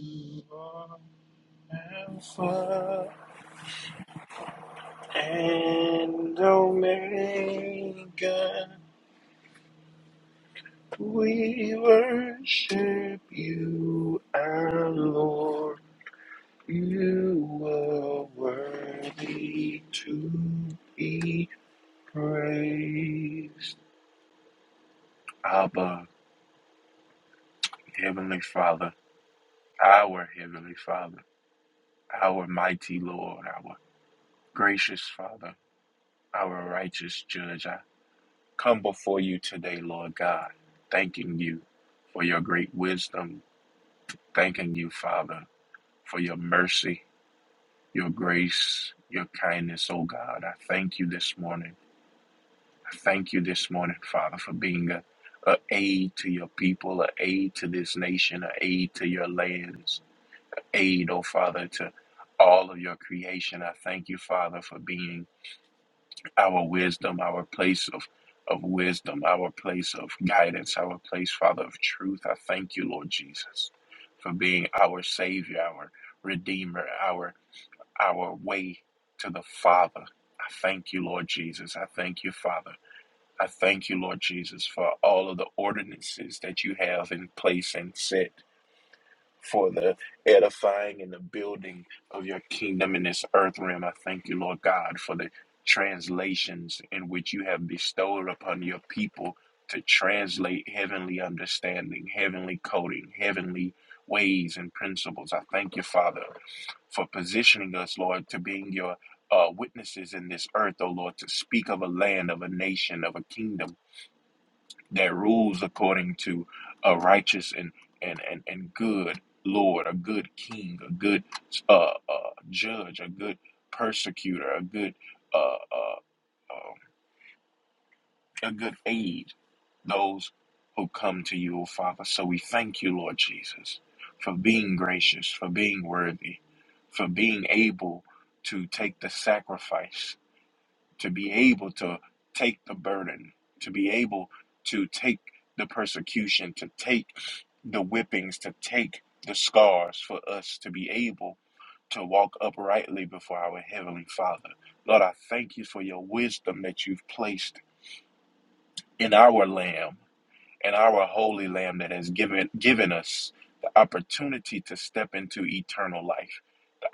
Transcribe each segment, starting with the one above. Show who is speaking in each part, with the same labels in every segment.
Speaker 1: You are Alpha and Omega, we worship you, our Lord. You are worthy to be praised. Abba, Heavenly Father, our Heavenly Father, our mighty Lord, our gracious Father, our righteous Judge. our come before you today, Lord God, thanking you for your great wisdom, thanking you, Father, for your mercy, your grace, your kindness, oh God. I thank you this morning. I thank you this morning, Father, for being a, a aid to your people, a aid to this nation, a aid to your lands, aid, oh Father, to all of your creation. I thank you, Father, for being our wisdom, our place of, of wisdom, our place of guidance, our place, Father, of truth. I thank you, Lord Jesus, for being our Savior, our Redeemer, our our way to the Father. I thank you, Lord Jesus. I thank you, Father. I thank you, Lord Jesus, for all of the ordinances that you have in place and set for the edifying and the building of your kingdom in this earth realm. I thank you, Lord God, for the translations in which you have bestowed upon your people to translate heavenly understanding, heavenly coding, heavenly ways and principles. I thank you, Father, for positioning us, Lord, to being your uh, witnesses in this earth, O Lord, to speak of a land, of a nation, of a kingdom that rules according to a righteous and and and, and good lord a good king a good uh, uh judge a good persecutor a good uh, uh um, a good aid those who come to you O father so we thank you lord jesus for being gracious for being worthy for being able to take the sacrifice to be able to take the burden, to be able to take the persecution, to take the whippings, to take the scars for us to be able to walk uprightly before our Heavenly Father. Lord, I thank you for your wisdom that you've placed in our Lamb, in our Holy Lamb that has given, given us the opportunity to step into eternal life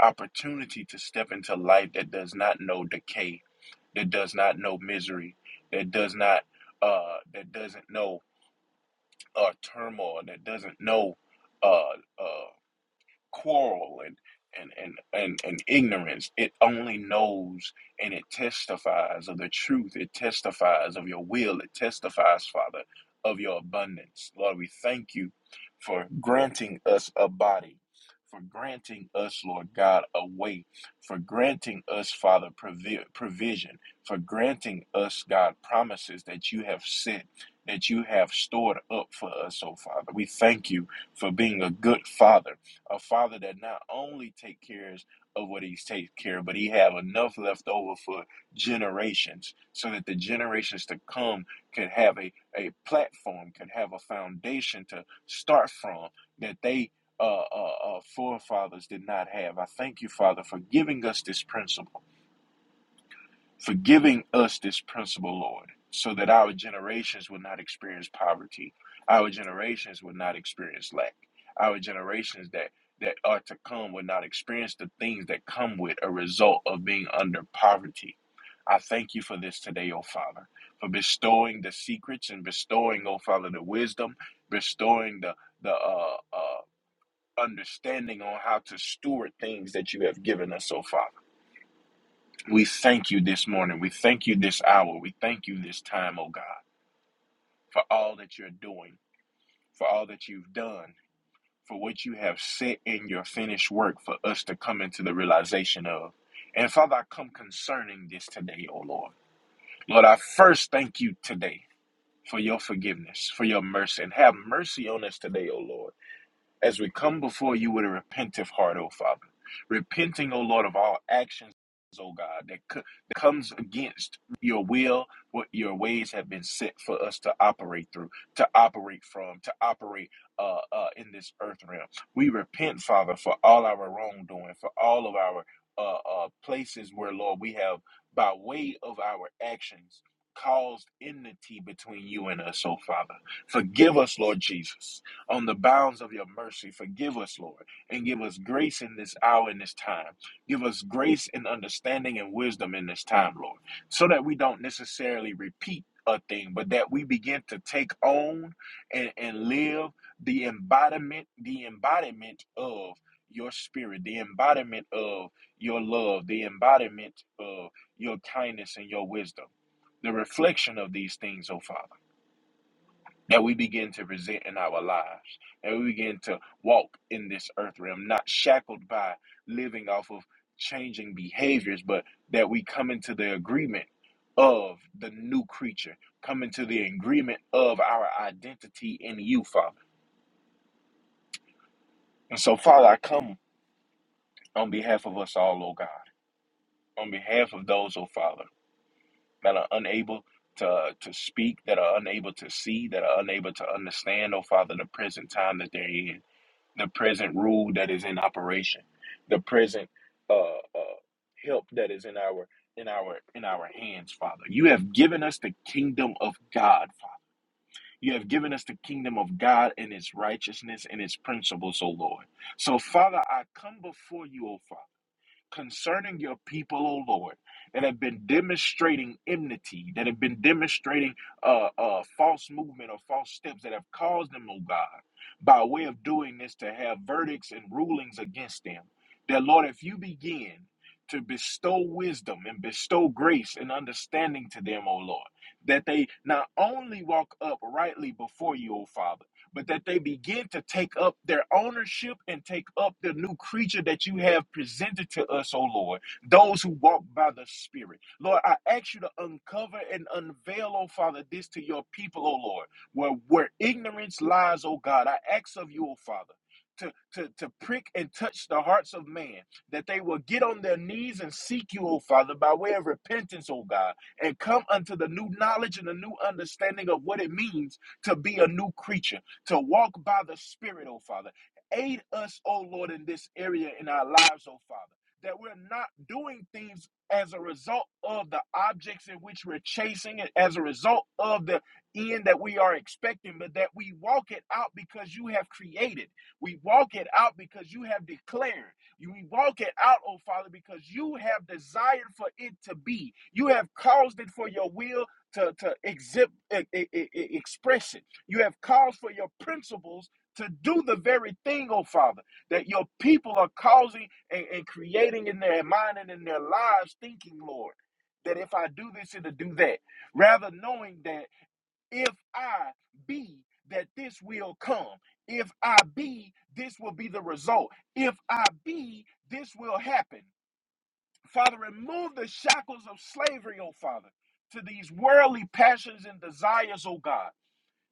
Speaker 1: opportunity to step into life that does not know decay, that does not know misery, that does not uh that doesn't know uh turmoil, that doesn't know uh uh quarrel and and, and, and, and ignorance. It only knows and it testifies of the truth. It testifies of your will. It testifies, Father, of your abundance. Lord, we thank you for granting us a body, for granting us, Lord God, a way, for granting us, Father, provi- provision, for granting us, God, promises that you have said, that you have stored up for us, oh Father. We thank you for being a good Father a father that not only take cares of what he's take care of, but he have enough left over for generations so that the generations to come could have a, a platform, could have a foundation to start from that they uh, uh, uh, forefathers did not have. I thank you, Father, for giving us this principle for giving us this principle, Lord, so that our generations will not experience poverty, our generations will not experience lack, our generations that that are to come will not experience the things that come with a result of being under poverty. I thank you for this today, O Father, for bestowing the secrets and bestowing, O Father, the wisdom, bestowing the the uh, uh, understanding on how to steward things that you have given us, O Father. We thank you this morning. We thank you this hour. We thank you this time, oh God, for all that you're doing, for all that you've done, for what you have set in your finished work for us to come into the realization of. And Father, I come concerning this today, oh Lord. Lord, I first thank you today for your forgiveness, for your mercy, and have mercy on us today, oh Lord. as we come before you with a repentant heart, O Father, repenting, O Lord, of all actions, O God, that, co- that comes against your will, what your ways have been set for us to operate through, to operate from, to operate uh, uh, in this earth realm. We repent, Father, for all our wrongdoing, for all of our uh, uh, places where, Lord, we have, by way of our actions, caused enmity between you and us, O Father. Forgive us, Lord Jesus on the bounds of your mercy. Forgive us, Lord, and give us grace in this hour, in this time. Give us grace and understanding and wisdom in this time, Lord, so that we don't necessarily repeat a thing, but that we begin to take on and, and live the embodiment, the embodiment of your spirit, the embodiment of your love, the embodiment of your kindness and your wisdom, the reflection of these things, oh Father. And we begin to present in our lives. And we begin to walk in this earth realm, not shackled by living off of changing behaviors, but that we come into the agreement of the new creature, come into the agreement of our identity in you, Father. And so, Father, I come on behalf of us all, oh God, on behalf of those, oh Father, that are unable to, to speak, that are unable to see, that are unable to understand, oh Father, the present time that they're in. the present rule that is in operation, the present uh, uh, help that is in our in our in our hands, Father. You have given us the kingdom of God. Father. You have given us the kingdom of God and its righteousness and its principles, O Lord. So, Father, I come before you, O Father concerning your people, O Lord, that have been demonstrating enmity, that have been demonstrating uh, uh, false movement or false steps that have caused them, O God, by way of doing this to have verdicts and rulings against them. That, Lord, if you begin to bestow wisdom and bestow grace and understanding to them, O Lord, that they not only walk uprightly before you, O Father but that they begin to take up their ownership and take up the new creature that you have presented to us, O Lord, those who walk by the Spirit. Lord, I ask you to uncover and unveil, O Father, this to your people, O Lord, where, where ignorance lies, O God. I ask of you, O Father. To, to, to prick and touch the hearts of man, that they will get on their knees and seek you, O Father, by way of repentance, O God, and come unto the new knowledge and the new understanding of what it means to be a new creature to walk by the Spirit, oh Father. Aid us, oh Lord, in this area in our lives, oh Father, that we're not doing things as a result of the objects in which we're chasing, and as a result of the end that we are expecting, but that we walk it out because you have created. We walk it out because you have declared. We walk it out, oh Father, because you have desired for it to be. You have caused it for your will to, to exhibit, e- e- e- e, express it. You have caused for your principles to do the very thing, oh Father, that your people are causing and, and creating in their mind and in their lives, thinking, Lord, that if I do this, it'll do that. Rather knowing that if I be, that this will come. If I be, this will be the result. If I be, this will happen. Father, remove the shackles of slavery, oh Father, to these worldly passions and desires, oh God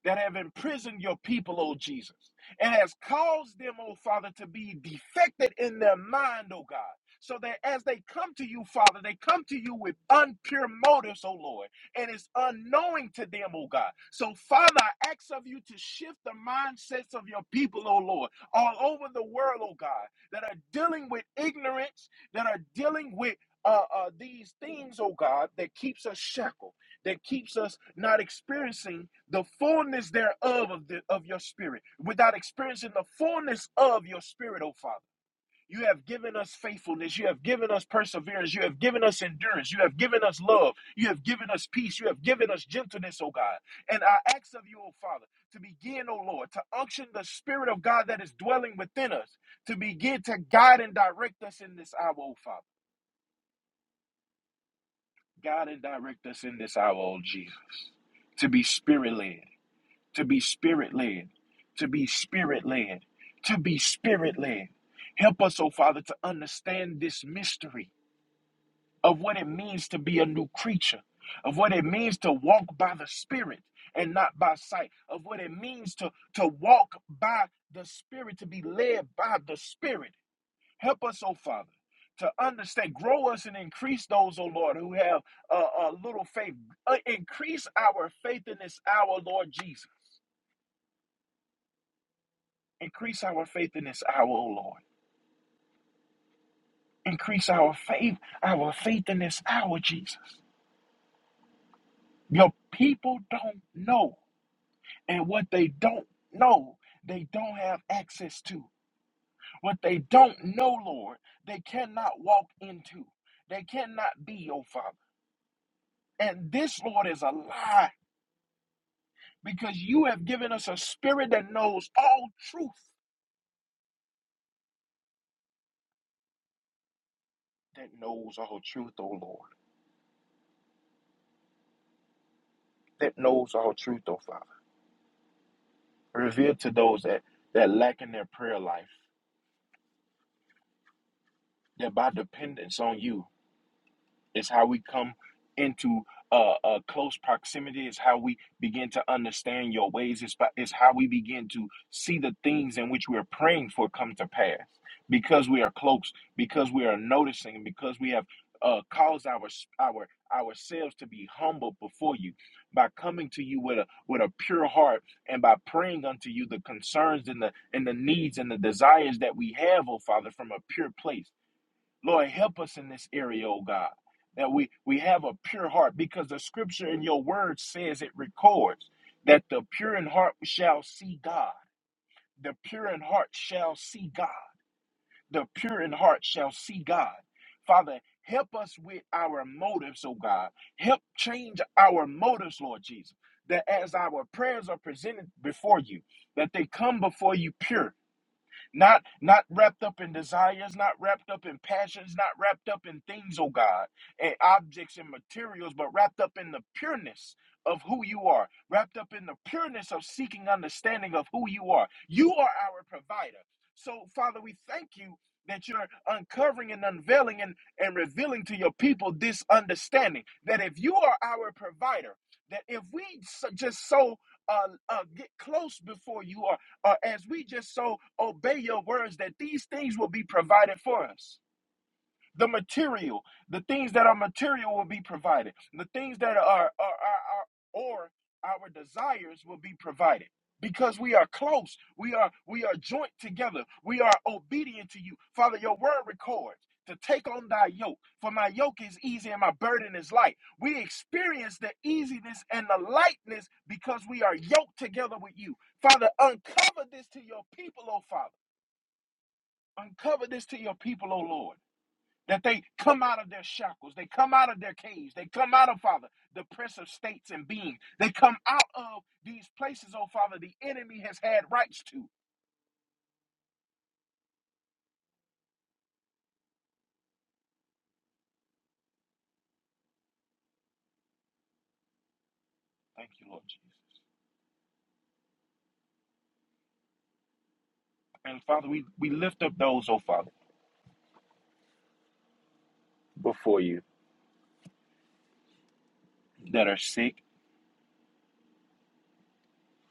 Speaker 1: that have imprisoned your people, O Jesus, and has caused them, O Father, to be defected in their mind, O God. So that as they come to you, Father, they come to you with unpure motives, O Lord, and it's unknowing to them, O God. So, Father, I ask of you to shift the mindsets of your people, O Lord, all over the world, O God, that are dealing with ignorance, that are dealing with uh, uh, these things, O God, that keeps us shackled that keeps us not experiencing the fullness thereof of, the, of your spirit, without experiencing the fullness of your spirit, oh Father. You have given us faithfulness. You have given us perseverance. You have given us endurance. You have given us love. You have given us peace. You have given us gentleness, oh God. And I ask of you, oh Father, to begin, oh Lord, to unction the Spirit of God that is dwelling within us, to begin to guide and direct us in this hour, oh Father. Guide and direct us in this hour, oh Jesus, to be spirit led to be spirit led, to be spirit led, to be spirit led. Help us, oh Father, to understand this mystery of what it means to be a new creature, of what it means to walk by the Spirit and not by sight, of what it means to, to walk by the Spirit, to be led by the Spirit. Help us, oh Father. To understand, grow us and increase those, oh Lord, who have a uh, uh, little faith. Uh, increase our faith in this hour, Lord Jesus. Increase our faith in this hour, O Lord. Increase our faith, our faith in this hour, Jesus. Your people don't know. And what they don't know, they don't have access to. What they don't know, Lord, they cannot walk into. They cannot be, O Father. And this, Lord, is a lie because you have given us a spirit that knows all truth, that knows all truth, O Lord, that knows all truth, O Father. Reveal to those that, that lack in their prayer life that by dependence on you, It's how we come into uh, uh, close proximity. It's how we begin to understand your ways. It's, by, it's how we begin to see the things in which we're praying for come to pass because we are close, because we are noticing, because we have uh, caused our our ourselves to be humble before you by coming to you with a with a pure heart and by praying unto you the concerns and the and the needs and the desires that we have, oh Father, from a pure place Lord, help us in this area, oh God, that we, we have a pure heart because the scripture in your word says it records that the pure in heart shall see God. The pure in heart shall see God. The pure in heart shall see God. Father, help us with our motives, oh God. Help change our motives, Lord Jesus, that as our prayers are presented before you, that they come before you pure not not wrapped up in desires, not wrapped up in passions, not wrapped up in things, oh God, and objects and materials, but wrapped up in the pureness of who you are, wrapped up in the pureness of seeking understanding of who you are. You are our provider. So, Father, we thank you that you're uncovering and unveiling and, and revealing to your people this understanding that if you are our provider, that if we s- just so uh, uh, get close before you uh, as we just so obey your words, that these things will be provided for us the material the things that are material will be provided the things that are, are, are, are or our desires will be provided because we are close we are we are joint together we are obedient to you father your word records to take on thy yoke for my yoke is easy and my burden is light we experience the easiness and the lightness because we are yoked together with you father uncover this to your people oh father uncover this to your people oh lord that they come out of their shackles, they come out of their caves, they come out of, Father, the prince of states and beings. They come out of these places, oh Father, the enemy has had rights to. Thank you, Lord Jesus. And Father, we, we lift up those, oh Father, before you that are sick,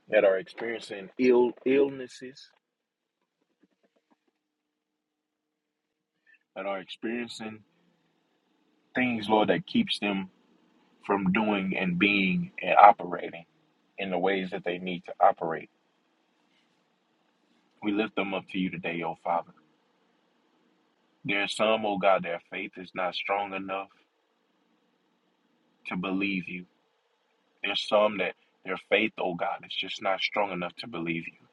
Speaker 1: that are experiencing ill illnesses, that are experiencing things, Lord, that keeps them from doing and being and operating in the ways that they need to operate. We lift them up to you today, oh Father. There's some, oh God, their faith is not strong enough to believe you. There's some that their faith, oh God, is just not strong enough to believe you.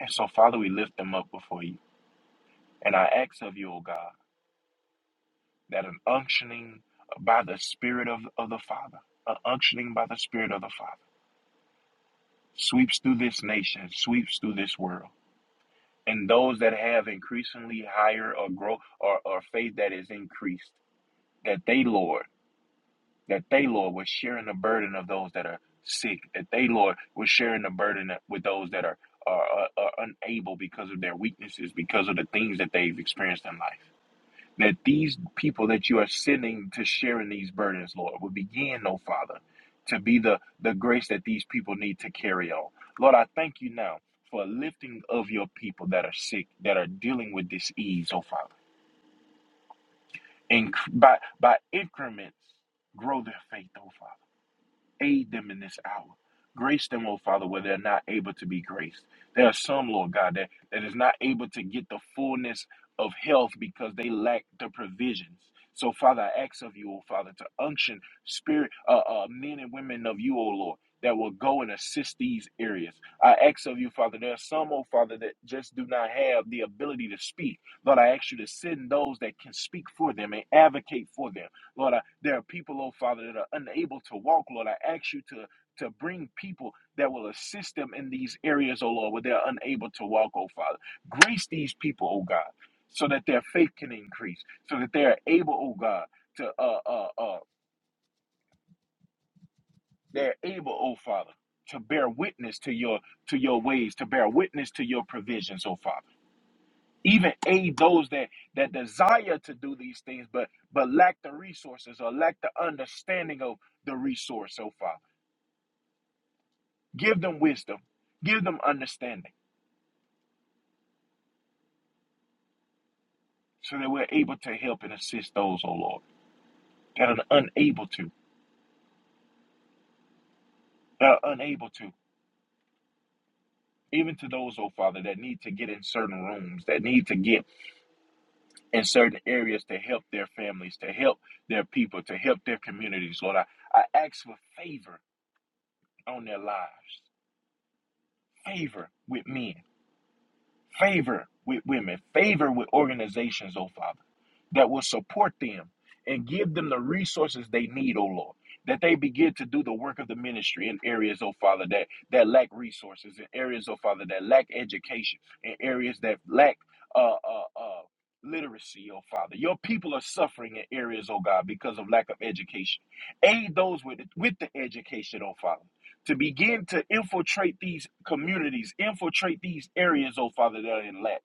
Speaker 1: And so, Father, we lift them up before you. And I ask of you, oh God, that an unctioning by the Spirit of, of the Father, an unctioning by the Spirit of the Father, sweeps through this nation, sweeps through this world. And those that have increasingly higher or grow or, or faith that is increased, that they, Lord, that they, Lord, were sharing the burden of those that are sick, that they, Lord, were sharing the burden with those that are, are, are, are unable because of their weaknesses, because of the things that they've experienced in life. That these people that you are sending to sharing these burdens, Lord, will begin, oh Father, to be the, the grace that these people need to carry on. Lord, I thank you now for a lifting of your people that are sick, that are dealing with disease, oh Father. And by, by increments, grow their faith, oh Father Aid them in this hour. Grace them, oh Father, where they're not able to be graced. There are some, Lord God, that, that is not able to get the fullness of health because they lack the provisions. So, Father, I ask of you, oh Father, to unction spirit uh, uh, men and women of you, oh Lord, that will go and assist these areas. I ask of you, Father, there are some, oh Father, that just do not have the ability to speak. Lord, I ask you to send those that can speak for them and advocate for them. Lord, I, there are people, oh Father, that are unable to walk. Lord, I ask you to to bring people that will assist them in these areas, oh Lord, where they're unable to walk, oh Father. Grace these people, oh God, so that their faith can increase, so that they are able, oh God, to uh uh uh they're able, oh Father, to bear witness to your to your ways, to bear witness to your provisions, oh Father. even aid those that that desire to do these things but but lack the resources or lack the understanding of the resource so Father, give them wisdom give them understanding so that we're able to help and assist those oh lord that are unable to that are unable to even to those oh father that need to get in certain rooms that need to get in certain areas to help their families to help their people to help their communities lord i, I ask for favor on their lives favor with men favor with women, favor with organizations, oh Father, that will support them and give them the resources they need, oh Lord. That they begin to do the work of the ministry in areas, oh Father, that, that lack resources, in areas, oh Father, that lack education, in areas that lack uh, uh, uh, literacy, oh Father. Your people are suffering in areas, oh God, because of lack of education. Aid those with, with the education, oh Father to begin to infiltrate these communities, infiltrate these areas, oh Father, that are in lack,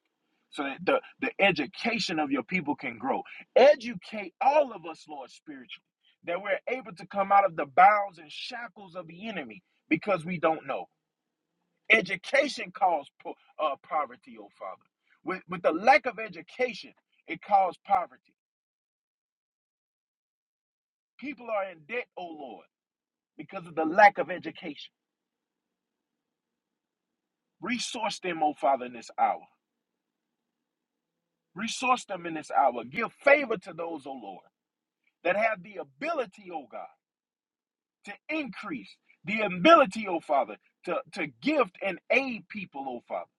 Speaker 1: so that the, the education of your people can grow. Educate all of us, Lord, spiritually, that we're able to come out of the bounds and shackles of the enemy because we don't know. Education caused po- uh, poverty, oh Father. With, with the lack of education, it caused poverty. People are in debt, oh Lord, because of the lack of education. Resource them, oh Father, in this hour. Resource them in this hour. Give favor to those, O Lord, that have the ability, O God, to increase, the ability, O Father, to, to gift and aid people, O Father.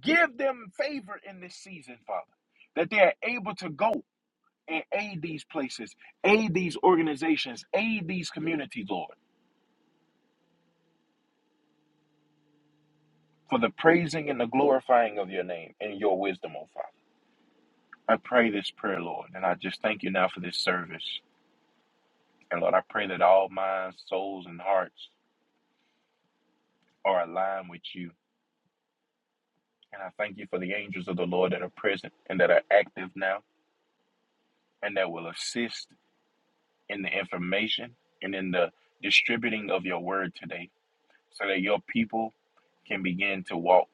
Speaker 1: Give them favor in this season, Father, that they are able to go and aid these places, aid these organizations, aid these communities, Lord, for the praising and the glorifying of your name and your wisdom, O Father. I pray this prayer, Lord, and I just thank you now for this service. And Lord, I pray that all minds, souls, and hearts are aligned with you. And I thank you for the angels of the Lord that are present and that are active now and that will assist in the information and in the distributing of your word today so that your people can begin to walk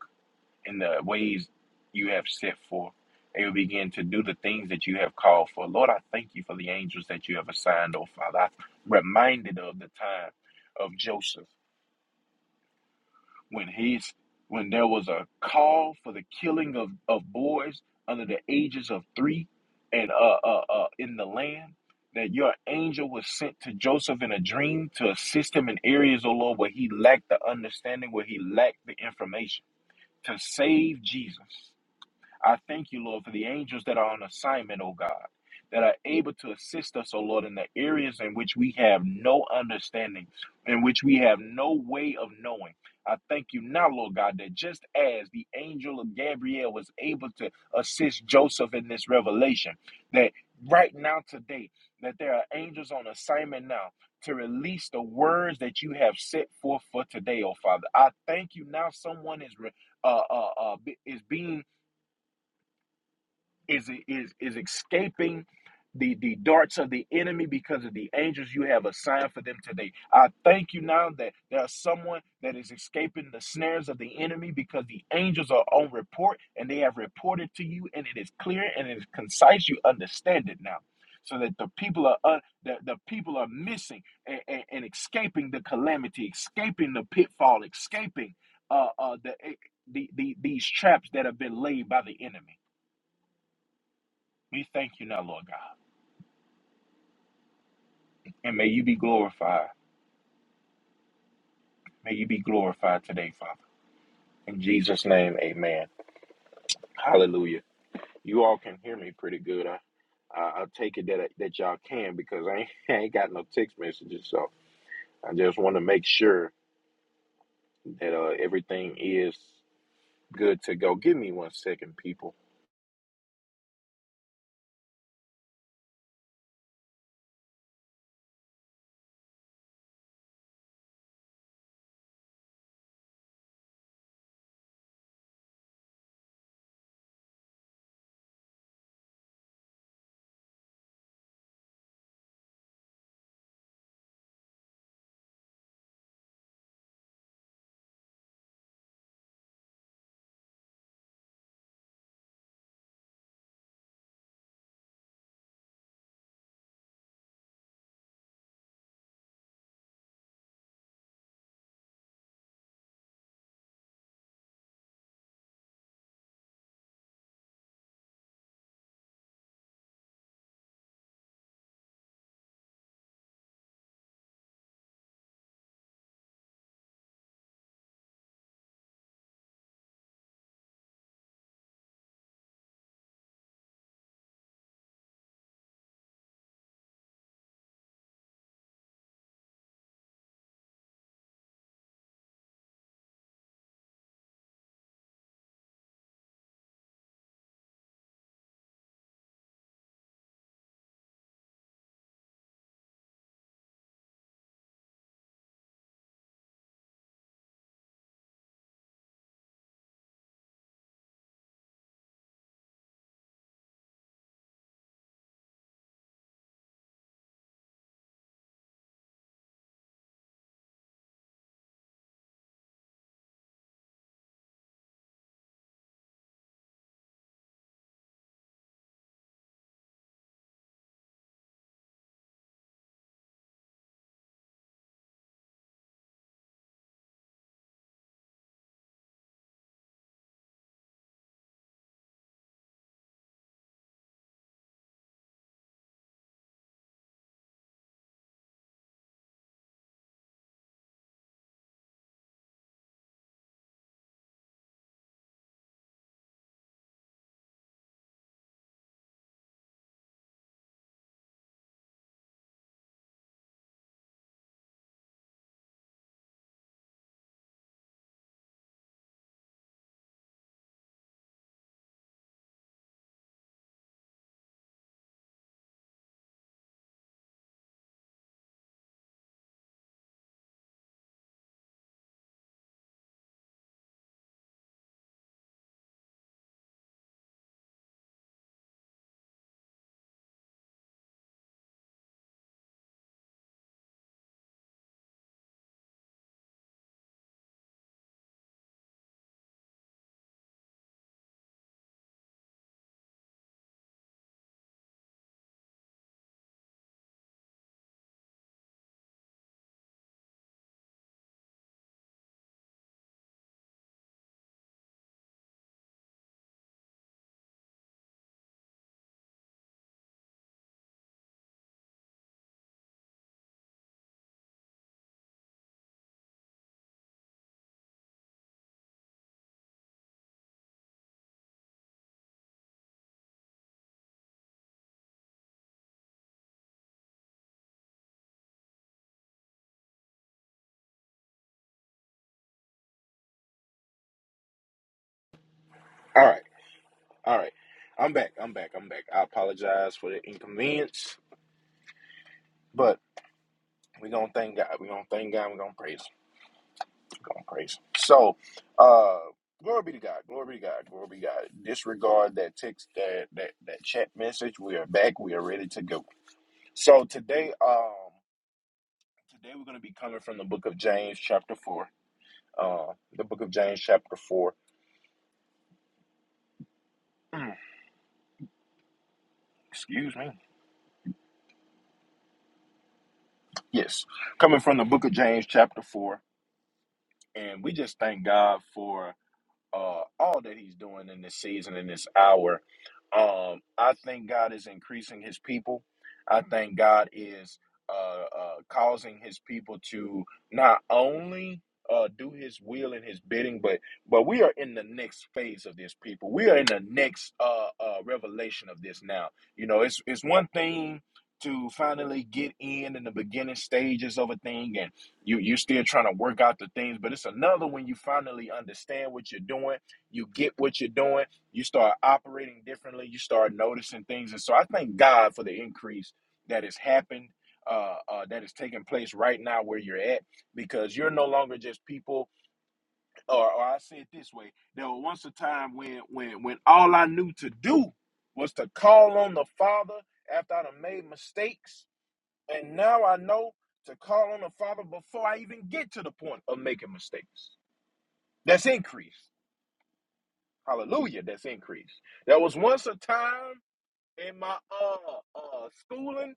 Speaker 1: in the ways you have set forth. They will begin to do the things that you have called for. Lord, I thank you for the angels that you have assigned, oh Father. I'm reminded of the time of Joseph when he's when there was a call for the killing of, of boys under the ages of three and uh, uh, uh, in the land that your angel was sent to joseph in a dream to assist him in areas oh lord where he lacked the understanding where he lacked the information to save jesus I thank you, Lord, for the angels that are on assignment, oh God, that are able to assist us, oh Lord, in the areas in which we have no understanding, in which we have no way of knowing. I thank you now, Lord God, that just as the angel of Gabriel was able to assist Joseph in this revelation, that right now today, that there are angels on assignment now to release the words that you have set forth for today, oh Father. I thank you now someone is re- uh, uh, uh, be- is being is is is escaping the the darts of the enemy because of the angels you have assigned for them today. I thank you now that there's someone that is escaping the snares of the enemy because the angels are on report and they have reported to you and it is clear and it is concise. You understand it now. So that the people are un- the, the people are missing and, and, and escaping the calamity, escaping the pitfall, escaping uh, uh, the, eh, the, the these traps that have been laid by the enemy. We thank you now, Lord God. And may you be glorified. May you be glorified today, Father. In Jesus' name, amen. Hallelujah. You all can hear me pretty good. I, I, I take it that, that y'all can because I ain't, I ain't got no text messages. So I just want to make sure that uh, everything is good to go. Give me one second, people. All right. All right. I'm back. I'm back. I'm back. I apologize for the inconvenience, but we're going to thank God. We're going to thank God. We're going to praise Him. Going crazy. So, uh, glory be to God. Glory be to God. Glory be to God. Disregard that text, that that that chat message. We are back. We are ready to go. So today, um, today we're going to be coming from the book of James, chapter four. Uh, the book of James, chapter four. Excuse me. Yes, coming from the book of James, chapter four, and we just thank God for uh, all that He's doing in this season, in this hour. Um, I think God is increasing His people. I think God is uh, uh, causing His people to not only uh, do His will and His bidding, but but we are in the next phase of this people. We are in the next uh, uh, revelation of this now. You know, it's it's one thing to finally get in in the beginning stages of a thing and you you still trying to work out the things but it's another when you finally understand what you're doing you get what you're doing you start operating differently you start noticing things and so i thank god for the increase that has happened uh, uh, that is taking place right now where you're at because you're no longer just people or, or i say it this way there was once a time when when when all i knew to do was to call on the father after i done made mistakes and now I know to call on the Father before I even get to the point of making mistakes. That's increase. Hallelujah. That's increase. There was once a time in my uh uh schooling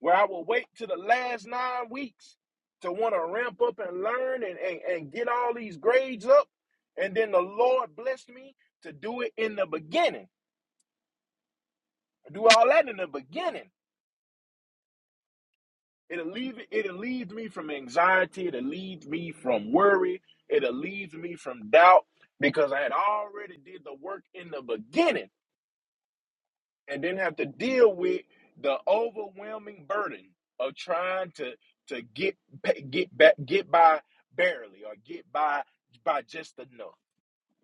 Speaker 1: where I would wait to the last nine weeks to want to ramp up and learn and, and, and get all these grades up. And then the Lord blessed me to do it in the beginning. Do all that in the beginning It alleviates it alleviates me from anxiety. It alleviates me from worry. It alleviates me from doubt because I had already did the work in the beginning and didn't have to deal with the overwhelming burden of trying to to get get back get by barely or get by by just enough.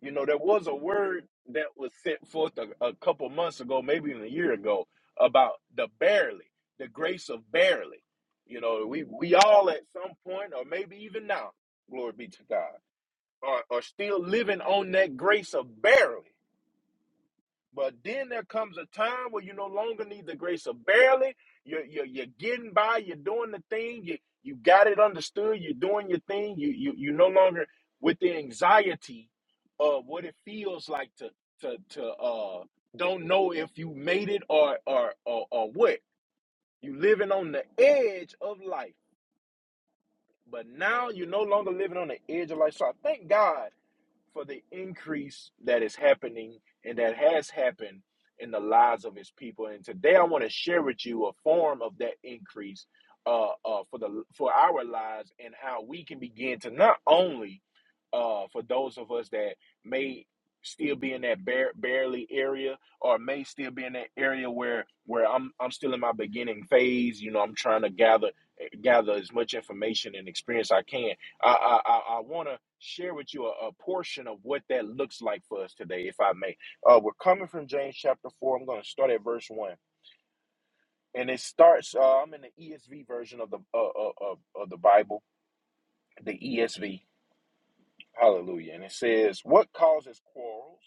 Speaker 1: You know, there was a word that was sent forth a, a couple months ago, maybe even a year ago, about the barely, the grace of barely. You know, we we all at some point, or maybe even now, glory be to God, are, are still living on that grace of barely. But then there comes a time where you no longer need the grace of barely. You're, you're, you're getting by. You're doing the thing. You you got it understood. You're doing your thing. You you you no longer with the anxiety of what it feels like to to to uh don't know if you made it or or or, or what. You living on the edge of life, but now you're no longer living on the edge of life. So I thank God for the increase that is happening and that has happened in the lives of his people. And today I want to share with you a form of that increase uh, uh, for the for our lives and how we can begin to not only uh, for those of us that may still be in that bare, barely area or may still be in that area where where I'm I'm still in my beginning phase you know I'm trying to gather gather as much information and experience I can I I, I, want to share with you a, a portion of what that looks like for us today if I may uh, we're coming from James chapter 4 I'm going to start at verse 1 and it starts uh, I'm in the ESV version of the uh, uh, of, of the Bible the ESV Hallelujah. And it says, What causes quarrels?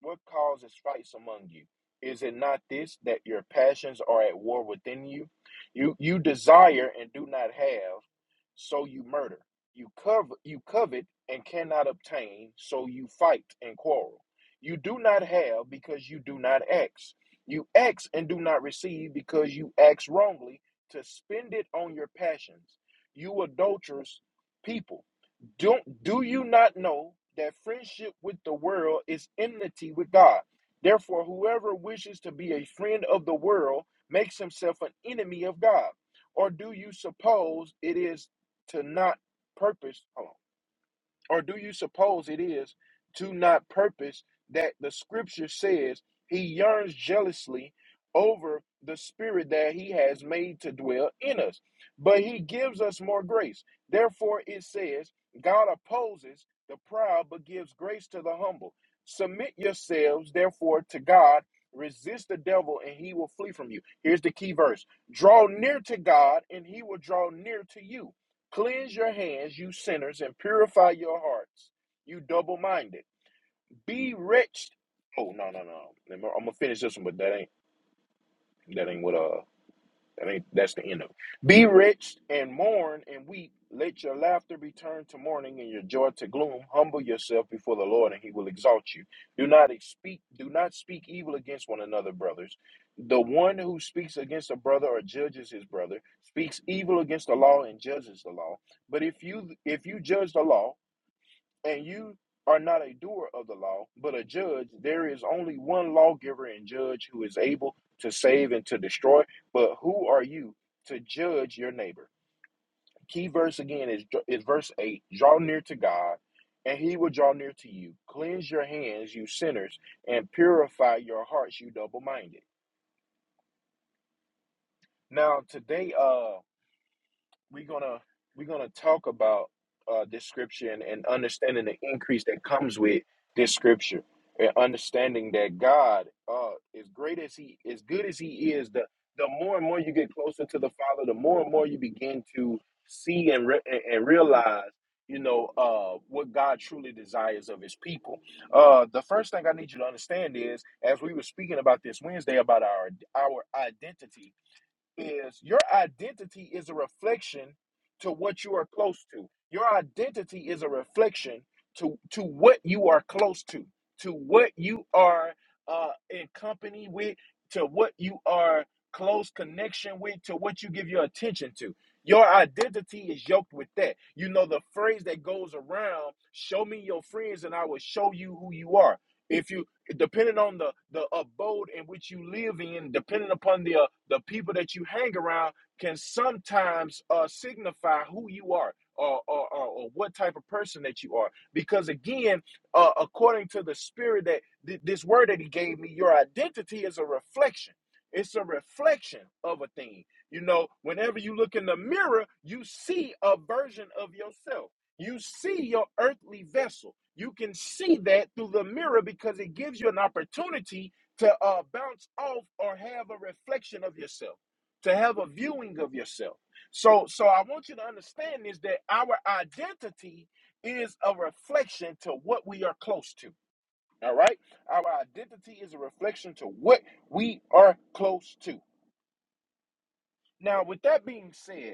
Speaker 1: What causes fights among you? Is it not this that your passions are at war within you? You you desire and do not have, so you murder. You cover you covet and cannot obtain, so you fight and quarrel. You do not have because you do not ask. You ask and do not receive because you ask wrongly to spend it on your passions. You adulterous people, don't do you not know that friendship with the world is enmity with God? Therefore, whoever wishes to be a friend of the world makes himself an enemy of God. Or do you suppose it is? to not purpose, hold on, or do you suppose it is to not purpose that the scripture says he yearns jealously over the spirit that he has made to dwell in us? But he gives us more grace. Therefore, it says, God opposes the proud, but gives grace to the humble. Submit yourselves, therefore, to God. Resist the devil, and he will flee from you. Here's the key verse Draw near to God, and he will draw near to you. Cleanse your hands, you sinners, and purify your hearts, you double minded. Be wretched. Oh no, no, no. I'm gonna finish this one, but that ain't that ain't what uh that ain't that's the end of it. Be rich and mourn and weep. Let your laughter be turned to mourning and your joy to gloom. Humble yourself before the Lord and he will exalt you. Do not speak do not speak evil against one another, brothers. The one who speaks against a brother or judges his brother speaks evil against the law and judges the law. But if you if you judge the law, and you are not a doer of the law, but a judge, there is only one lawgiver and judge who is able to save and to destroy. But who are you to judge your neighbor? Key verse again is, is verse 8 Draw near to God, and he will draw near to you. Cleanse your hands, you sinners, and purify your hearts, you double minded. Now, today, uh, we're gonna we're gonna talk about uh, this scripture and, and understanding the increase that comes with this scripture and understanding that God, uh, as great as He, as good as He is, the the more and more you get closer to the Father, the more and more you begin to see and re- and and realize, you know, uh, what God truly desires of His people. Uh, the first thing I need you to understand is, as we were speaking about this Wednesday about our our identity is your identity is a reflection to what you are close to. Your identity is a reflection to to what you are close to, to what you are uh, in company with, to what you are close connection with, to what you give your attention to. Your identity is yoked with that. You know the phrase that goes around: "Show me your friends, and I will show you who you are." If you depending on the the abode in which you live in, depending upon the uh, the people that you hang around, can sometimes uh, signify who you are or, or or or what type of person that you are. Because again, uh, according to the spirit that th- this word that he gave me, your identity is a reflection. It's a reflection of a thing. You know, whenever you look in the mirror, you see a version of yourself you see your earthly vessel. You can see that through the mirror because it gives you an opportunity to uh, bounce off or have a reflection of yourself, to have a viewing of yourself. So, so I want you to understand is that our identity is a reflection to what we are close to. All right, our identity is a reflection to what we are close to. Now, with that being said.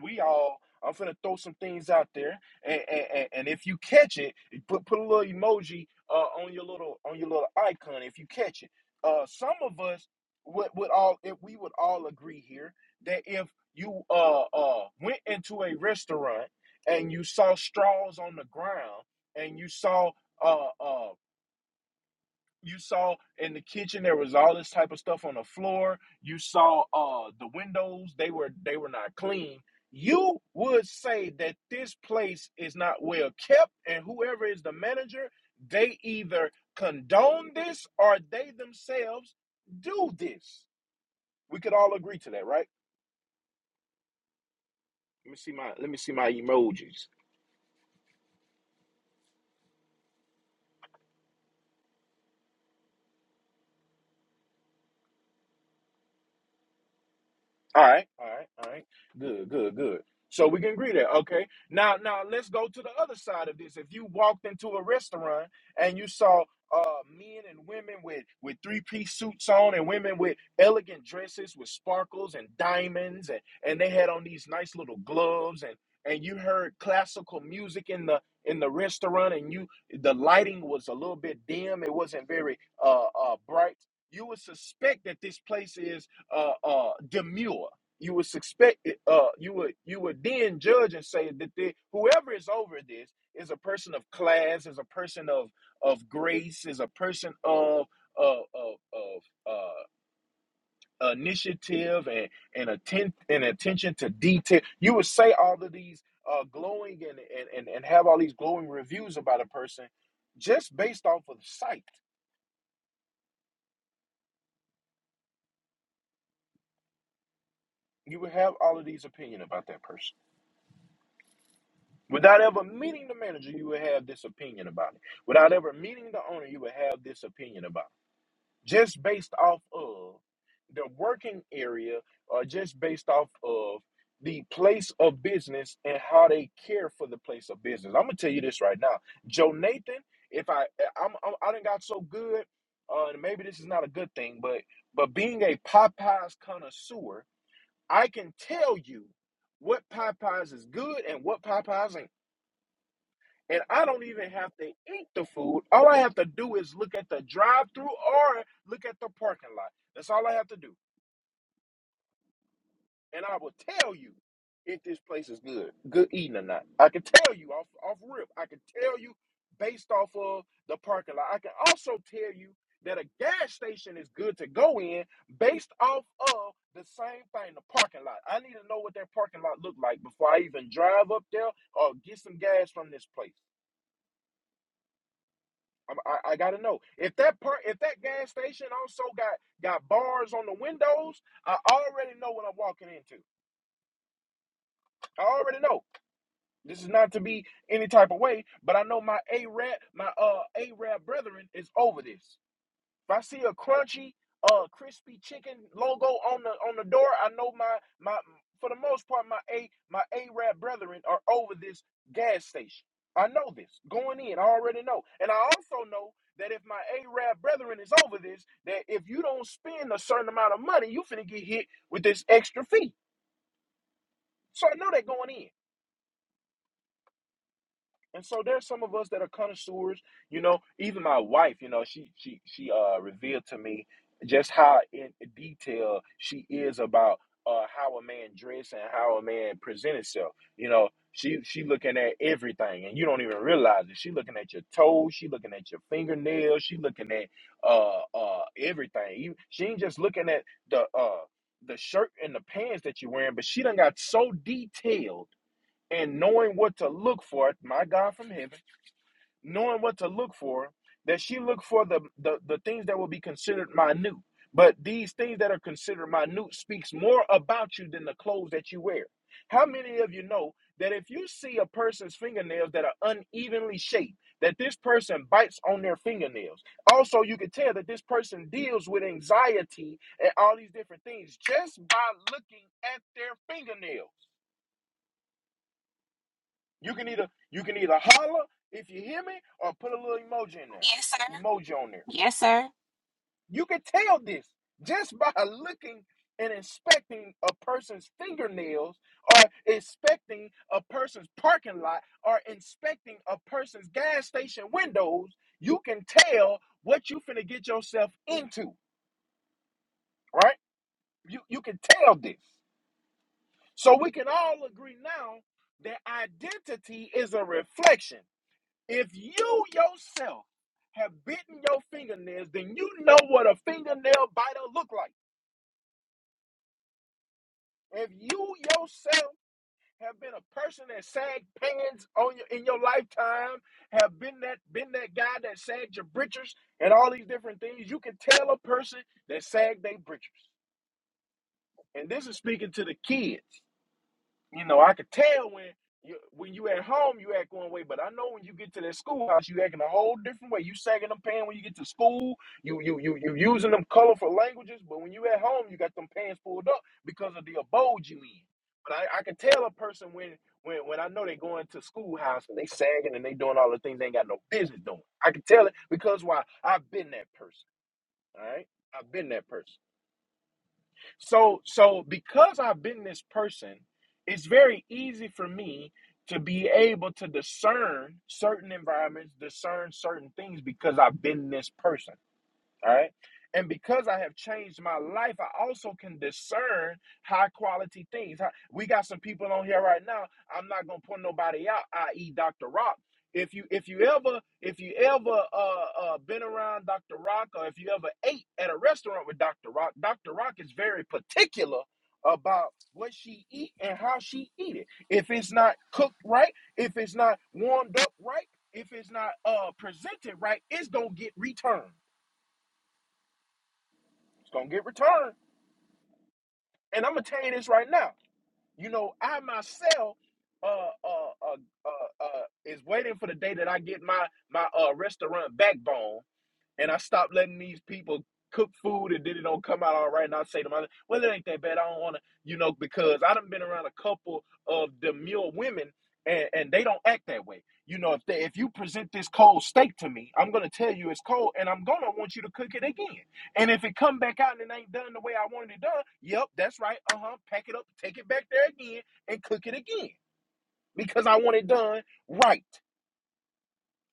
Speaker 1: we all i'm finna throw some things out there and and, and and if you catch it you put put a little emoji uh on your little on your little icon if you catch it uh some of us would would all if we would all agree here that if you uh uh went into a restaurant and you saw straws on the ground and you saw uh uh you saw in the kitchen there was all this type of stuff on the floor you saw uh the windows they were they were not clean you would say that this place is not well kept and whoever is the manager they either condone this or they themselves do this we could all agree to that right let me see my let me see my emojis All right, all right, all right. Good, good, good. So we can agree there. Okay. Now, now let's go to the other side of this. If you walked into a restaurant and you saw uh, men and women with with three piece suits on and women with elegant dresses with sparkles and diamonds and and they had on these nice little gloves and and you heard classical music in the in the restaurant and you the lighting was a little bit dim. It wasn't very uh, uh bright. You would suspect that this place is uh, uh, demure. You would suspect, uh, you would you would then judge and say that they, whoever is over this is a person of class, is a person of of grace, is a person of of of, of uh, initiative and and atten- and attention to detail. You would say all of these uh, glowing and, and and and have all these glowing reviews about a person just based off of sight. You would have all of these opinion about that person. Without ever meeting the manager, you would have this opinion about it. Without ever meeting the owner, you would have this opinion about it. Just based off of the working area or just based off of the place of business and how they care for the place of business. I'm gonna tell you this right now. Joe Nathan, if I I'm, I'm I done got so good, uh and maybe this is not a good thing, but but being a Popeyes connoisseur, I can tell you what Popeyes is good and what Popeyes ain't and I don't even have to eat the food. All I have to do is look at the drive through or look at the parking lot. That's all I have to do. And I will tell you if this place is good, good eating or not. I can tell you off off rip. I can tell you based off of the parking lot. I can also tell you that a gas station is good to go in based off of the same thing, the parking lot. I need to know what that parking lot looked like before I even drive up there or get some gas from this place. i I, gotta know if that part, if that gas station also got got bars on the windows. I already know what I'm walking into. I already know this is not to be any type of way, but I know my A rab my uh A rab brethren is over this. If I see a crunchy, uh, crispy chicken logo on the on the door, I know my my for the most part my a my Arab brethren are over this gas station. I know this going in. I already know, and I also know that if my Arab brethren is over this, that if you don't spend a certain amount of money, you finna get hit with this extra fee. So I know that going in. And so there's some of us that are connoisseurs, you know, even my wife, you know, she she she uh revealed to me just how in detail she is about uh how a man dress and how a man present himself. You know, she she looking at everything and you don't even realize it. She looking at your toes, she looking at your fingernails, she looking at uh uh everything. You- She ain't just looking at the uh the shirt and the pants that you're wearing, but she done got so detailed and knowing what to look for, my God from heaven, knowing what to look for, that she looked for the, the, the things that will be considered minute. But these things that are considered minute speaks more about you than the clothes that you wear. How many of you know that if you see a person's fingernails that are unevenly shaped, that this person bites on their fingernails? Also, you can tell that this person deals with anxiety and all these different things just by looking at their fingernails. You can either you can either holler if you hear me or put a little emoji in there.
Speaker 2: Yes, sir.
Speaker 1: Emoji on there.
Speaker 2: Yes, sir.
Speaker 1: You can tell this just by looking and inspecting a person's fingernails or inspecting a person's parking lot or inspecting a person's gas station windows, you can tell what you finna get yourself into, right? You you can tell this. So we can all agree now that identity is a reflection. If you yourself have bitten your fingernails, then you know what a fingernail biter look like. If you yourself have been a person that sagged pants on your, in your lifetime, have been that been that guy that sagged your britches and all these different things, you can tell a person that sagged their britches. And this is speaking to the kids. you know, I could tell when you when you at home you act one way, but I know when you get to that schoolhouse you acting a whole different way. You sagging them pants when you get to school. You you you you using them colorful languages, but when you at home you got them pants pulled up because of the abode you in. But I, I can tell a person when when when I know they going to schoolhouse and they sagging and they doing all the things they ain't got no business doing. I can tell it because why I've been that person. All right, I've been that person. So so because I've been this person, it's very easy for me to be able to discern certain environments, discern certain things because I've been this person. All right. And because I have changed my life, I also can discern high quality things. Hi- We got some people on here right now. I'm not gonna put nobody out, i.e. Dr. Rock. If you if you ever if you ever uh, uh been around Dr. Rock or if you ever ate at a restaurant with Dr. Rock, Dr. Rock is very particular about what she eat and how she eat it. If it's not cooked right, if it's not warmed up right, if it's not uh presented right, it's gonna get returned. It's gonna get returned. And I'm gonna tell you this right now. You know, I myself uh uh uh uh, uh is waiting for the day that I get my my uh restaurant backbone and I stopped letting these people cook food and then it don't come out all right. And I say to myself, well, it ain't that bad. I don't want to, you know, because I done been around a couple of demure women and, and they don't act that way. You know, if they, if you present this cold steak to me, I'm gonna tell you it's cold and I'm gonna want you to cook it again. And if it come back out and it ain't done the way I wanted it done, yep, that's right. Uh-huh. Pack it up, take it back there again and cook it again because I want it done right.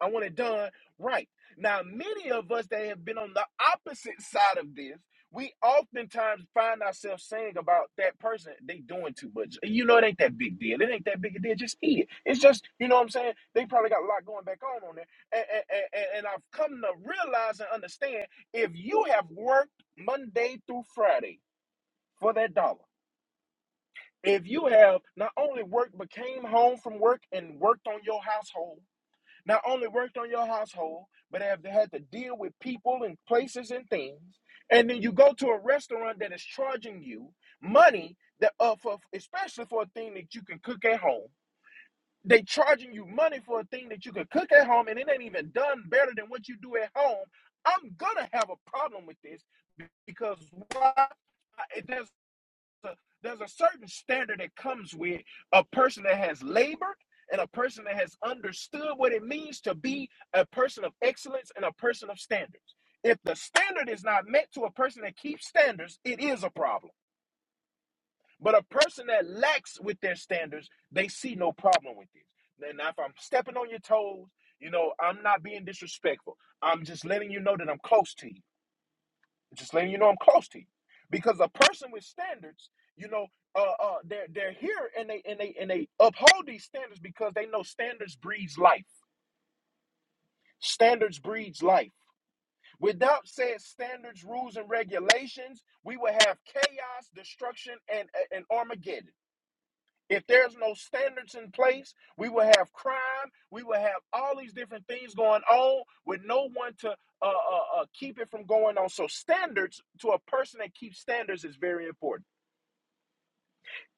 Speaker 1: I want it done right. Now, many of us that have been on the opposite side of this, we oftentimes find ourselves saying about that person, they doing too much. You know, it ain't that big deal. It ain't that big a deal. Just eat it. It's just, you know what I'm saying? They probably got a lot going back on on there. And, and, and, and I've come to realize and understand if you have worked Monday through Friday for that dollar, if you have not only worked but came home from work and worked on your household, not only worked on your household, but have had to deal with people and places and things. And then you go to a restaurant that is charging you money that uh, for especially for a thing that you can cook at home. They charging you money for a thing that you can cook at home, and it ain't even done better than what you do at home. I'm gonna have a problem with this because why? it does a- there's a certain standard that comes with a person that has labored and a person that has understood what it means to be a person of excellence and a person of standards. If the standard is not met to a person that keeps standards, it is a problem. But a person that lacks with their standards, they see no problem with it. Then if I'm stepping on your toes, you know, I'm not being disrespectful. I'm just letting you know that I'm close to you. Just letting you know I'm close to you. Because a person with standards, you know, uh, uh, they're they're here and they and they and they uphold these standards because they know standards breeds life. Standards breeds life. Without said standards, rules, and regulations, we would have chaos, destruction, and and Armageddon. If there's no standards in place, we will have crime. We will have all these different things going on with no one to uh, uh, uh, keep it from going on. So, standards to a person that keeps standards is very important.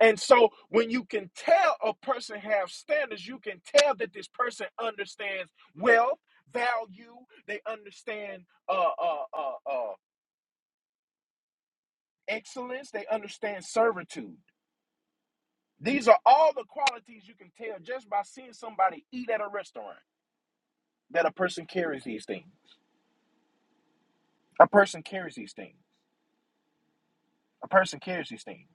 Speaker 1: And so, when you can tell a person have standards, you can tell that this person understands wealth, value. They understand uh, uh, uh, uh, excellence. They understand servitude. These are all the qualities you can tell just by seeing somebody eat at a restaurant that a person carries these things. A person carries these things. A person carries these things.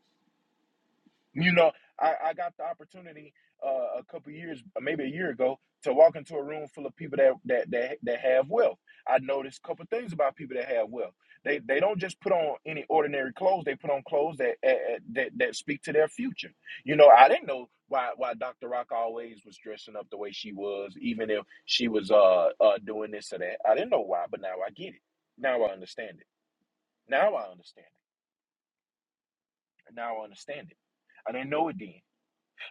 Speaker 1: You know, I, I got the opportunity uh, a couple years, maybe a year ago, to walk into a room full of people that that that, that have wealth. I noticed a couple things about people that have wealth. They they don't just put on any ordinary clothes. They put on clothes that eh, eh, that that speak to their future. You know, I didn't know why why Dr. Rock always was dressing up the way she was, even if she was uh, uh doing this or that. I didn't know why, but now I get it. Now I understand it Now I understand it. Now I understand it. I didn't know it then.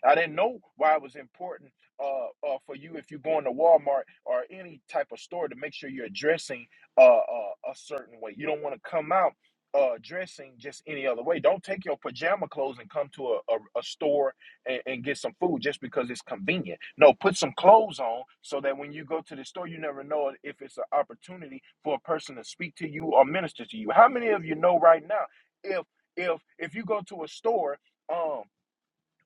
Speaker 1: I didn't know why it was important uh, uh, for you if you go into Walmart or any type of store to make sure you're dressing uh, uh, a certain way. You don't want to come out uh, dressing just any other way. Don't take your pajama clothes and come to a, a, a store and, and get some food just because it's convenient. No, put some clothes on so that when you go to the store, you never know if it's an opportunity for a person to speak to you or minister to you. How many of you know right now if if if you go to a store? um,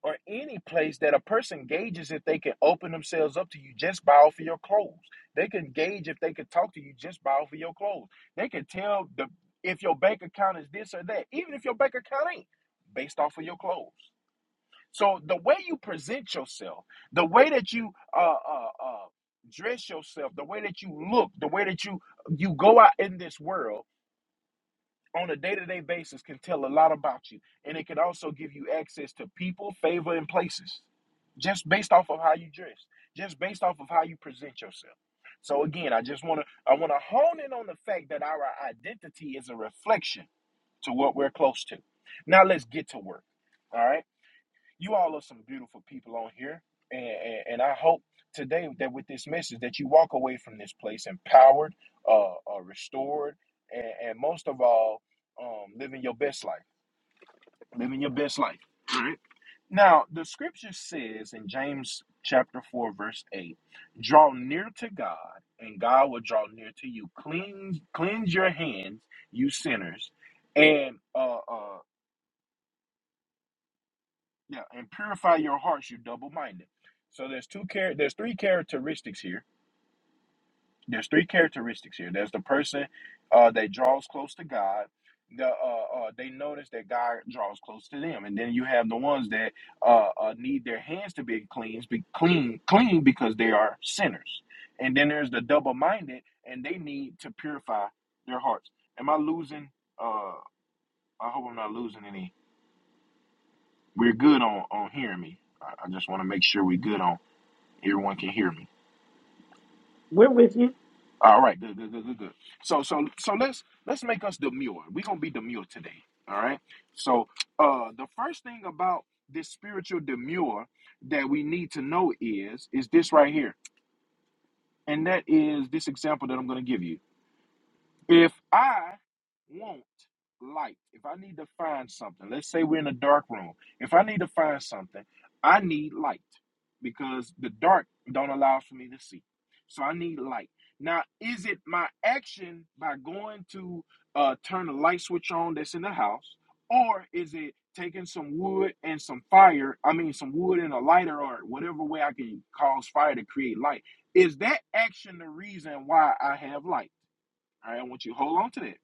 Speaker 1: or any place that a person gauges if they can open themselves up to you just by off of your clothes. They can gauge if they can talk to you just by off of your clothes. They can tell the if your bank account is this or that, even if your bank account ain't, based off of your clothes. So the way you present yourself, the way that you uh, uh, uh, dress yourself, the way that you look, the way that you you go out in this world on a day-to-day basis can tell a lot about you and it can also give you access to people favor and places just based off of how you dress just based off of how you present yourself so again i just want to i want to hone in on the fact that our identity is a reflection to what we're close to now let's get to work all right you all are some beautiful people on here and, and, and i hope today that with this message that you walk away from this place empowered uh, uh restored and, and most of all um living your best life living your best life all right now the scripture says in james chapter 4 verse 8 draw near to god and god will draw near to you cleanse cleanse your hands you sinners and uh, uh Yeah, and purify your hearts, you double-minded. So there's two char- there's three characteristics here. There's three characteristics here. There's the person uh, that draws close to God. The uh, uh, they notice that God draws close to them, and then you have the ones that uh, uh, need their hands to be cleansed, be clean, clean because they are sinners. And then there's the double-minded, and they need to purify their hearts. Am I losing? Uh, I hope I'm not losing any. We're good on on hearing me. I, I just want to make sure we're good on Everyone can hear me.
Speaker 3: We're with you.
Speaker 1: All right, good, good, good, good, good. So, so, so let's let's make us demure. We're gonna be demure today. All right. So, uh, the first thing about this spiritual demure that we need to know is is this right here, and that is this example that I'm gonna give you. If I want light, if I need to find something, let's say we're in a dark room. If I need to find something, I need light because the dark don't allow for me to see. So I need light. Now, is it my action by going to uh, turn the light switch on that's in the house, or is it taking some wood and some fire? I mean, some wood and a lighter, or whatever way I can cause fire to create light. Is that action the reason why I have light? All right, I want you to hold on to that.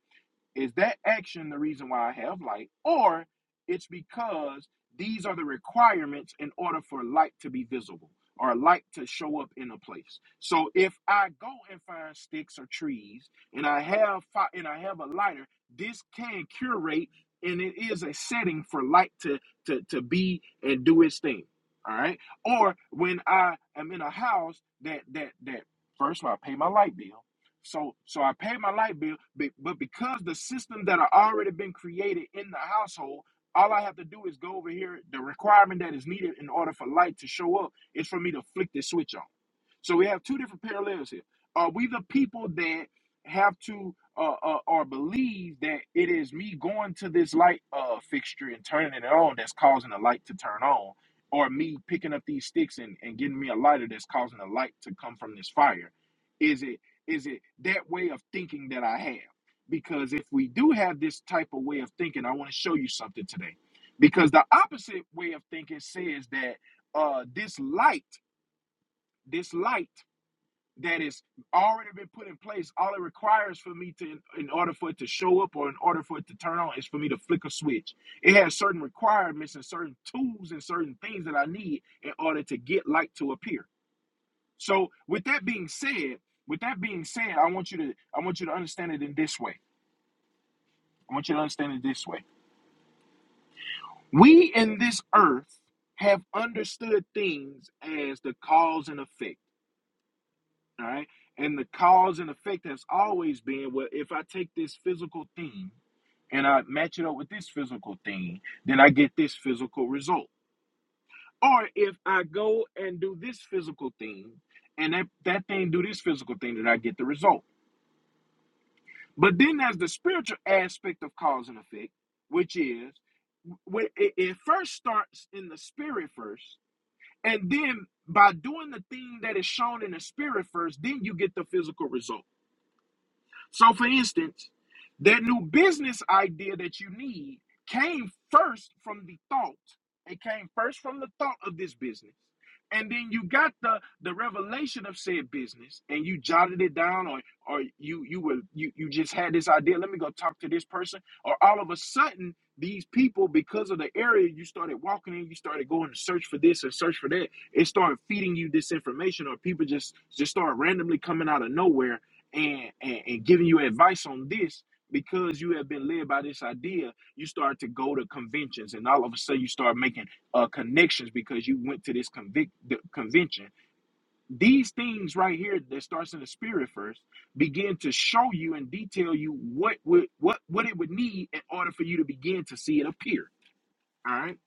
Speaker 1: Is that action the reason why I have light, or it's because these are the requirements in order for light to be visible or light to show up in a place? So if I go and find sticks or trees, and I have fi- and I have a lighter, this can curate, and it is a setting for light to to to be and do its thing. All right, or when I am in a house that that that first of all I pay my light bill so so I paid my light bill, but, but because the system that I already been created in the household, all I have to do is go over here. The requirement that is needed in order for light to show up is for me to flick this switch on. So we have two different parallels here. Are we the people that have to uh, uh, or believe that it is me going to this light uh, fixture and turning it on that's causing the light to turn on, or me picking up these sticks and, and getting me a lighter that's causing the light to come from this fire? Is it is it that way of thinking that I have? Because if we do have this type of way of thinking, I want to show you something today. Because the opposite way of thinking says that uh, this light, this light that is already been put in place, all it requires for me to, in order for it to show up or in order for it to turn on, is for me to flick a switch. It has certain requirements and certain tools and certain things that I need in order to get light to appear. So with that being said, with that being said, I want you to I want you to understand it in this way. I want you to understand it this way. We in this earth have understood things as the cause and effect, all right? And the cause and effect has always been well, if I take this physical thing and I match it up with this physical thing, then I get this physical result. Or if I go and do this physical thing and that, that thing do this physical thing, then I get the result But then there's the spiritual aspect of cause and effect, which is when it, it first starts in the spirit first, and then by doing the thing that is shown in the spirit first, then you get the physical result. So, for instance, that new business idea that you need came first from the thought. It came first from the thought of this business. And then you got the the revelation of said business and you jotted it down or or you you were you you just had this idea, let me go talk to this person. Or all of a sudden, these people, because of the area you started walking in, you started going to search for this and search for that. It started feeding you this information, or people just just start randomly coming out of nowhere and, and and giving you advice on this because you have been led by this idea you start to go to conventions and all of a sudden you start making uh, connections because you went to this convic- the convention these things right here that starts in the spirit first begin to show you and detail you what would what what it would need in order for you to begin to see it appear all right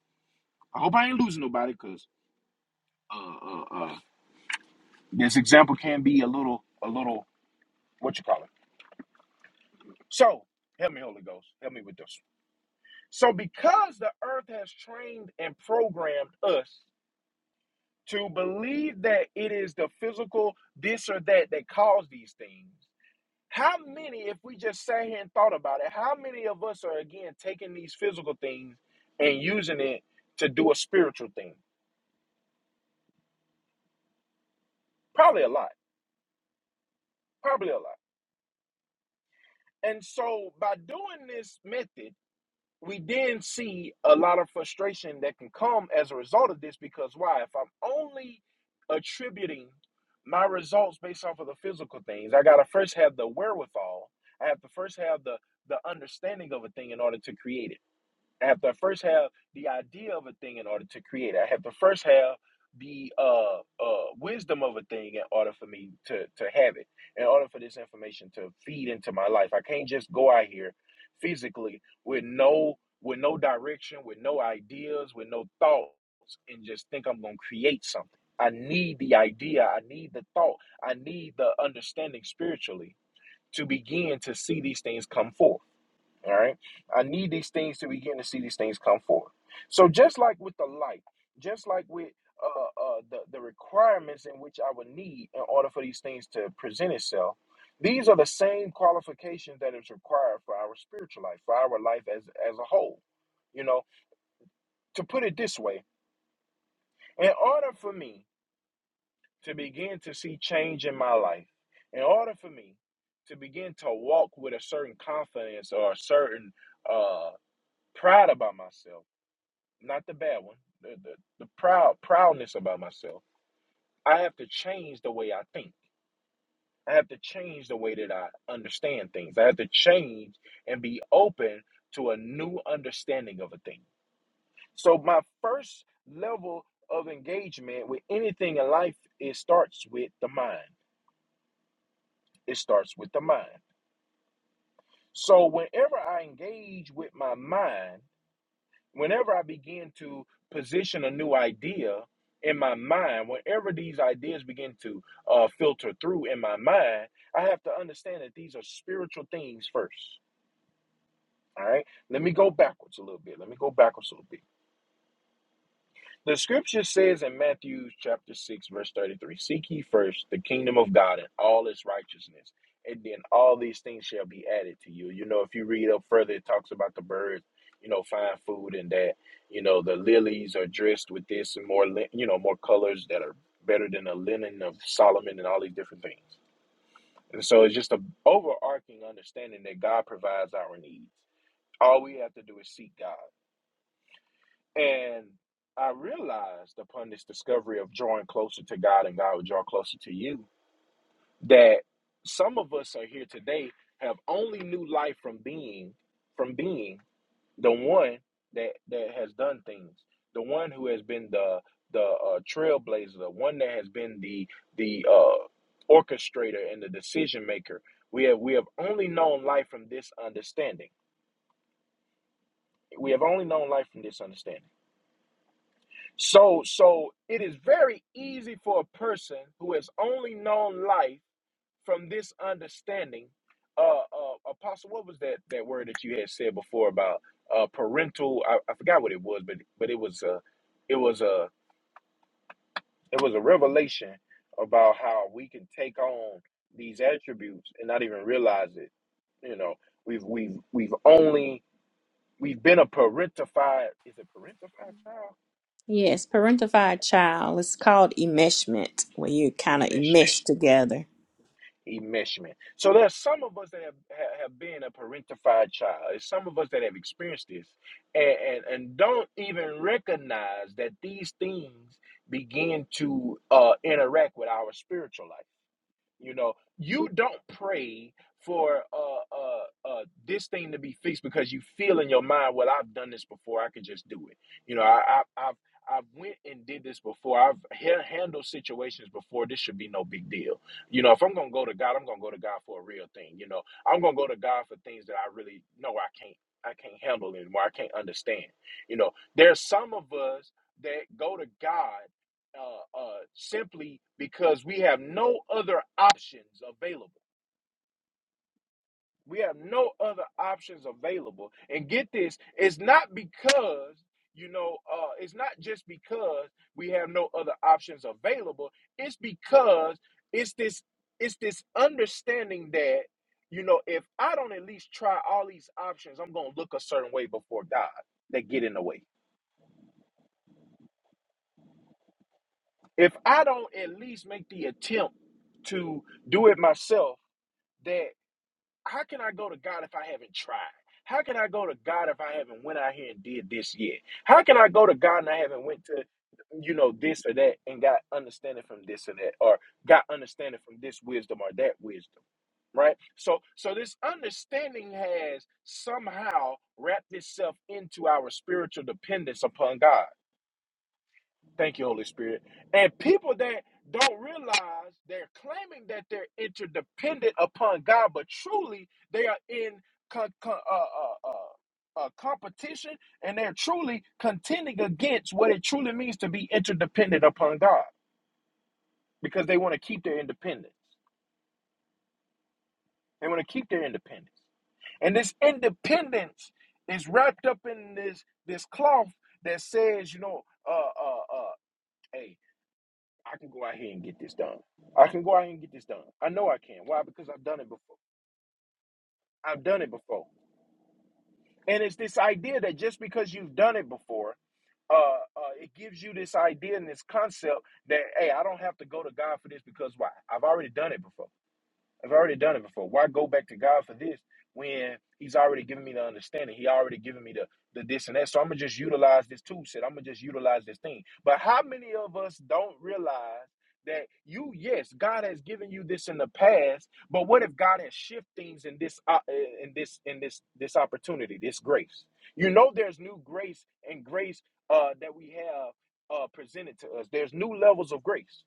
Speaker 1: i hope i ain't losing nobody because uh, uh, uh, this example can be a little a little what you call it so help me holy ghost help me with this So, because the earth has trained and programmed us to believe that it is the physical this or that that caused these things, how many, if we just sat here and thought about it, how many of us are again taking these physical things and using it to do a spiritual thing? Probably a lot. Probably a lot. And so, by doing this method, we then see a lot of frustration that can come as a result of this because why? If I'm only attributing my results based off of the physical things, I gotta first have the wherewithal. I have to first have the the understanding of a thing in order to create it. I have to first have the idea of a thing in order to create it. I have to first have the uh, uh, wisdom of a thing in order for me to, to have it, in order for this information to feed into my life. I can't just go out here physically with no with no direction, with no ideas, with no thoughts, and just think I'm gonna create something. I need the idea, I need the thought, I need the understanding spiritually to begin to see these things come forth. All right. I need these things to begin to see these things come forth. So just like with the light, just like with uh, uh, the, the requirements in which I would need in order for these things to present itself, these are the same qualifications that is required for our spiritual life, for our life as, as a whole. You know, to put it this way, in order for me to begin to see change in my life, in order for me to begin to walk with a certain confidence or a certain uh, pride about myself, not the bad one, the, the, the proud proudness about myself. I have to change the way I think. I have to change the way that I understand things. I have to change and be open to a new understanding of a thing. So my first level of engagement with anything in life, it starts with the mind. It starts with the mind. So whenever I engage with my mind, whenever I begin to position a new idea in my mind, whenever these ideas begin to uh, filter through in my mind, I have to understand that these are spiritual things first. All right, let me go backwards a little bit. Let me go backwards a little bit the scripture says in Matthew chapter 6, verse 33 Seek ye first the kingdom of God and all its righteousness, and then all these things shall be added to you. You know, if you read up further, it talks about the birds, you know, find food and that. You know, the lilies are dressed with this and more, you know, more colors that are better than the linen of Solomon and all these different things. And so it's just an overarching understanding that God provides our needs. All we have to do is seek God. And I realized upon this discovery of drawing closer to God and God will draw closer to you that some of us are here today have only knew life from being from being the one that that has done things, the one who has been the the uh, trailblazer, the one that has been the the uh, orchestrator and the decision maker. We have we have only known life from this understanding. We have only known life from this understanding. So, so it is very easy for a person who has only known life from this understanding. Uh, uh, Apostle, what was that that word that you had said before about uh, parental? I, I forgot what it was, but but it was a, it was a, it was a revelation about how we can take on these attributes and not even realize it. You know, we've we've we've only we've been a parentified. Is it parentified child?
Speaker 4: Yes, parentified child. It's called enmeshment, where you kind
Speaker 1: He
Speaker 4: of enmesh together.
Speaker 1: enmeshment. So there's some of us that have, ha- have been a parentified child. There's some of us that have experienced this and, and, and don't even recognize that these things begin to uh, interact with our spiritual life. You know, you don't pray for uh, uh, uh, this thing to be fixed because you feel in your mind, well, I've done this before. I could just do it. You know, I, I, I've I've went and did this before. I've ha- handled situations before. This should be no big deal. You know, if I'm gonna go to God, I'm gonna go to God for a real thing. You know, I'm gonna go to God for things that I really know I can't I can't handle anymore. I can't understand. You know, there's some of us that go to God uh, uh, simply because we have no other options available. We have no other options available. And get this, it's not because, you know, uh, it's not just because we have no other options available. It's because it's this it's this understanding that, you know, if I don't at least try all these options, I'm gonna look a certain way before God that get in the way. If I don't at least make the attempt to do it myself, that how can I go to God if I haven't tried? How can I go to God if I haven't went out here and did this yet? How can I go to God and I haven't went to, you know, this or that and got understanding from this and that, or got understanding from this wisdom or that wisdom, right? So, so this understanding has somehow wrapped itself into our spiritual dependence upon God. Thank you, Holy Spirit. And people that don't realize they're claiming that they're interdependent upon God, but truly they are in co- co- uh, uh, uh, uh, competition and they're truly contending against what it truly means to be interdependent upon God because they want to keep their independence. They want to keep their independence. And this independence is wrapped up in this, this cloth that says, you know, uh, uh, uh, hey, I can go out here and get this done. I can go out here and get this done. I know I can. Why? Because I've done it before. I've done it before. And it's this idea that just because you've done it before, uh, uh, it gives you this idea and this concept that, hey, I don't have to go to God for this because why? I've already done it before. I've already done it before. Why go back to God for this when He's already given me the understanding? He already given me the the this and that. So I'm gonna just utilize this tool set. I'm gonna just utilize this thing. But how many of us don't realize that you, yes, God has given you this in the past, but what if God has shift things in this op- in this in this this opportunity, this grace? You know, there's new grace and grace uh, that we have uh, presented to us. There's new levels of grace.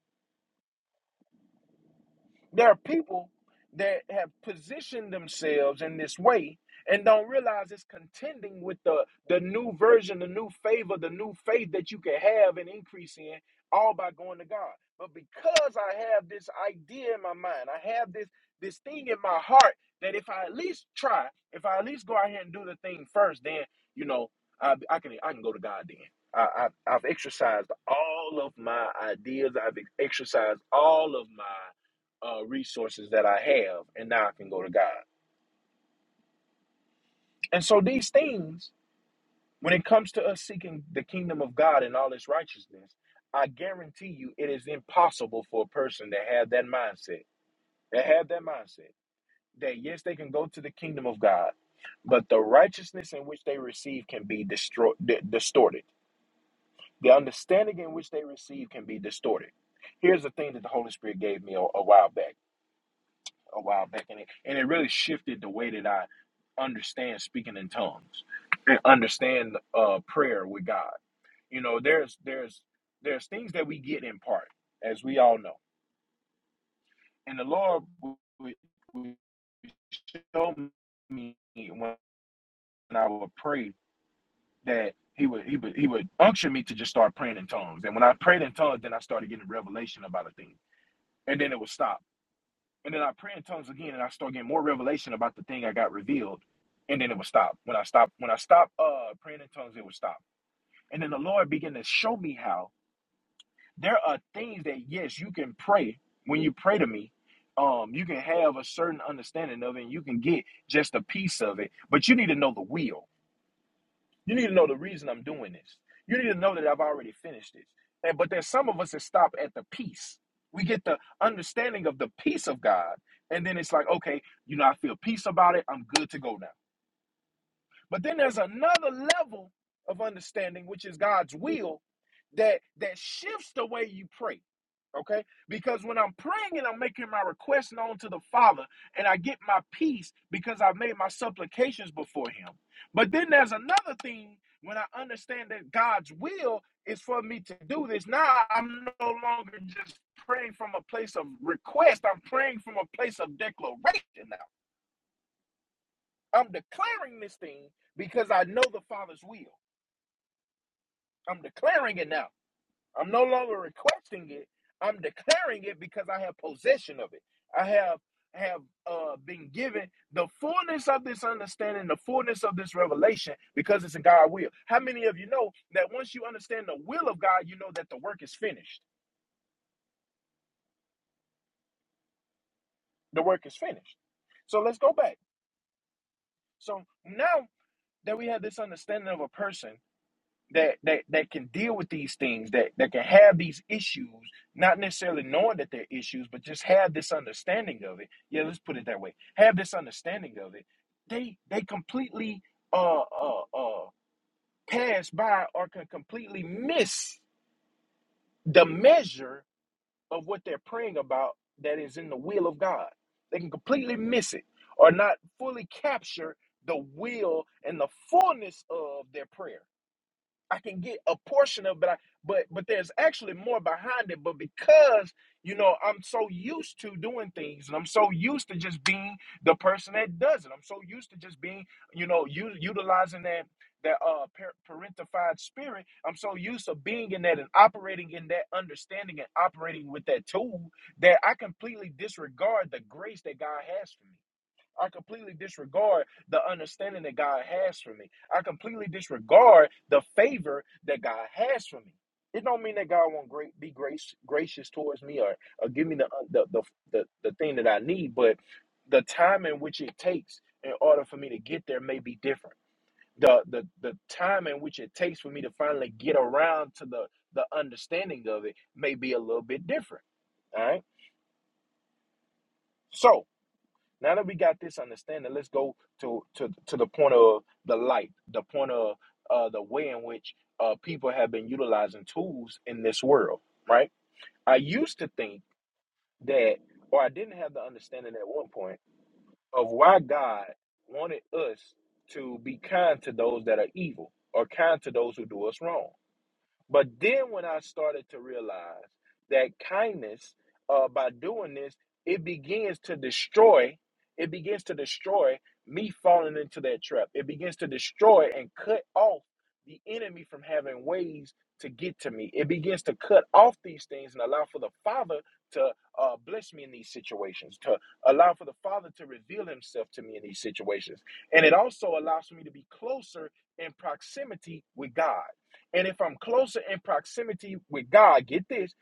Speaker 1: There are people that have positioned themselves in this way and don't realize it's contending with the, the new version, the new favor, the new faith that you can have and increase in all by going to God. But because I have this idea in my mind, I have this this thing in my heart that if I at least try, if I at least go out here and do the thing first, then you know I, I can I can go to God then. I, I, I've exercised all of my ideas. I've exercised all of my uh, resources that I have, and now I can go to God. And so these things, when it comes to us seeking the kingdom of God and all its righteousness, I guarantee you, it is impossible for a person to have that mindset. That have that mindset that yes, they can go to the kingdom of God, but the righteousness in which they receive can be destroyed, distorted. The understanding in which they receive can be distorted. Here's the thing that the Holy Spirit gave me a a while back. a while back, and it, and it really shifted the way that I understand speaking in tongues and understand uh, prayer with God. You know, there's there's there's things that we get in part, as we all know, and the Lord would, would show me when I would pray that he would he would he would unction me to just start praying in tongues, and when I prayed in tongues, then I started getting revelation about a thing, and then it would stop And then I pray in tongues again, and I start getting more revelation about the thing I got revealed. And then it would stop. When I stopped, when I stopped uh, praying in tongues, it would stop. And then the Lord began to show me how there are things that yes, you can pray when you pray to me. Um, you can have a certain understanding of it, and you can get just a piece of it, but you need to know the will. You need to know the reason I'm doing this. You need to know that I've already finished this. And but there's some of us that stop at the peace. We get the understanding of the peace of God, and then it's like, okay, you know, I feel peace about it. I'm good to go now. But then there's another level of understanding, which is God's will, that that shifts the way you pray. Okay? Because when I'm praying and I'm making my request known to the Father, and I get my peace because I've made my supplications before Him. But then there's another thing when I understand that God's will is for me to do this. Now I'm no longer just praying from a place of request, I'm praying from a place of declaration now. I'm declaring this thing because I know the Father's will. I'm declaring it now. I'm no longer requesting it. I'm declaring it because I have possession of it. I have have uh, been given the fullness of this understanding, the fullness of this revelation, because it's in God's will. How many of you know that once you understand the will of God, you know that the work is finished. The work is finished. So let's go back. So now that we have this understanding of a person, that that that can deal with these things that that can have these issues not necessarily knowing that they're issues but just have this understanding of it yeah let's put it that way have this understanding of it they they completely uh uh uh pass by or can completely miss the measure of what they're praying about that is in the will of god they can completely miss it or not fully capture the will and the fullness of their prayer I can get a portion of it, but I, but but there's actually more behind it. But because you know I'm so used to doing things, and I'm so used to just being the person that does it. I'm so used to just being you know u- utilizing that that uh par- parentified spirit. I'm so used to being in that and operating in that understanding and operating with that tool that I completely disregard the grace that God has for me. I completely disregard the understanding that God has for me. I completely disregard the favor that God has for me. It don't mean that God won't great, be grace, gracious towards me or, or give me the, uh, the, the, the, the thing that I need, but the time in which it takes in order for me to get there may be different. The, the, the time in which it takes for me to finally get around to the, the understanding of it may be a little bit different. All right. So now that we got this understanding, let's go to to to the point of the light, the point of uh, the way in which uh, people have been utilizing tools in this world. Right? I used to think that, or I didn't have the understanding at one point of why God wanted us to be kind to those that are evil or kind to those who do us wrong. But then when I started to realize that kindness, uh, by doing this, it begins to destroy, it begins to destroy me falling into that trap. It begins to destroy and cut off the enemy from having ways to get to me. It begins to cut off these things and allow for the Father to uh, bless me in these situations, to allow for the Father to reveal Himself to me in these situations. And it also allows me to be closer in proximity with God and if I'm closer in proximity with God, get this,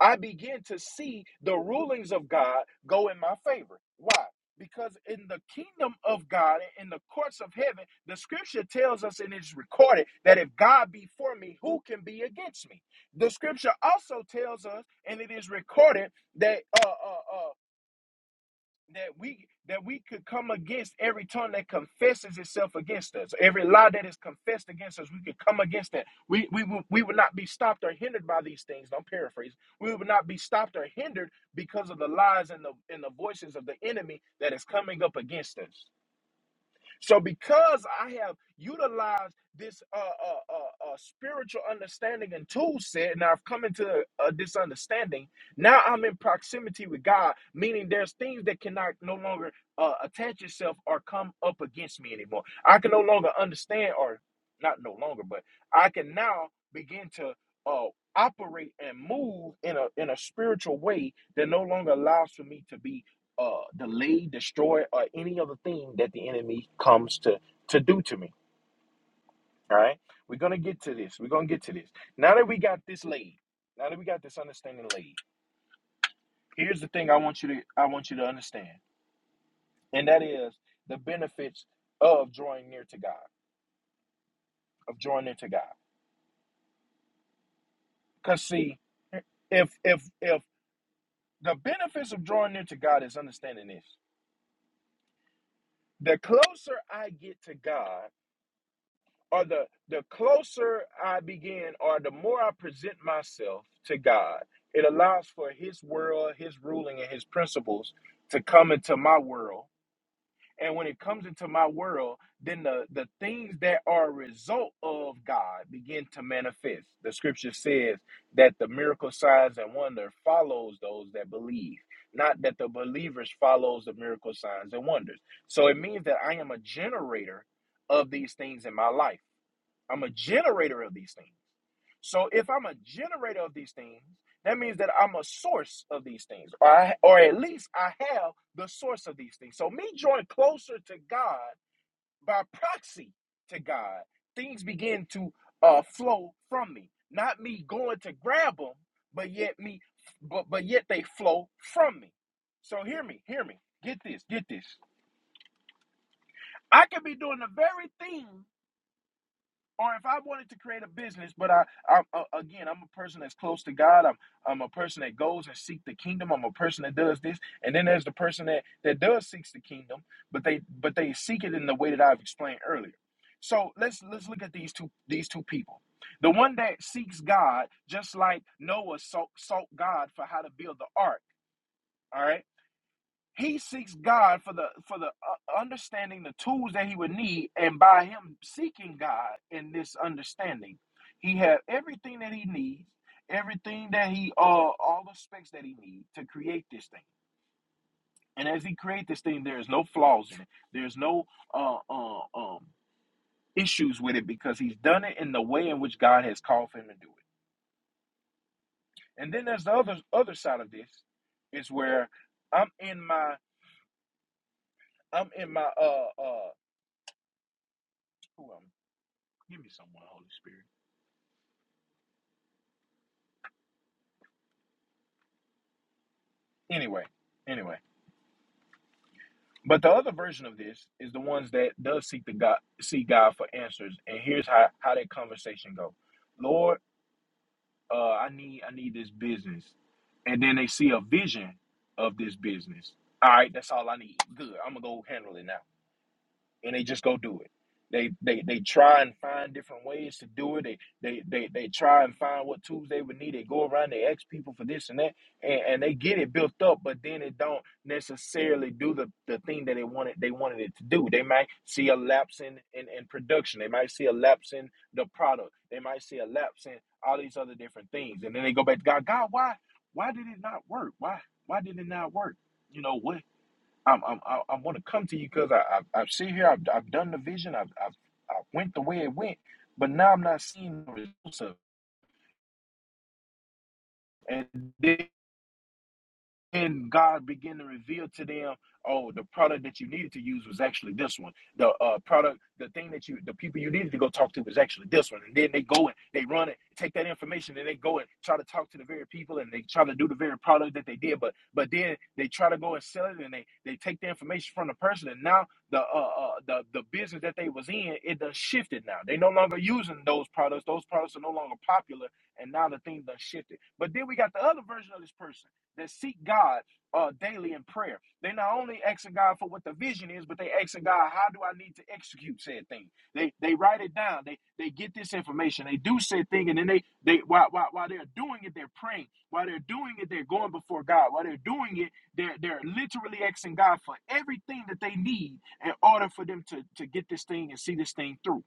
Speaker 1: I begin to see the rulings of God go in my favor. Why? Because in the kingdom of God, in the courts of heaven, the scripture tells us and it's recorded that if God be for me, who can be against me? The scripture also tells us, and it is recorded, that uh, uh, uh, that we that we could come against every tongue that confesses itself against us every lie that is confessed against us we could come against that we we would we would not be stopped or hindered by these things don't paraphrase we would not be stopped or hindered because of the lies and the and the voices of the enemy that is coming up against us so because I have utilized this uh, uh, uh, uh, spiritual understanding and tool set, and I've come into uh, this understanding, now I'm in proximity with God, meaning there's things that cannot no longer uh, attach itself or come up against me anymore. I can no longer understand, or not no longer, but I can now begin to uh, operate and move in a in a spiritual way that no longer allows for me to be uh, delay, destroy, or any other thing that the enemy comes to to do to me. All right, we're gonna get to this. We're gonna get to this. Now that we got this laid, now that we got this understanding laid, here's the thing I want you to I want you to understand, and that is the benefits of drawing near to God, of drawing near to God. Cause see, if if if the benefits of drawing near to God is understanding this, the closer I get to God or the the closer I begin or the more I present myself to God, it allows for his world, his ruling and his principles to come into my world. And when it comes into my world, then the, the things that are a result of God begin to manifest. The scripture says that the miracle signs and wonder follows those that believe, not that the believers follows the miracle signs and wonders. So it means that I am a generator of these things in my life. I'm a generator of these things. So if I'm a generator of these things, that means that I'm a source of these things, or I, or at least I have the source of these things. So me drawing closer to God by proxy to God, things begin to uh, flow from me. Not me going to grab them, but yet me, but but yet they flow from me. So hear me, hear me. Get this, get this. I could be doing the very thing or if I wanted to create a business, but I, I, I again, I'm a person that's close to God. I'm, I'm a person that goes and seeks the kingdom. I'm a person that does this, and then there's the person that that does seeks the kingdom, but they, but they seek it in the way that I've explained earlier. So let's let's look at these two these two people. The one that seeks God, just like Noah sought, sought God for how to build the ark. All right he seeks God for the for the uh, understanding, the tools that he would need, and by him seeking God in this understanding, he had everything that he needs, everything that he uh all the specs that he needs to create this thing. And as he creates this thing, there is no flaws in it. There's no uh, uh um issues with it because he's done it in the way in which God has called for him to do it. And then there's the other other side of this is where I'm in my I'm in my uh uh who am Give me someone, Holy Spirit. Anyway, anyway. But the other version of this is the ones that does seek the God seek God for answers. And here's how, how that conversation go. Lord, uh, I need I need this business. And then they see a vision of this business. All right, that's all I need. Good. I'm gonna go handle it now. and they just go do it. They they they try and find different ways to do it. They they they they try and find what tools they would need. They go around, they ask people for this and that, and, and they get it built up, but then it don't necessarily do the, the thing that they wanted they wanted it to do. They might see a lapse in, in, in production, they might see a lapse in the product, they might see a lapse in all these other different things. And then they go back to God, God, why why did it not work? Why why did it not work? You know what I'm, I'm, I, I want to come to you because I, I, I've seen here, I've, I've done the vision, I've, I've, I went the way it went, but now I'm not seeing the results of it. and. and God began to reveal to them, oh, the product that you needed to use was actually this one. The uh, product, the thing that you, the people you needed to go talk to was actually this one. And then they go and they run it, take that information, and they go and try to talk to the very people, and they try to do the very product that they did. But but then they try to go and sell it, and they they take the information from the person, and now the uh, uh the the business that they was in, it done shifted. Now they no longer using those products. Those products are no longer popular, and now the thing done shifted. But then we got the other version of this person that seek God uh, daily in prayer. They not only asking God for what the vision is, but they asking God, how do I need to execute said thing? They they write it down. They they get this information. They do said thing, and then they they while while, while they're doing it, they're praying. While they're doing it, they're going before God. While they're doing it, they're they're literally asking God for everything that they need in order for them to to get this thing and see this thing through.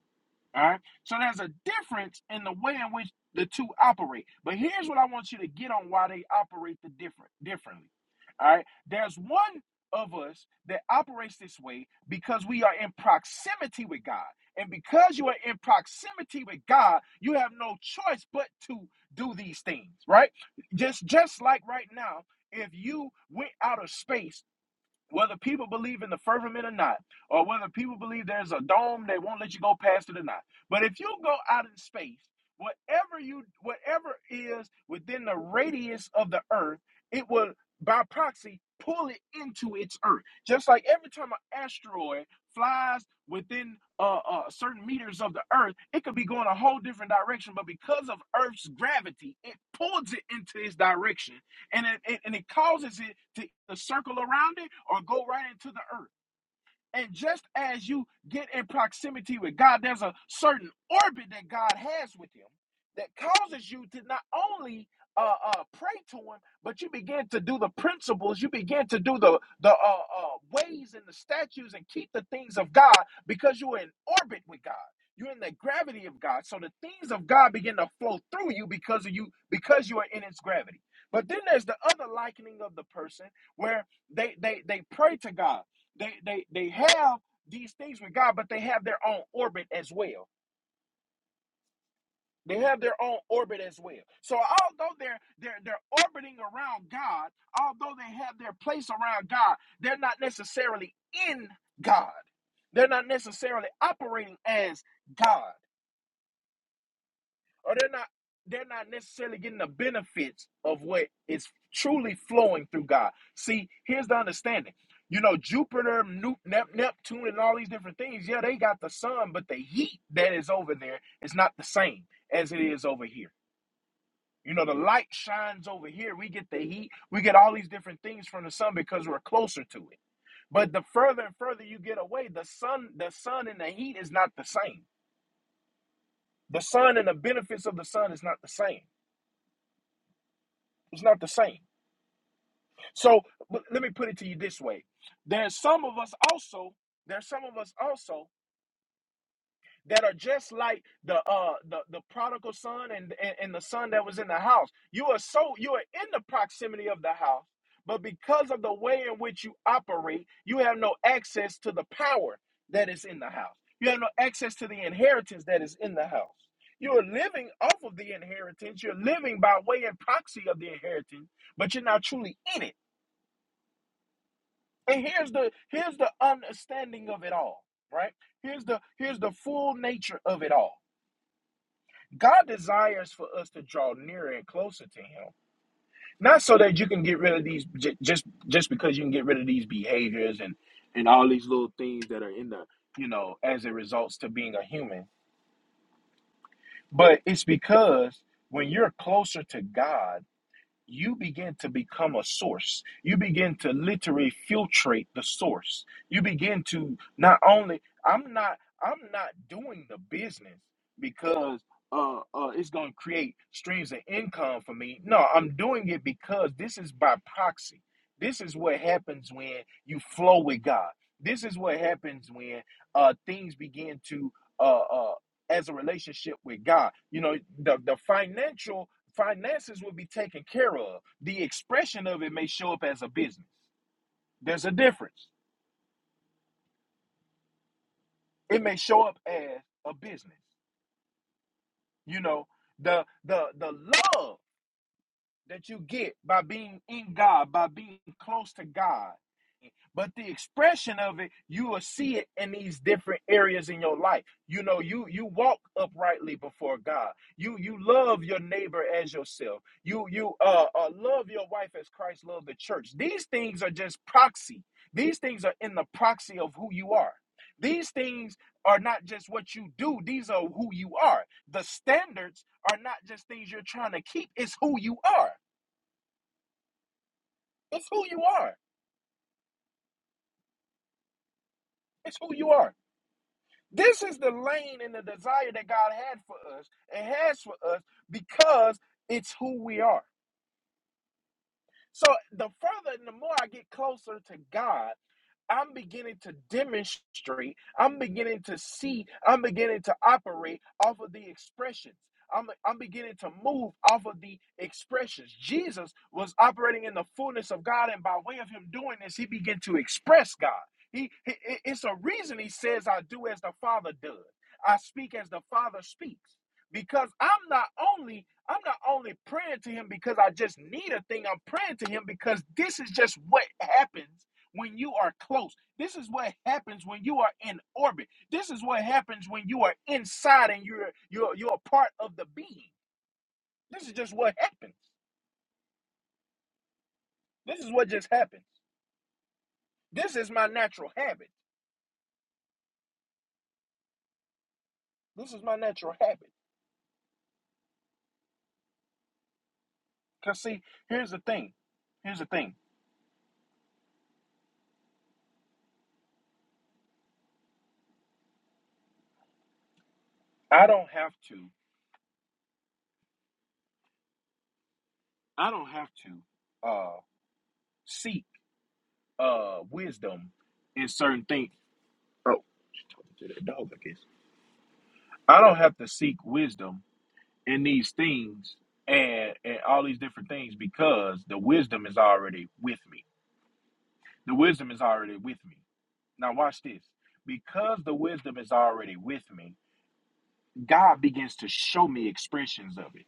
Speaker 1: All right. So there's a difference in the way in which the two operate. But here's what I want you to get on why they operate the different differently. All right. There's one of us that operates this way because we are in proximity with God. And because you are in proximity with God, you have no choice but to do these things, right? Just just like right now, if you went out of space whether people believe in the firmament or not, or whether people believe there's a dome they won't let you go past it or not. But if you go out in space, whatever you whatever is within the radius of the earth, it will by proxy pull it into its earth. Just like every time an asteroid flies within uh, uh, certain meters of the earth, it could be going a whole different direction, but because of Earth's gravity, it pulls it into its direction and it, and it causes it to circle around it or go right into the earth. And just as you get in proximity with God, there's a certain orbit that God has with Him that causes you to not only uh, uh, pray to Him, but you begin to do the principles, you begin to do the the uh, uh, ways and the statues and keep the things of God because you're in orbit with God. You're in the gravity of God, so the things of God begin to flow through you because of you because you are in its gravity. But then there's the other likening of the person where they they they pray to God they they they have these things with God, but they have their own orbit as well. They have their own orbit as well. So although they're they're they're orbiting around God, although they have their place around God, they're not necessarily in God. They're not necessarily operating as God. or they're not they're not necessarily getting the benefits of what is truly flowing through God. See, here's the understanding. You know, Jupiter, Nu- Nep- Neptune, and all these different things, yeah, they got the sun, but the heat that is over there is not the same as it is over here. You know, the light shines over here. We get the heat. We get all these different things from the sun because we're closer to it. But the further and further you get away, the sun, the sun and the heat is not the same. The sun and the benefits of the sun is not the same. It's not the same. So but let me put it to you this way. There's some of us also, there's some of us also that are just like the uh the, the prodigal son and, and and the son that was in the house. You are so you are in the proximity of the house, but because of the way in which you operate, you have no access to the power that is in the house. You have no access to the inheritance that is in the house. You are living off of the inheritance. You're living by way and proxy of the inheritance, but you're not truly in it. And here's the here's the understanding of it all, right? Here's the here's the full nature of it all. God desires for us to draw nearer and closer to Him, not so that you can get rid of these j- just just because you can get rid of these behaviors and and all these little things that are in the you know as it results to being a human, but it's because when you're closer to God you begin to become a source. You begin to literally filtrate the source. You begin to not only I'm not I'm not doing the business because uh, uh it's going to create streams of income for me. No, I'm doing it because this is by proxy. This is what happens when you flow with God. This is what happens when uh things begin to uh uh as a relationship with God. You know, the the financial finances will be taken care of. The expression of it may show up as a business. There's a difference. It may show up as a business. You know, the the the love that you get by being in God, by being close to God. But the expression of it, you will see it in these different areas in your life. You know, you you walk uprightly before God. You you love your neighbor as yourself. You you uh, uh love your wife as Christ loved the church. These things are just proxy. These things are in the proxy of who you are. These things are not just what you do. These are who you are. The standards are not just things you're trying to keep. It's who you are. It's who you are. It's who you are. This is the lane and the desire that God had for us and has for us because it's who we are. So the further and the more I get closer to God, I'm beginning to demonstrate, I'm beginning to see, I'm beginning to operate off of the expressions. I'm, I'm beginning to move off of the expressions. Jesus was operating in the fullness of God, and by way of him doing this, he began to express God. He, he- it's a reason he says, I do as the Father does. I speak as the Father speaks. Because I'm not only I'm not only praying to him because I just need a thing, I'm praying to him because this is just what happens when you are close. This is what happens when you are in orbit. This is what happens when you are inside and you're you're you're a part of the being. This is just what happens. This is what just happens. This is my natural habit. This is my natural habit. Cause see, here's the thing. Here's the thing. I don't have to. I don't have to uh, seek uh, wisdom in certain things. Oh, she talking to that dog, I guess. I don't have to seek wisdom in these things and, and all these different things because the wisdom is already with me. The wisdom is already with me. Now, watch this. Because the wisdom is already with me, God begins to show me expressions of it.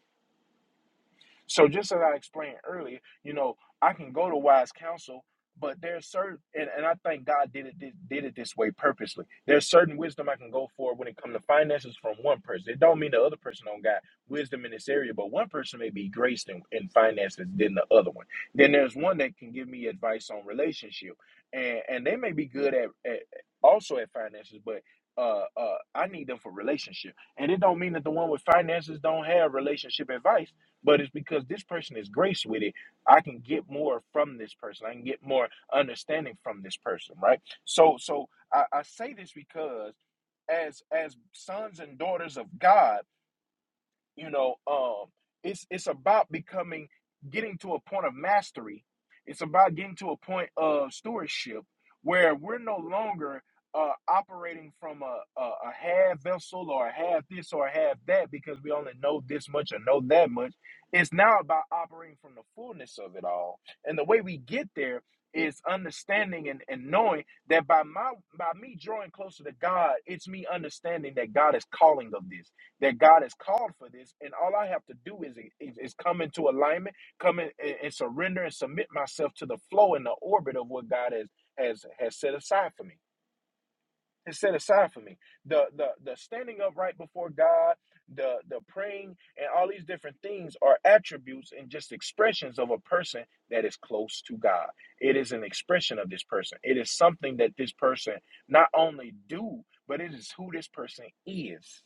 Speaker 1: So just as I explained earlier, you know, I can go to wise counsel, but there's certain and, and I think God did it did, did it this way purposely. There's certain wisdom I can go for when it comes to finances from one person. It don't mean the other person don't got wisdom in this area, but one person may be graced in, in finances than the other one. Then there's one that can give me advice on relationship. And and they may be good at, at also at finances, but uh, uh, I need them for relationship, and it don't mean that the one with finances don't have relationship advice but it's because this person is graced with it. I can get more from this person. I can get more understanding from this person, right? So, so I, I say this because as as sons and daughters of God you know um it's it's about becoming getting to a point of mastery it's about getting to a point of stewardship where we're no longer uh, operating from a, a, a half vessel or a half this or a half that because we only know this much or know that much. It's now about operating from the fullness of it all. And the way we get there is understanding and, and knowing that by my by me drawing closer to God, it's me understanding that God is calling of this that God has called for this, and all I have to do is is, is come into alignment, come in and, and surrender and submit myself to the flow and the orbit of what God has has has set aside for me. Has set aside for me. The the the standing up right before God, the the praying, and all these different things are attributes and just expressions of a person that is close to God. It is an expression of this person. It is something that this person not only do, but it is who this person is.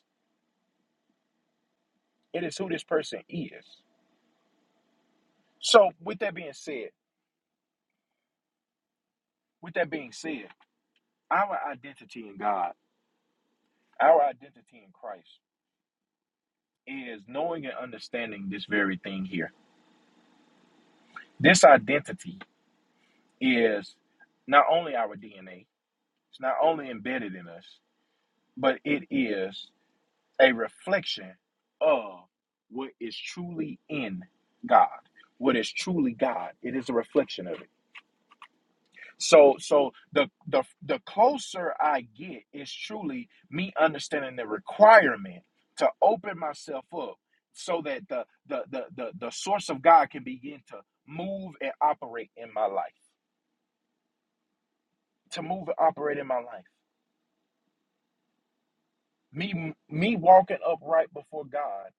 Speaker 1: It is who this person is. So, with that being said, with that being said, our identity in God, our identity in Christ is knowing and understanding this very thing here. This identity is not only our DNA, it's not only embedded in us, but it is a reflection of what is truly in God, what is truly God. It is a reflection of it. So so the the the closer I get is truly me understanding the requirement to open myself up so that the the the the, the source of God can begin to move and operate in my life. To move and operate in my life. Me me walking upright before God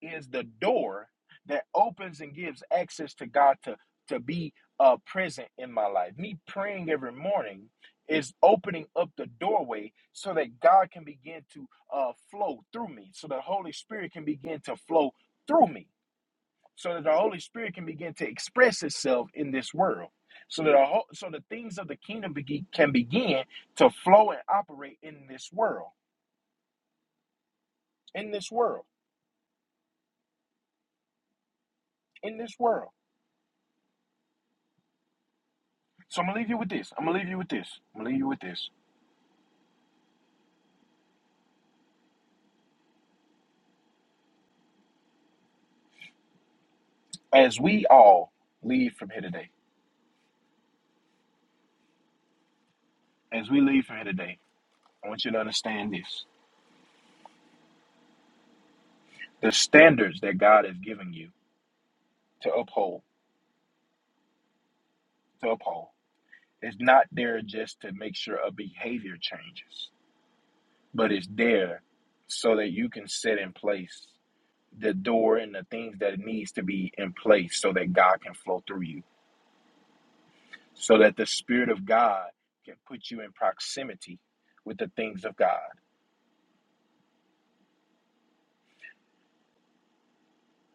Speaker 1: is the door that opens and gives access to God to to be uh, present in my life. Me praying every morning is opening up the doorway so that God can begin to uh, flow through me, so the Holy Spirit can begin to flow through me, so that the Holy Spirit can begin to express itself in this world. So that the whole, so the things of the kingdom be, can begin to flow and operate in this world. In this world. in this world. So I'm gonna leave you with this. I'm gonna leave you with this. I'm gonna leave you with this. As we all leave from here today, as we leave from here today, I want you to understand this. The standards that God has given you to uphold, to uphold, is not there just to make sure a behavior changes, but it's there so that you can set in place the door and the things that needs to be in place so that God can flow through you. So that the Spirit of God can put you in proximity with the things of God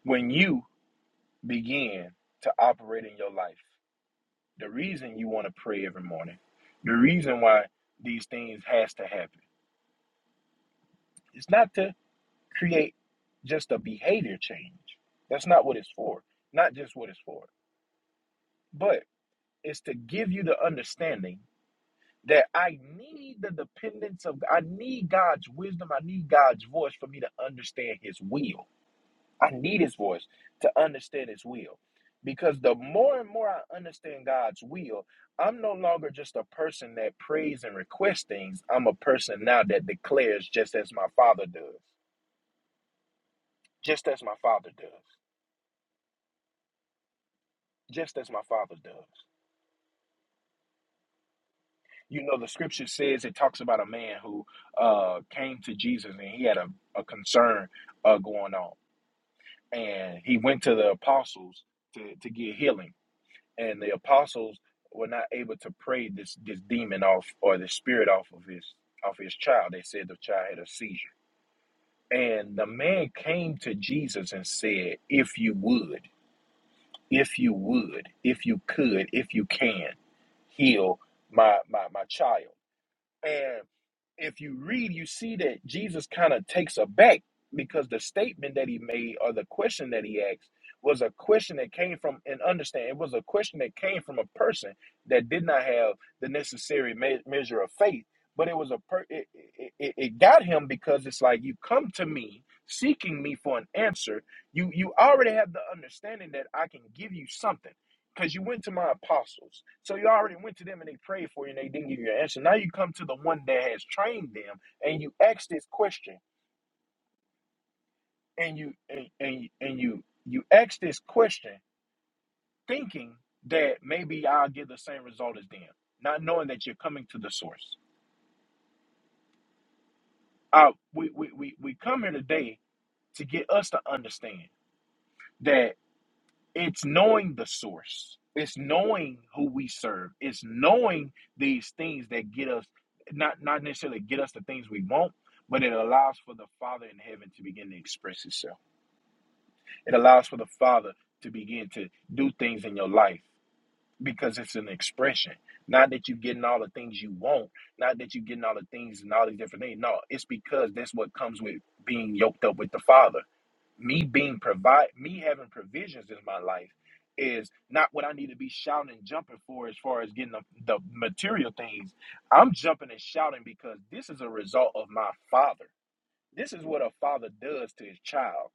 Speaker 1: When you begin to operate in your life, the reason you want to pray every morning, the reason why these things has to happen, it's not to create just a behavior change. That's not what it's for. Not just what it's for, but it's to give you the understanding that I need the dependence of I need God's wisdom, I need God's voice for me to understand his will. I need his voice to understand his will. Because the more and more I understand God's will, I'm no longer just a person that prays and requests things. I'm a person now that declares just as my father does. Just as my father does. Just as my father does. You know, the scripture says it talks about a man who uh, came to Jesus and he had a, a concern uh, going on. And he went to the apostles to, to get healing and the apostles were not able to pray this this demon off or the spirit off of his off his child. They said the child had a seizure. And the man came to Jesus and said, If you would, if you would, if you could, if you can, heal my my, my child. And if you read, you see that Jesus kind of takes aback because the statement that he made or the question that he asked was a question that came from and understand it was a question that came from a person that did not have the necessary me- measure of faith but it was a per- it, it, it it got him because it's like you come to me seeking me for an answer you you already have the understanding that i can give you something because you went to my apostles. So you already went to them and they prayed for you and they didn't give you an answer. Now you come to the one that has trained them and you ask this question and you and and, and you you ask this question thinking that maybe I'll get the same result as them, not knowing that you're coming to the source. Uh, we, we, we, we come here today to get us to understand that. It's knowing the source. It's knowing who we serve. It's knowing these things that get us not not necessarily get us the things we want, but it allows for the Father in heaven to begin to express itself. It allows for the Father to begin to do things in your life because it's an expression. Not that you're getting all the things you want, not that you're getting all the things and all these different things. No, it's because that's what comes with being yoked up with the Father me being provide me having provisions in my life is not what I need to be shouting and jumping for as far as getting the, the material things. I'm jumping and shouting because this is a result of my father. This is what a father does to his child.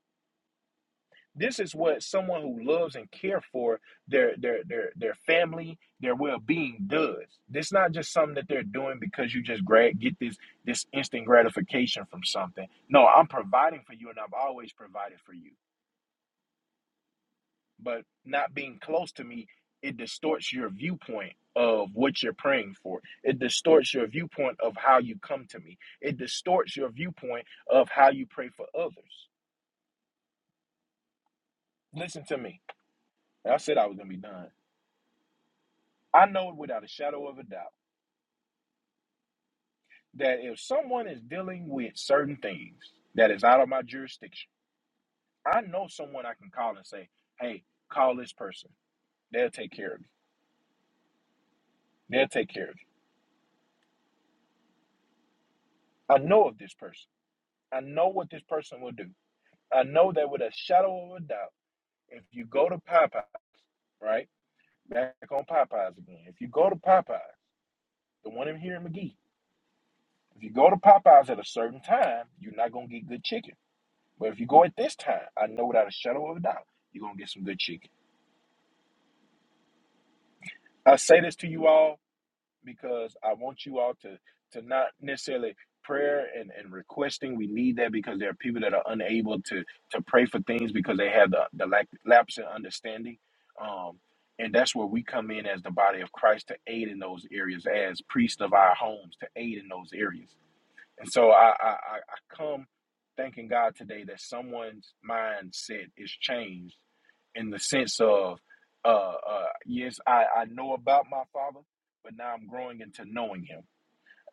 Speaker 1: This is what someone who loves and care for their their their their family, their well-being does. It's not just something that they're doing because you just grad get this this instant gratification from something. No, I'm providing for you and I've always provided for you. but not being close to me it distorts your viewpoint of what you're praying for it distorts your viewpoint of how you come to me it distorts your viewpoint of how you pray for others listen to me i said i was going to be done i know without a shadow of a doubt that if someone is dealing with certain things that is out of my jurisdiction i know someone i can call and say hey call this person they'll take care of me they'll take care of you i know of this person i know what this person will do I know that with a shadow of a doubt, if you go to Popeye, right? Back on Popeyes again. If you go to Popeyes, the one in here in McGee, if you go to Popeyes at a certain time, you're not gonna get good chicken. But if you go at this time, I know without a shadow of a doubt, you're gonna get some good chicken. I say this to you all because I want you all to to not necessarily prayer and, and requesting. We need that because there are people that are unable to to pray for things because they have the, the lack lapse in understanding. Um and that's where we come in as the body of Christ to aid in those areas, as priests of our homes to aid in those areas. And so I, I, I come thanking God today that someone's mindset is changed in the sense of, uh, uh, yes, I, I know about my father, but now I'm growing into knowing him.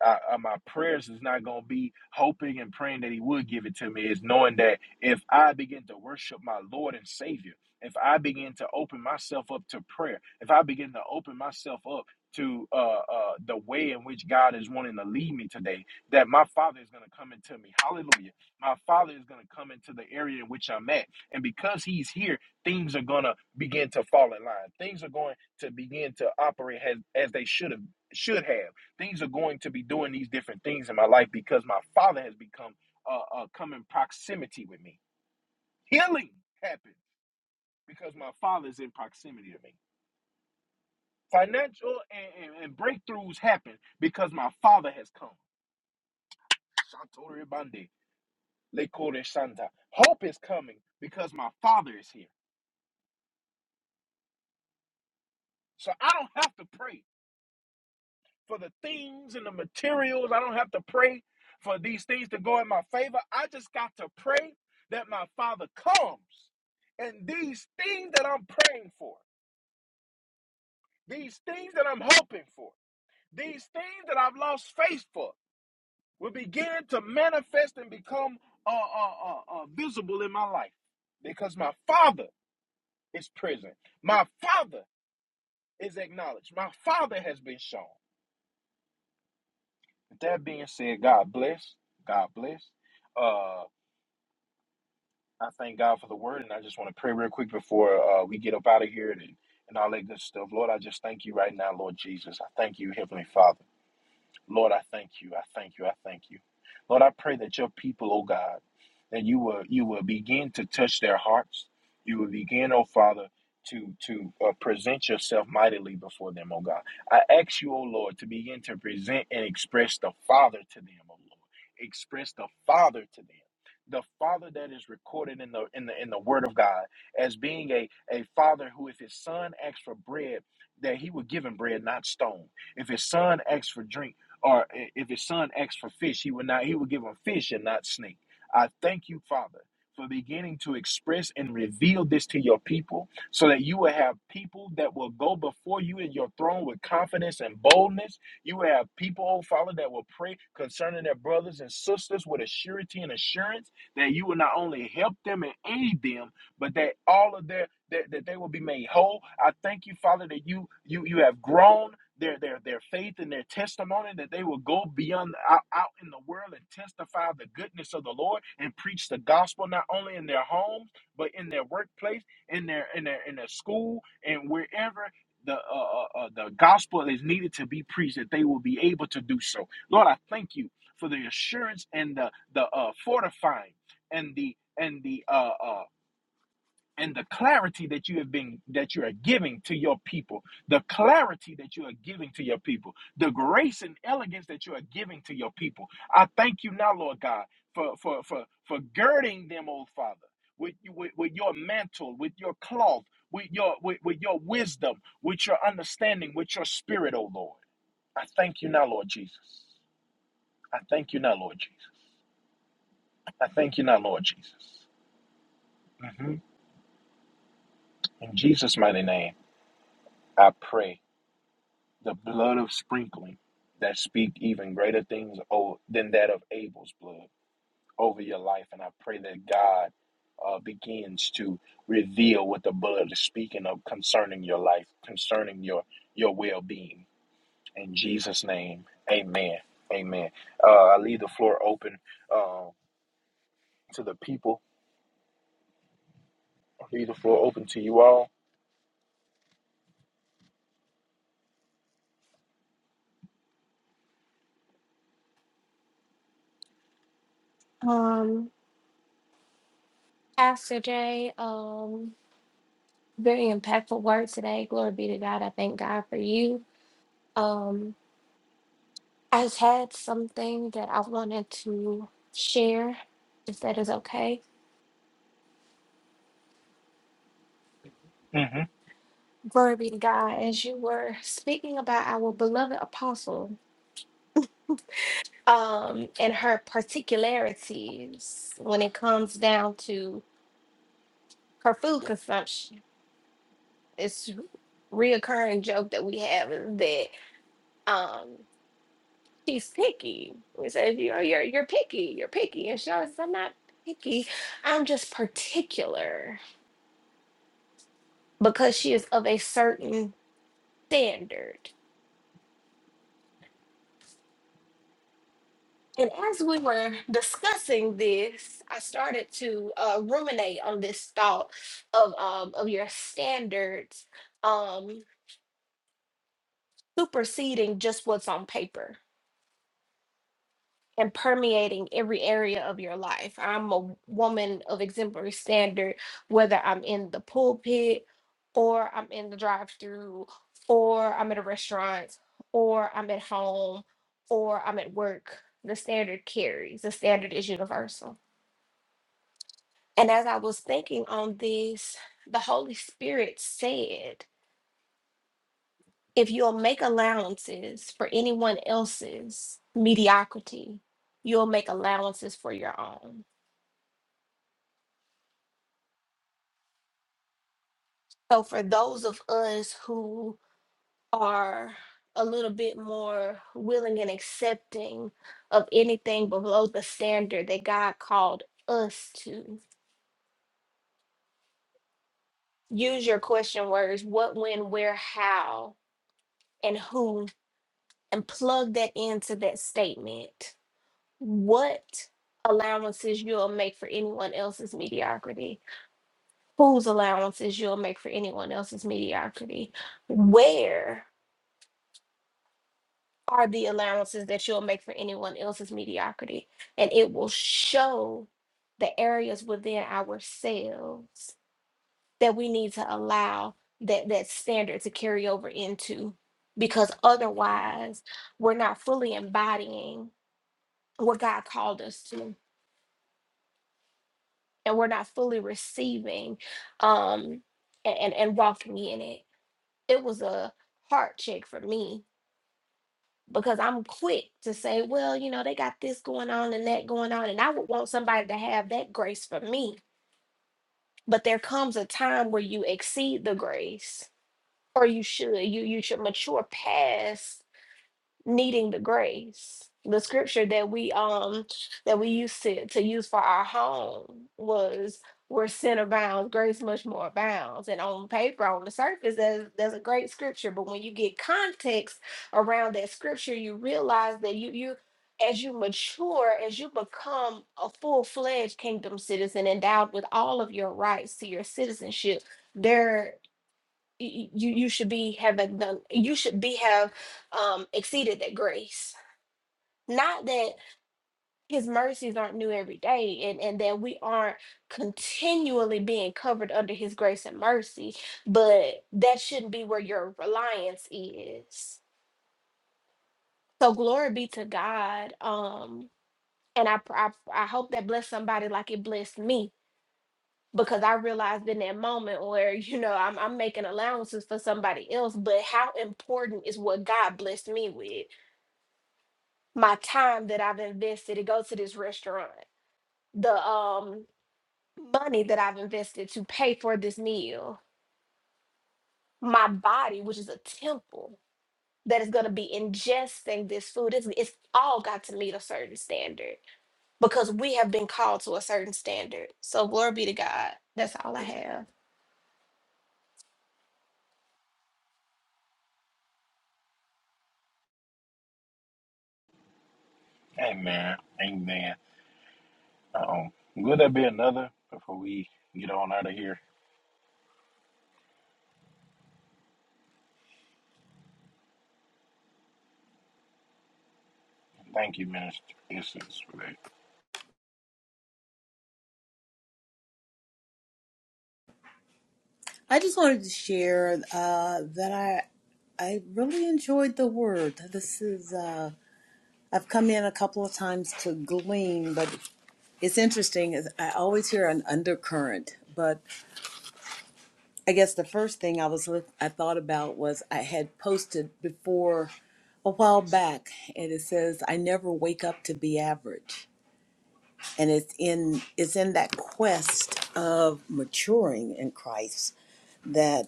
Speaker 1: I, uh, my prayers is not going to be hoping and praying that he would give it to me. It's knowing that if I begin to worship my Lord and Savior, if I begin to open myself up to prayer, if I begin to open myself up to uh, uh, the way in which God is wanting to lead me today, that my Father is going to come into me. Hallelujah. My Father is going to come into the area in which I'm at. And because He's here, things are going to begin to fall in line. Things are going to begin to operate as, as they should have should have things are going to be doing these different things in my life because my father has become uh, uh come in proximity with me healing happens because my father is in proximity to me financial and, and, and breakthroughs happen because my father has come Shantori Bande, Lekore Shanta. hope is coming because my father is here so i don't have to pray for the things and the materials. I don't have to pray for these things to go in my favor. I just got to pray that my Father comes. And these things that I'm praying for, these things that I'm hoping for, these things that I've lost faith for will begin to manifest and become uh, uh, uh, uh, visible in my life because my Father is present. My Father is acknowledged. My Father has been shown. With that being said, God bless. God bless Uh, I thank God for the word, and I just want to pray real quick before uh, we get up out of here and, and all that good stuff. Lord, I just thank you right now, Lord Jesus. I thank you, Heavenly Father. Lord, I thank you. I thank you. I thank you. Lord, I pray that your people, oh God, that you will you will begin to touch their hearts. You will begin, oh Father, to to uh, present yourself mightily before them, oh God. I ask you, oh Lord, to begin to present and express the Father to them, oh Lord. Express the Father to them. The Father that is recorded in the in the in the Word of God as being a, a father who, if his son asks for bread, that he would give him bread, not stone. If his son asks for drink, or if his son asked for fish, he would not he would give him fish and not snake. I thank you, Father, for beginning to express and reveal this to your people so that you will have people that will go before you in your throne with confidence and boldness. You will have people, oh Father, that will pray concerning their brothers and sisters with a surety and assurance that you will not only help them and aid them, but that all of their that, that they will be made whole. I thank you, Father, that you you you have grown their their their faith and their testimony that they will go beyond out, out in the world and testify the goodness of the Lord and preach the gospel not only in their homes but in their workplace in their in their in their school and wherever the uh, uh, uh, the gospel is needed to be preached that they will be able to do so Lord I thank you for the assurance and the the uh, fortifying and the and the uh, uh, and the clarity that you have been that you are giving to your people the clarity that you are giving to your people the grace and elegance that you are giving to your people i thank you now lord god for for for for girding them oh father with you with, with your mantle with your cloth with your with, with your wisdom with your understanding with your spirit oh lord i thank you now lord jesus i thank you now lord jesus i thank you now lord jesus Mhm. in jesus mighty name i pray the blood of sprinkling that speak even greater things o- than that of Abel's blood over your life. And I pray that God uh, begins to reveal what the blood is speaking of concerning your life, concerning your your well being. In Jesus' name, Amen. Amen. Uh, I leave the floor open uh, to the people. I leave the floor open to you all.
Speaker 2: Um, Pastor Jay, um, very impactful word today. Glory be to God. I thank God for you. Um, I just had something that I wanted to share, if that is okay.
Speaker 1: hmm
Speaker 2: Glory be to God. As you were speaking about our beloved apostle, um, and her particularities when it comes down to her food consumption, it's reoccurring joke that we have is that um she's picky. We said, you know, you're you're picky, you're picky. And she always says, I'm not picky. I'm just particular because she is of a certain standard. And as we were discussing this, I started to uh, ruminate on this thought of um, of your standards um, superseding just what's on paper and permeating every area of your life. I'm a woman of exemplary standard, whether I'm in the pulpit or I'm in the drive through or I'm at a restaurant or I'm at home or I'm at work. The standard carries, the standard is universal. And as I was thinking on this, the Holy Spirit said, if you'll make allowances for anyone else's mediocrity, you'll make allowances for your own So for those of us who are a little bit more willing and accepting of anything below the standard that God called us to, use your question words what, when, where, how, and who, and plug that into that statement. What allowances you'll make for anyone else's mediocrity? Whose allowances you'll make for anyone else's mediocrity? Where? are the allowances that you'll make for anyone else's mediocrity. And it will show the areas within ourselves that we need to allow that, that standard to carry over into, because otherwise we're not fully embodying what God called us to, and we're not fully receiving um, and, and, and walking in it. It was a heart check for me because I'm quick to say, well, you know, they got this going on and that going on. And I would want somebody to have that grace for me. But there comes a time where you exceed the grace or you should, you, you should mature past needing the grace. The scripture that we um that we used to, to use for our home was where sin abounds, grace much more abounds. And on paper, on the surface, there's, there's a great scripture. But when you get context around that scripture, you realize that you you as you mature, as you become a full-fledged kingdom citizen endowed with all of your rights to your citizenship, there y- you you should be having done you should be have um exceeded that grace not that his mercies aren't new every day and and that we aren't continually being covered under his grace and mercy but that shouldn't be where your reliance is so glory be to god um and i pr- i, I hope that blessed somebody like it blessed me because I realized in that moment where you know I'm I'm making allowances for somebody else, but how important is what God blessed me with? My time that I've invested to go to this restaurant, the um money that I've invested to pay for this meal, my body, which is a temple that is going to be ingesting this food. It's, it's all got to meet a certain standard because we have been called to a certain standard. So glory be to God. That's all I have.
Speaker 1: Amen. Amen. Um, will there be another before we get on out of here? Thank you, Minister Essence, for that.
Speaker 5: I just wanted to share uh, that I I really enjoyed the word. This is uh, I've come in a couple of times to glean, but it's interesting. Is I always hear an undercurrent, but I guess the first thing I was look- I thought about was I had posted before a while back, and it says I never wake up to be average, and it's in it's in that quest of maturing in Christ that.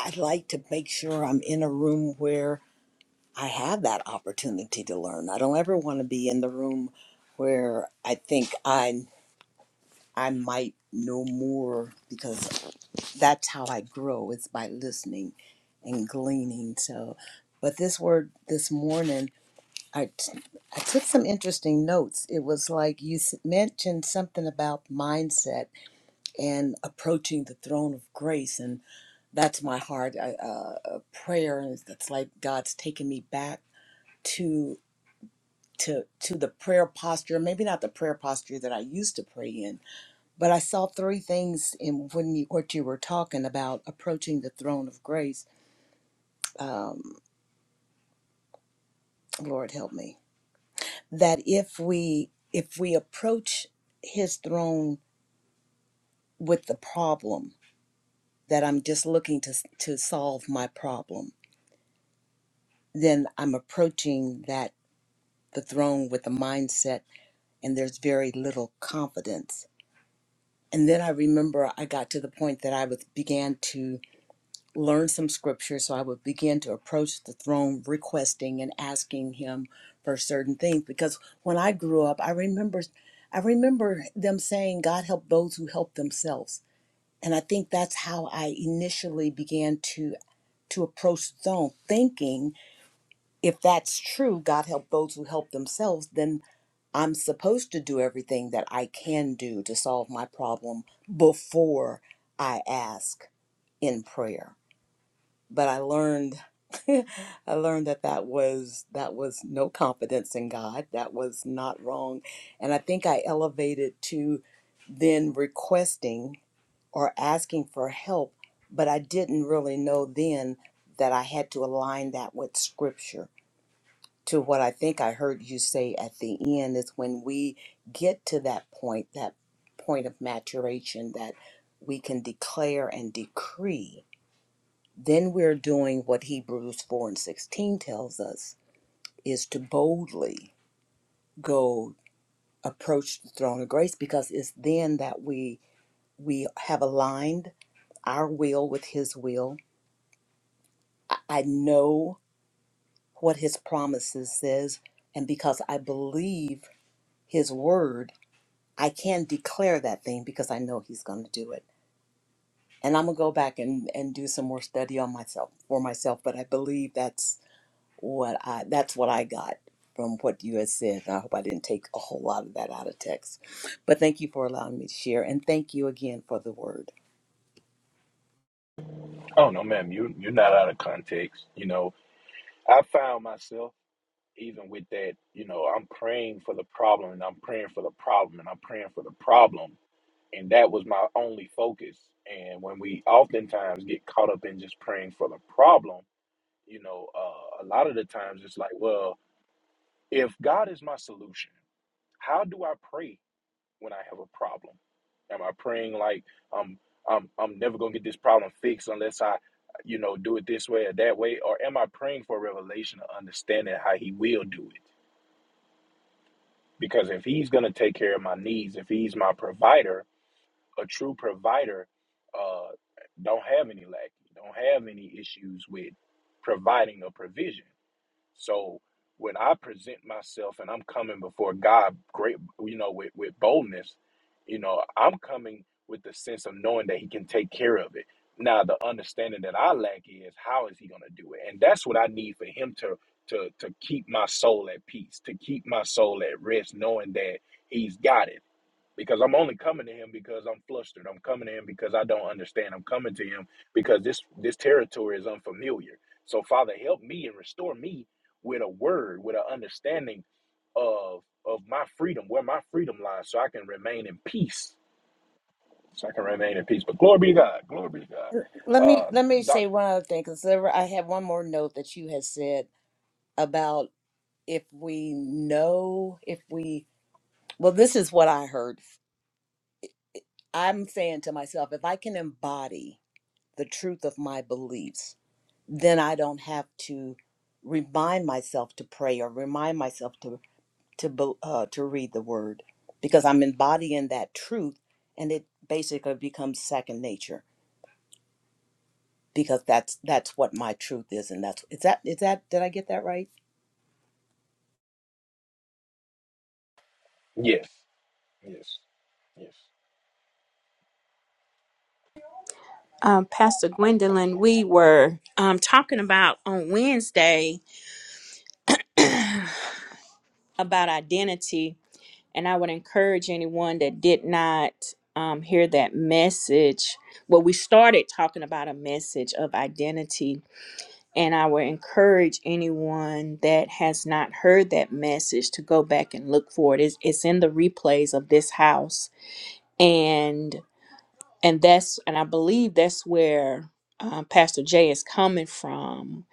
Speaker 5: I like to make sure I'm in a room where I have that opportunity to learn. I don't ever want to be in the room where I think I I might know more because that's how I grow. It's by listening and gleaning. So, but this word this morning, I t- I took some interesting notes. It was like you s- mentioned something about mindset and approaching the throne of grace, and that's my heart uh, uh, prayer and that's like god's taking me back to to to the prayer posture maybe not the prayer posture that i used to pray in but i saw three things in when you what you were talking about approaching the throne of grace um, lord help me that if we if we approach his throne with the problem that i'm just looking to to solve my problem then i'm approaching that the throne with the mindset and there's very little confidence. And then I remember I got to the point that I would began to learn some scripture, so I would begin to approach the throne requesting and asking him for certain things. Because when I grew up, I remember I remember them saying, God help those who help themselves. And I think that's how I initially began to to approach the throne, thinking if that's true, God help those who help themselves, then I'm supposed to do everything that I can do to solve my problem before I ask in prayer. But I learned I learned that that was that was no confidence in God. That was not wrong. And I think I elevated to then requesting or asking for help, but I didn't really know then that I had to align that with scripture to what I think I heard you say at the end is when we get to that point, that point of maturation that we can declare and decree, then we're doing what Hebrews 4 and 16 tells us is to boldly go approach the throne of grace because it's then that we we have aligned our will with his will. I I know what his promises says and because I believe his word I can declare that thing because I know he's going to do it. And I'm going to go back and, and do some more study on myself for myself, but I believe that's what I that's what I got from what you had said. And I hope I didn't take a whole lot of that out of text. But thank you for allowing me to share and thank you again for the word.
Speaker 1: Oh no, ma'am, you you're not out of context. You know, I found myself even with that. You know, I'm praying for the problem, and I'm praying for the problem, and I'm praying for the problem, and that was my only focus. And when we oftentimes get caught up in just praying for the problem, you know, uh, a lot of the times it's like, well, if God is my solution, how do I pray when I have a problem? Am I praying like I'm I'm I'm never gonna get this problem fixed unless I, you know, do it this way or that way? Or am I praying for revelation of understanding how he will do it? Because if he's gonna take care of my needs, if he's my provider, a true provider, uh don't have any lack, don't have any issues with providing a provision. So when I present myself and I'm coming before God, great, you know, with, with boldness, you know, I'm coming with the sense of knowing that He can take care of it. Now, the understanding that I lack is how is He going to do it, and that's what I need for Him to to to keep my soul at peace, to keep my soul at rest, knowing that He's got it because I'm only coming to him because I'm flustered. I'm coming to him because I don't understand. I'm coming to him because this this territory is unfamiliar. So Father, help me and restore me with a word, with an understanding of of my freedom, where my freedom lies, so I can remain in peace. So I can remain in peace. But glory be to God. Glory be to
Speaker 5: Let
Speaker 1: God.
Speaker 5: me
Speaker 1: Uh,
Speaker 5: let me say
Speaker 1: doctor.
Speaker 5: one other thing cuz I have one more note that you had said about if we know if we well this is what I heard. I'm saying to myself if I can embody the truth of my beliefs, then I don't have to remind myself to pray or remind myself to to bel- uh, to read the word because I'm embodying that truth, and it basically becomes second nature because that's that's what my truth is, and that's is that is that did I get that right?
Speaker 1: Yes. Yes. Yes.
Speaker 4: Um, Pastor Gwendolyn, we were um, talking about on Wednesday about identity, and I would encourage anyone that did not um, hear that message. Well, we started talking about a message of identity, and I would encourage anyone that has not heard that message to go back and look for it. It's, it's in the replays of this house. And and that's and I believe that's where um, Pastor Jay is coming from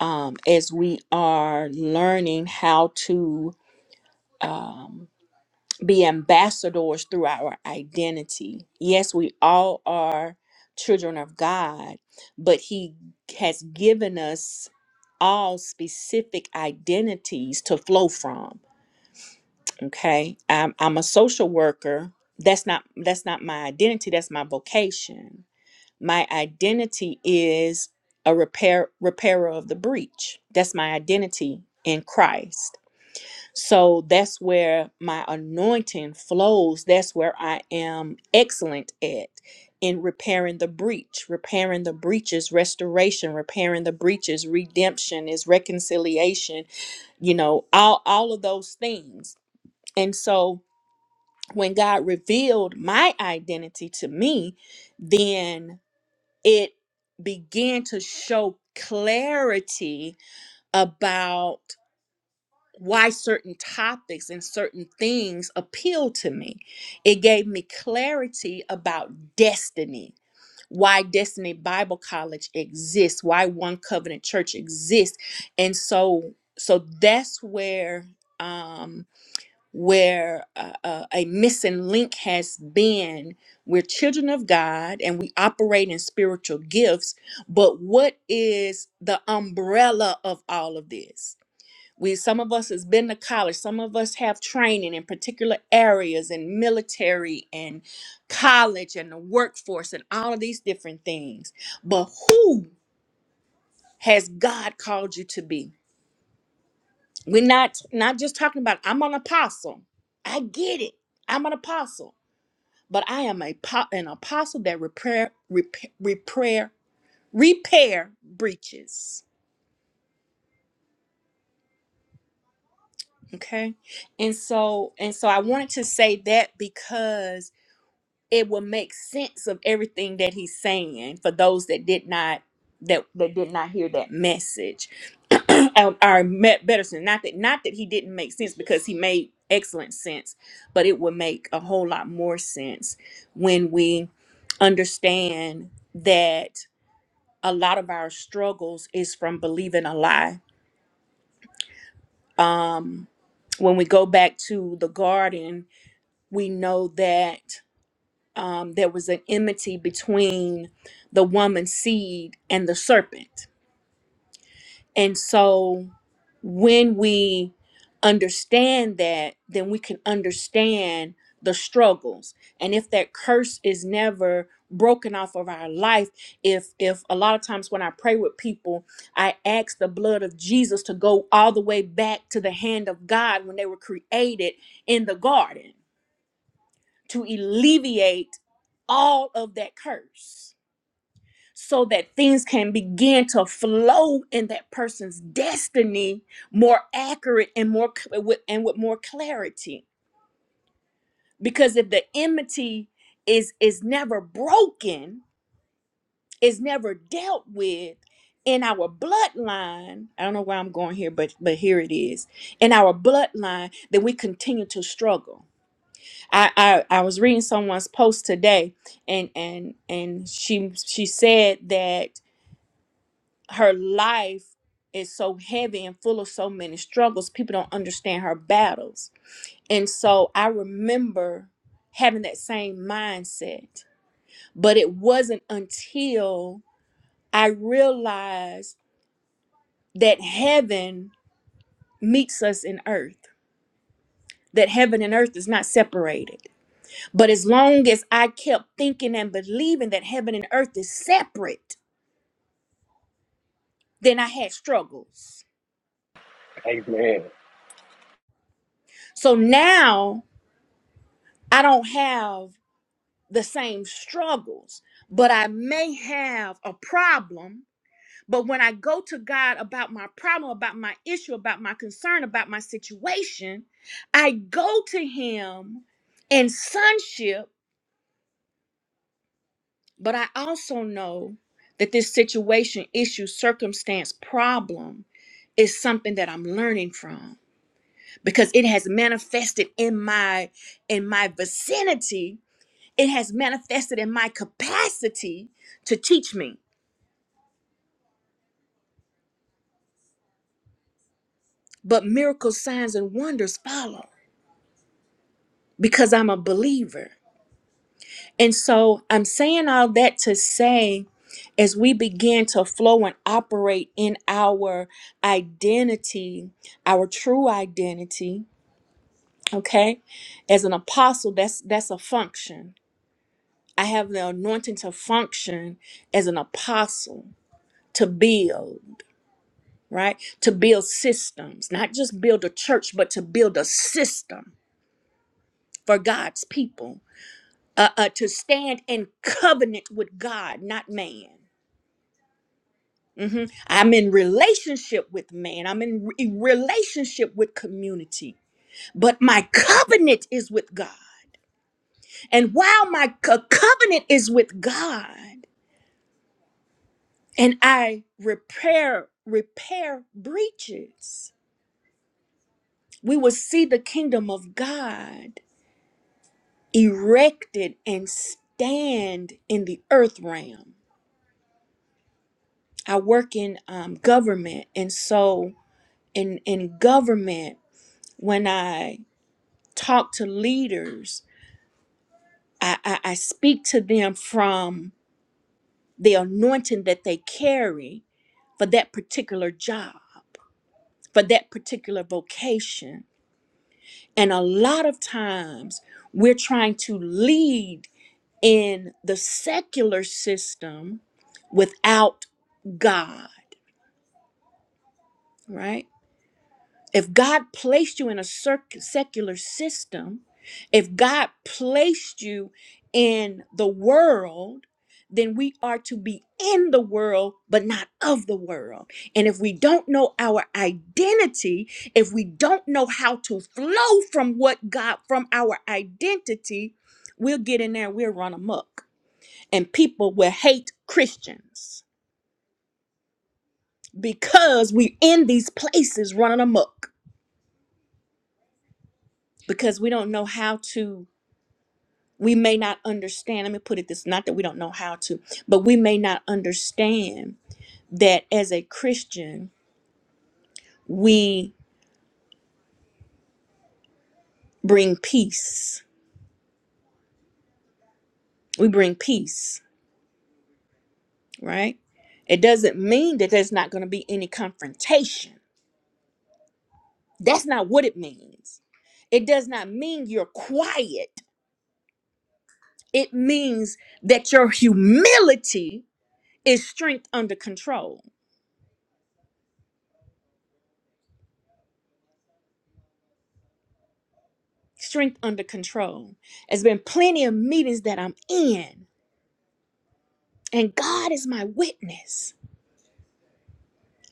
Speaker 4: um, as we are learning how to um, be ambassadors through our identity. Yes, we all are children of God, but He has given us all specific identities to flow from. Okay, I'm, I'm a social worker. That's not that's not my identity. That's my vocation my identity is a repair repairer of the breach that's my identity in christ so that's where my anointing flows that's where i am excellent at in repairing the breach repairing the breaches restoration repairing the breaches redemption is reconciliation you know all all of those things and so when god revealed my identity to me then it began to show clarity about why certain topics and certain things appeal to me. It gave me clarity about destiny, why Destiny Bible College exists, why One Covenant Church exists. And so so that's where um where uh, uh, a missing link has been. We're children of God and we operate in spiritual gifts, but what is the umbrella of all of this? We, some of us has been to college some of us have training in particular areas and military and college and the workforce and all of these different things but who has god called you to be we're not not just talking about i'm an apostle i get it i'm an apostle but I am a po- an apostle that repair, repair, repair, repair breaches. Okay, and so and so I wanted to say that because it will make sense of everything that he's saying for those that did not that that did not hear that message. Our our met Betterson, not that not that he didn't make sense because he made excellent sense, but it would make a whole lot more sense when we understand that a lot of our struggles is from believing a lie. Um, when we go back to the garden, we know that um, there was an enmity between the woman's seed and the serpent. And so when we understand that, then we can understand the struggles. And if that curse is never broken off of our life, if if a lot of times when I pray with people, I ask the blood of Jesus to go all the way back to the hand of God when they were created in the garden to alleviate all of that curse so that things can begin to flow in that person's destiny more accurate and more cl- with, and with more clarity because if the enmity is is never broken is never dealt with in our bloodline i don't know where i'm going here but but here it is in our bloodline then we continue to struggle i i, I was reading someone's post today and and and she she said that her life is so heavy and full of so many struggles people don't understand her battles and so i remember having that same mindset but it wasn't until i realized that heaven meets us in earth that heaven and earth is not separated but as long as i kept thinking and believing that heaven and earth is separate then i had struggles
Speaker 1: Amen.
Speaker 4: so now i don't have the same struggles, but I may have a problem. But when I go to God about my problem, about my issue, about my concern, about my situation, I go to Him in sonship, but I also know that this situation, issue, circumstance, problem is something that I'm learning from because it has manifested in my in my vicinity it has manifested in my capacity to teach me. But miracles, signs, and wonders follow because I'm a believer. And so I'm saying all that to say, as we begin to flow and operate in our identity, our true identity, okay? As an apostle, that's that's a function. I have the anointing to function as an apostle, to build. right? To build systems, not just build a church, but to build a system for God's people, uh, uh, to stand in covenant with God, not man. Mhm. I'm in relationship with man, I'm in re- relationship with community, but my covenant is with God. And while my co- covenant is with God, and I repair repair breaches, we will see the kingdom of God erected and stand in the earth realm. I work in um, government, and so in in government, when I talk to leaders, I, I, I speak to them from the anointing that they carry for that particular job, for that particular vocation. And a lot of times, we're trying to lead in the secular system without God, right? If God placed you in a circ- secular system, if God placed you in the world, then we are to be in the world, but not of the world. And if we don't know our identity, if we don't know how to flow from what God, from our identity, we'll get in there and we'll run amok and people will hate Christians because we in these places running amok because we don't know how to we may not understand let me put it this not that we don't know how to but we may not understand that as a Christian we bring peace we bring peace right it doesn't mean that there's not going to be any confrontation that's not what it means it does not mean you're quiet It means that your humility is strength under control. Strength under control. There's been plenty of meetings that I'm in, and God is my witness.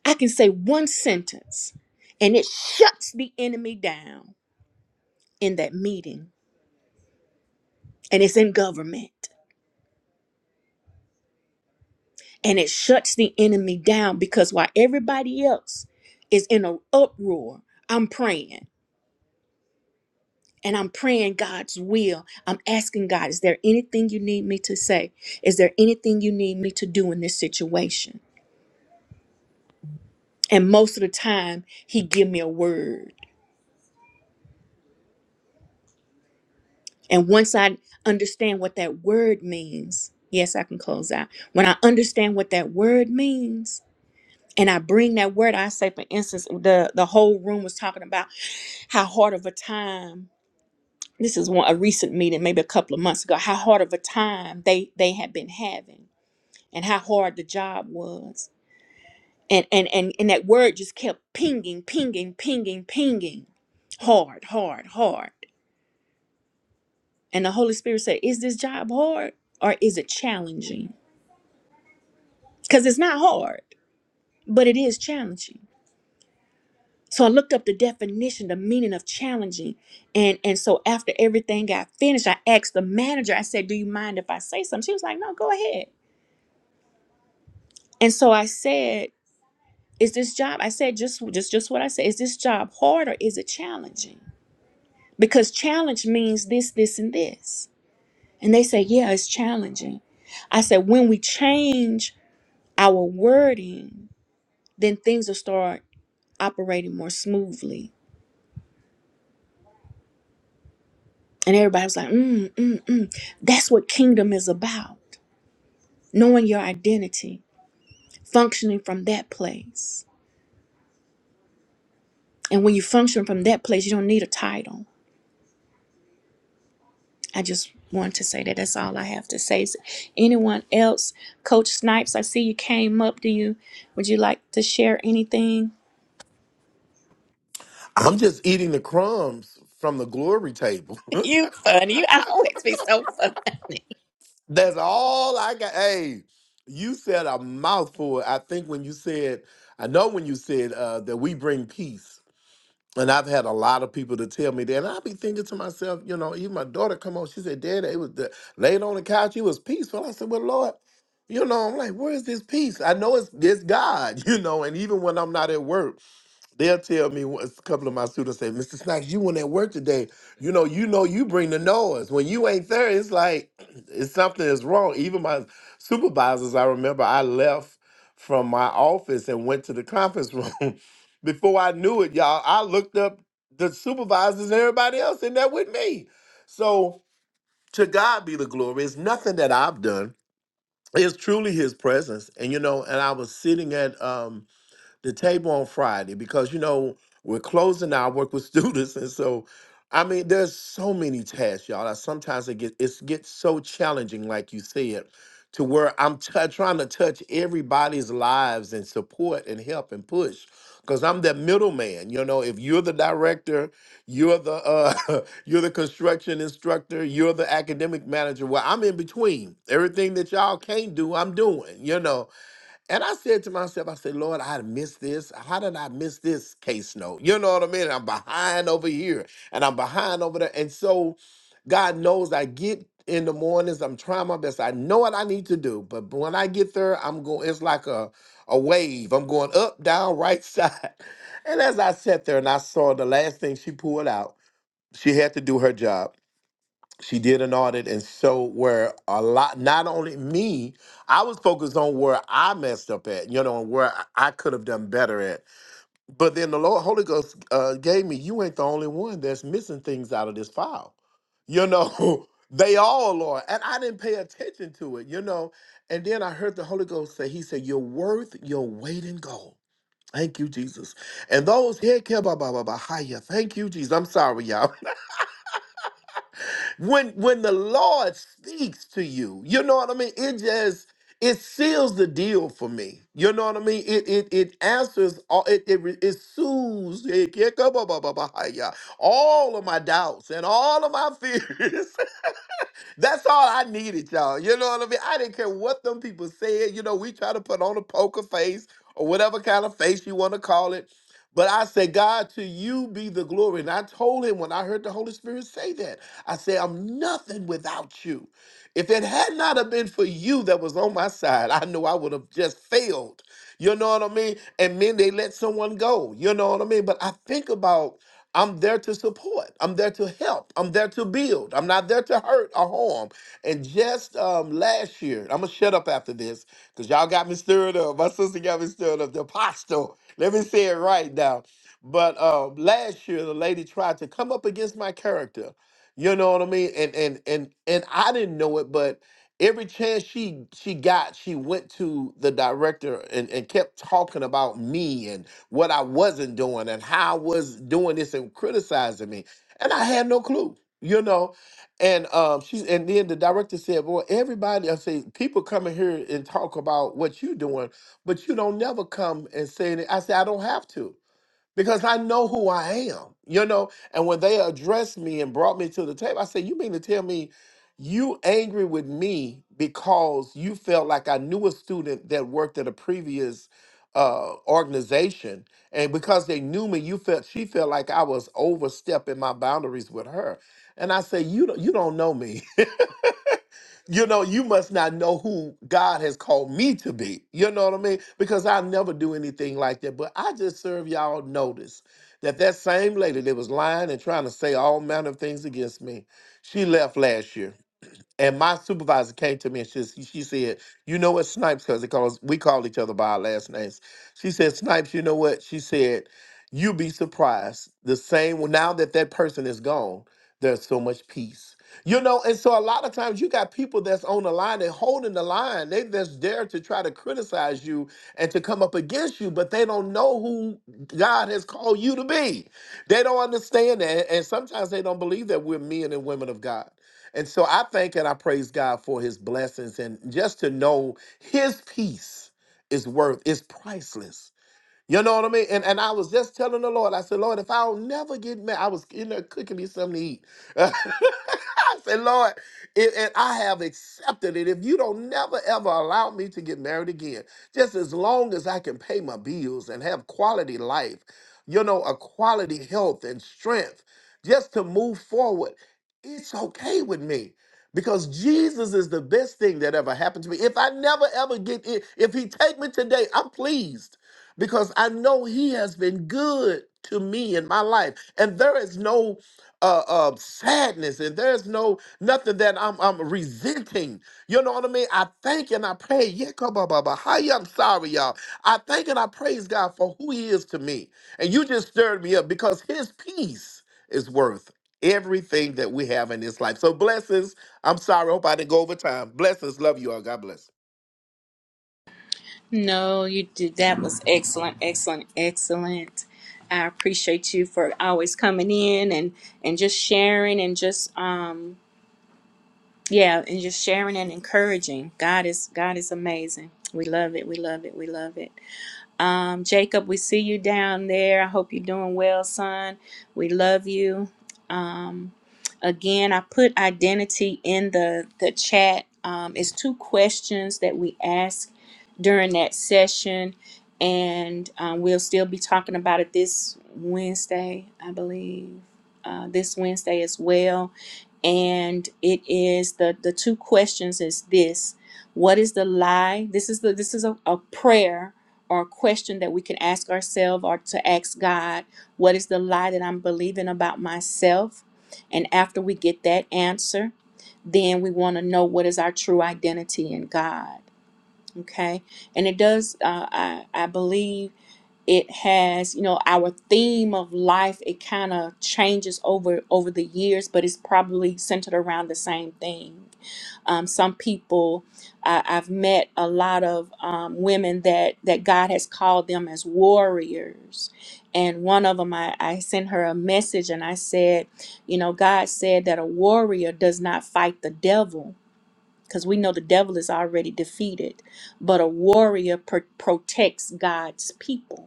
Speaker 4: I can say one sentence, and it shuts the enemy down in that meeting, and it's in government. And it shuts the enemy down because while everybody else is in an uproar, I'm praying. and I'm praying God's will. I'm asking God, is there anything you need me to say? Is there anything you need me to do in this situation? And most of the time, he give me a word. And once I understand what that word means, yes, I can close out. When I understand what that word means, and I bring that word, I say, for instance, the, the whole room was talking about how hard of a time this is one a recent meeting, maybe a couple of months ago, how hard of a time they they had been having and how hard the job was. And, and, and, and that word just kept pinging, pinging, pinging, pinging. Hard, hard, hard. And the Holy Spirit said, Is this job hard or is it challenging? Because it's not hard, but it is challenging. So I looked up the definition, the meaning of challenging. And and so after everything got finished, I asked the manager, I said, Do you mind if I say something? She was like, No, go ahead. And so I said, Is this job? I said just just just what I said, is this job hard or is it challenging? because challenge means this, this, and this. And they say, yeah, it's challenging. I said, when we change our wording, then things will start operating more smoothly. And everybody was like, mm, mm, mm. That's what kingdom is about. Knowing your identity, functioning from that place. And when you function from that place, you don't need a title. I just want to say that that's all I have to say. Is anyone else? Coach Snipes, I see you came up. Do you would you like to share anything?
Speaker 6: I'm just eating the crumbs from the glory table.
Speaker 4: You funny. You always be so funny.
Speaker 6: That's all I got. Hey, you said a mouthful. I think when you said, I know when you said uh, that we bring peace. And I've had a lot of people to tell me that. And I be thinking to myself, you know, even my daughter come on, she said, Dad, it was the, laid on the couch, it was peaceful. I said, Well, Lord, you know, I'm like, where is this peace? I know it's it's God, you know, and even when I'm not at work, They'll tell me a couple of my students say, Mr. Snacks, you went at work today. You know, you know you bring the noise. When you ain't there, it's like it's something is wrong. Even my supervisors, I remember I left from my office and went to the conference room. Before I knew it, y'all, I looked up the supervisors and everybody else in there with me. So to God be the glory. It's nothing that I've done. It's truly his presence. And you know, and I was sitting at um the table on Friday because you know we're closing now. I work with students, and so I mean there's so many tasks, y'all. I sometimes it get it gets so challenging, like you said, to where I'm t- trying to touch everybody's lives and support and help and push. Cause I'm that middleman, you know. If you're the director, you're the uh, you're the construction instructor, you're the academic manager. Well, I'm in between. Everything that y'all can't do, I'm doing. You know, and I said to myself, I said, Lord, I missed this. How did I miss this case note? You know what I mean? I'm behind over here and I'm behind over there. And so God knows I get in the mornings, I'm trying my best. I know what I need to do. But when I get there, I'm going, it's like a, a wave. I'm going up, down, right side. And as I sat there and I saw the last thing she pulled out, she had to do her job she did an audit and showed where a lot not only me i was focused on where i messed up at you know and where i could have done better at but then the lord holy ghost uh, gave me you ain't the only one that's missing things out of this file you know they all are and i didn't pay attention to it you know and then i heard the holy ghost say he said you're worth your weight in gold Thank you, Jesus. And those here, thank you, Jesus. I'm sorry, y'all. when when the Lord speaks to you, you know what I mean? It just it seals the deal for me. You know what I mean? It it it answers all it it, re- it soothes it, it- all of my doubts and all of my fears. That's all I needed, y'all. You know what I mean? I didn't care what them people said. You know, we try to put on a poker face or whatever kind of face you want to call it. But I said, God, to you be the glory. And I told him when I heard the Holy Spirit say that, I said, I'm nothing without you. If it had not have been for you that was on my side, I know I would have just failed. You know what I mean? And then they let someone go. You know what I mean? But I think about I'm there to support. I'm there to help. I'm there to build. I'm not there to hurt or harm. And just um, last year, I'm gonna shut up after this because y'all got me stirred up. My sister got me stirred up. The apostle. Let me say it right now. But um, last year, the lady tried to come up against my character. You know what I mean? And and and and I didn't know it, but every chance she she got, she went to the director and, and kept talking about me and what I wasn't doing and how I was doing this and criticizing me. And I had no clue, you know. And um she and then the director said, Well, everybody I say people come in here and talk about what you doing, but you don't never come and say anything. I said, I don't have to because I know who I am, you know. And when they addressed me and brought me to the table, I said, "You mean to tell me you angry with me because you felt like I knew a student that worked at a previous uh, organization, and because they knew me, you felt she felt like I was overstepping my boundaries with her." And I said, "You don't, you don't know me." you know, you must not know who God has called me to be. You know what I mean? Because I never do anything like that. But I just serve y'all notice that that same lady that was lying and trying to say all manner of things against me, she left last year. And my supervisor came to me and she, she said, You know what, Snipes, because calls, we call each other by our last names. She said, Snipes, you know what? She said, You'd be surprised. The same, well, now that that person is gone, there's so much peace. You know, and so a lot of times you got people that's on the line and holding the line. They just dare to try to criticize you and to come up against you, but they don't know who God has called you to be. They don't understand that. And sometimes they don't believe that we're men and women of God. And so I thank and I praise God for his blessings and just to know his peace is worth is priceless. You know what I mean? And and I was just telling the Lord, I said, Lord, if I'll never get married, I was in there cooking me something to eat. I said, Lord, it, and I have accepted it. If you don't never ever allow me to get married again, just as long as I can pay my bills and have quality life, you know, a quality health and strength, just to move forward, it's okay with me. Because Jesus is the best thing that ever happened to me. If I never ever get in, if he take me today, I'm pleased because I know he has been good to me in my life. And there is no uh, uh sadness and there's no nothing that I'm I'm resenting. You know what I mean? I thank and I pray. Yeah, come on, Baba. Hi, I'm sorry, y'all. I thank and I praise God for who He is to me. And you just stirred me up because His peace is worth everything that we have in this life. So blessings. I'm sorry. Hope I didn't go over time. Blessings. Love you all. God bless.
Speaker 4: No, you did. That was excellent, excellent, excellent. I appreciate you for always coming in and and just sharing and just um yeah and just sharing and encouraging. God is God is amazing. We love it. We love it. We love it. Um, Jacob, we see you down there. I hope you're doing well, son. We love you. Um, again, I put identity in the the chat. Um, it's two questions that we ask during that session, and um, we'll still be talking about it this Wednesday, I believe. Uh, this Wednesday as well and it is the the two questions is this what is the lie this is the this is a, a prayer or a question that we can ask ourselves or to ask god what is the lie that i'm believing about myself and after we get that answer then we want to know what is our true identity in god okay and it does uh, I, I believe it has you know our theme of life it kind of changes over over the years but it's probably centered around the same thing um, some people I i've met a lot of um, women that that god has called them as warriors and one of them I, I sent her a message and i said you know god said that a warrior does not fight the devil because we know the devil is already defeated but a warrior pr- protects god's people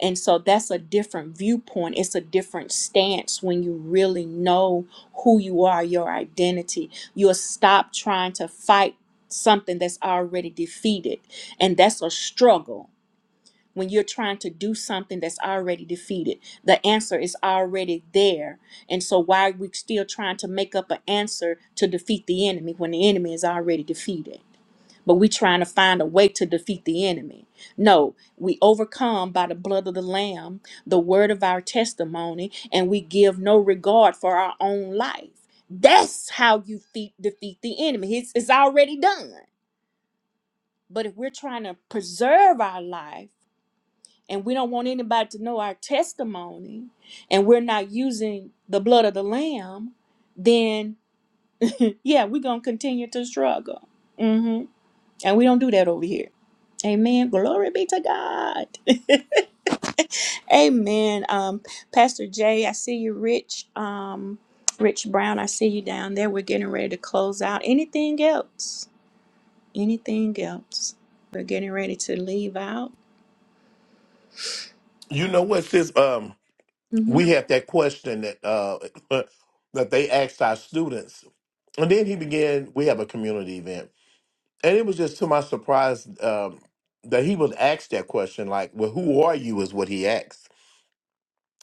Speaker 4: and so that's a different viewpoint. It's a different stance when you really know who you are, your identity. You'll stop trying to fight something that's already defeated. And that's a struggle. When you're trying to do something that's already defeated, the answer is already there. And so, why are we still trying to make up an answer to defeat the enemy when the enemy is already defeated? but we trying to find a way to defeat the enemy. No, we overcome by the blood of the Lamb, the word of our testimony, and we give no regard for our own life. That's how you fe- defeat the enemy. It's, it's already done. But if we're trying to preserve our life and we don't want anybody to know our testimony and we're not using the blood of the Lamb, then yeah, we're going to continue to struggle. hmm And we don't do that over here. Amen. Glory be to God. Amen. Um, Pastor Jay, I see you, Rich. Um, Rich Brown, I see you down there. We're getting ready to close out. Anything else? Anything else? We're getting ready to leave out.
Speaker 6: You know what, sis? Um,
Speaker 4: hmm
Speaker 6: we had that question that uh that they asked our students, and then he began. We have a community event, and it was just to my surprise um, that he was asked that question like well who are you is what he asked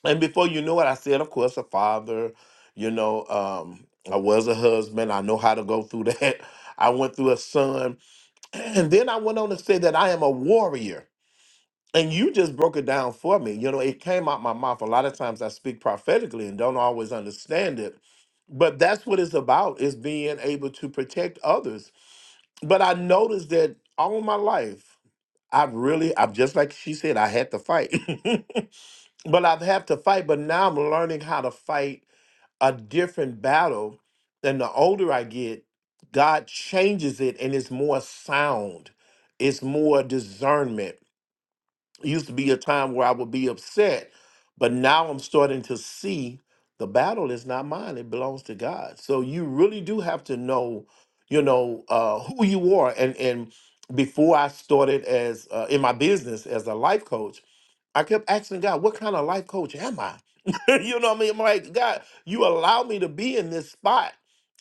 Speaker 6: and before you know it i said of course a father you know um, i was a husband i know how to go through that i went through a son and then i went on to say that i am a warrior and you just broke it down for me. You know, it came out my mouth. A lot of times I speak prophetically and don't always understand it. But that's what it's about is being able to protect others. But I noticed that all my life, I've really, I've just like she said, I had to fight. but I've had to fight, but now I'm learning how to fight a different battle. And the older I get, God changes it and it's more sound, it's more discernment it used to be a time where I would be upset, but now I'm starting to see the battle is not mine; it belongs to God. So you really do have to know, you know, uh, who you are. And and before I started as uh, in my business as a life coach. I kept asking God, what kind of life coach am I? you know what I mean? I'm like, God, you allow me to be in this spot.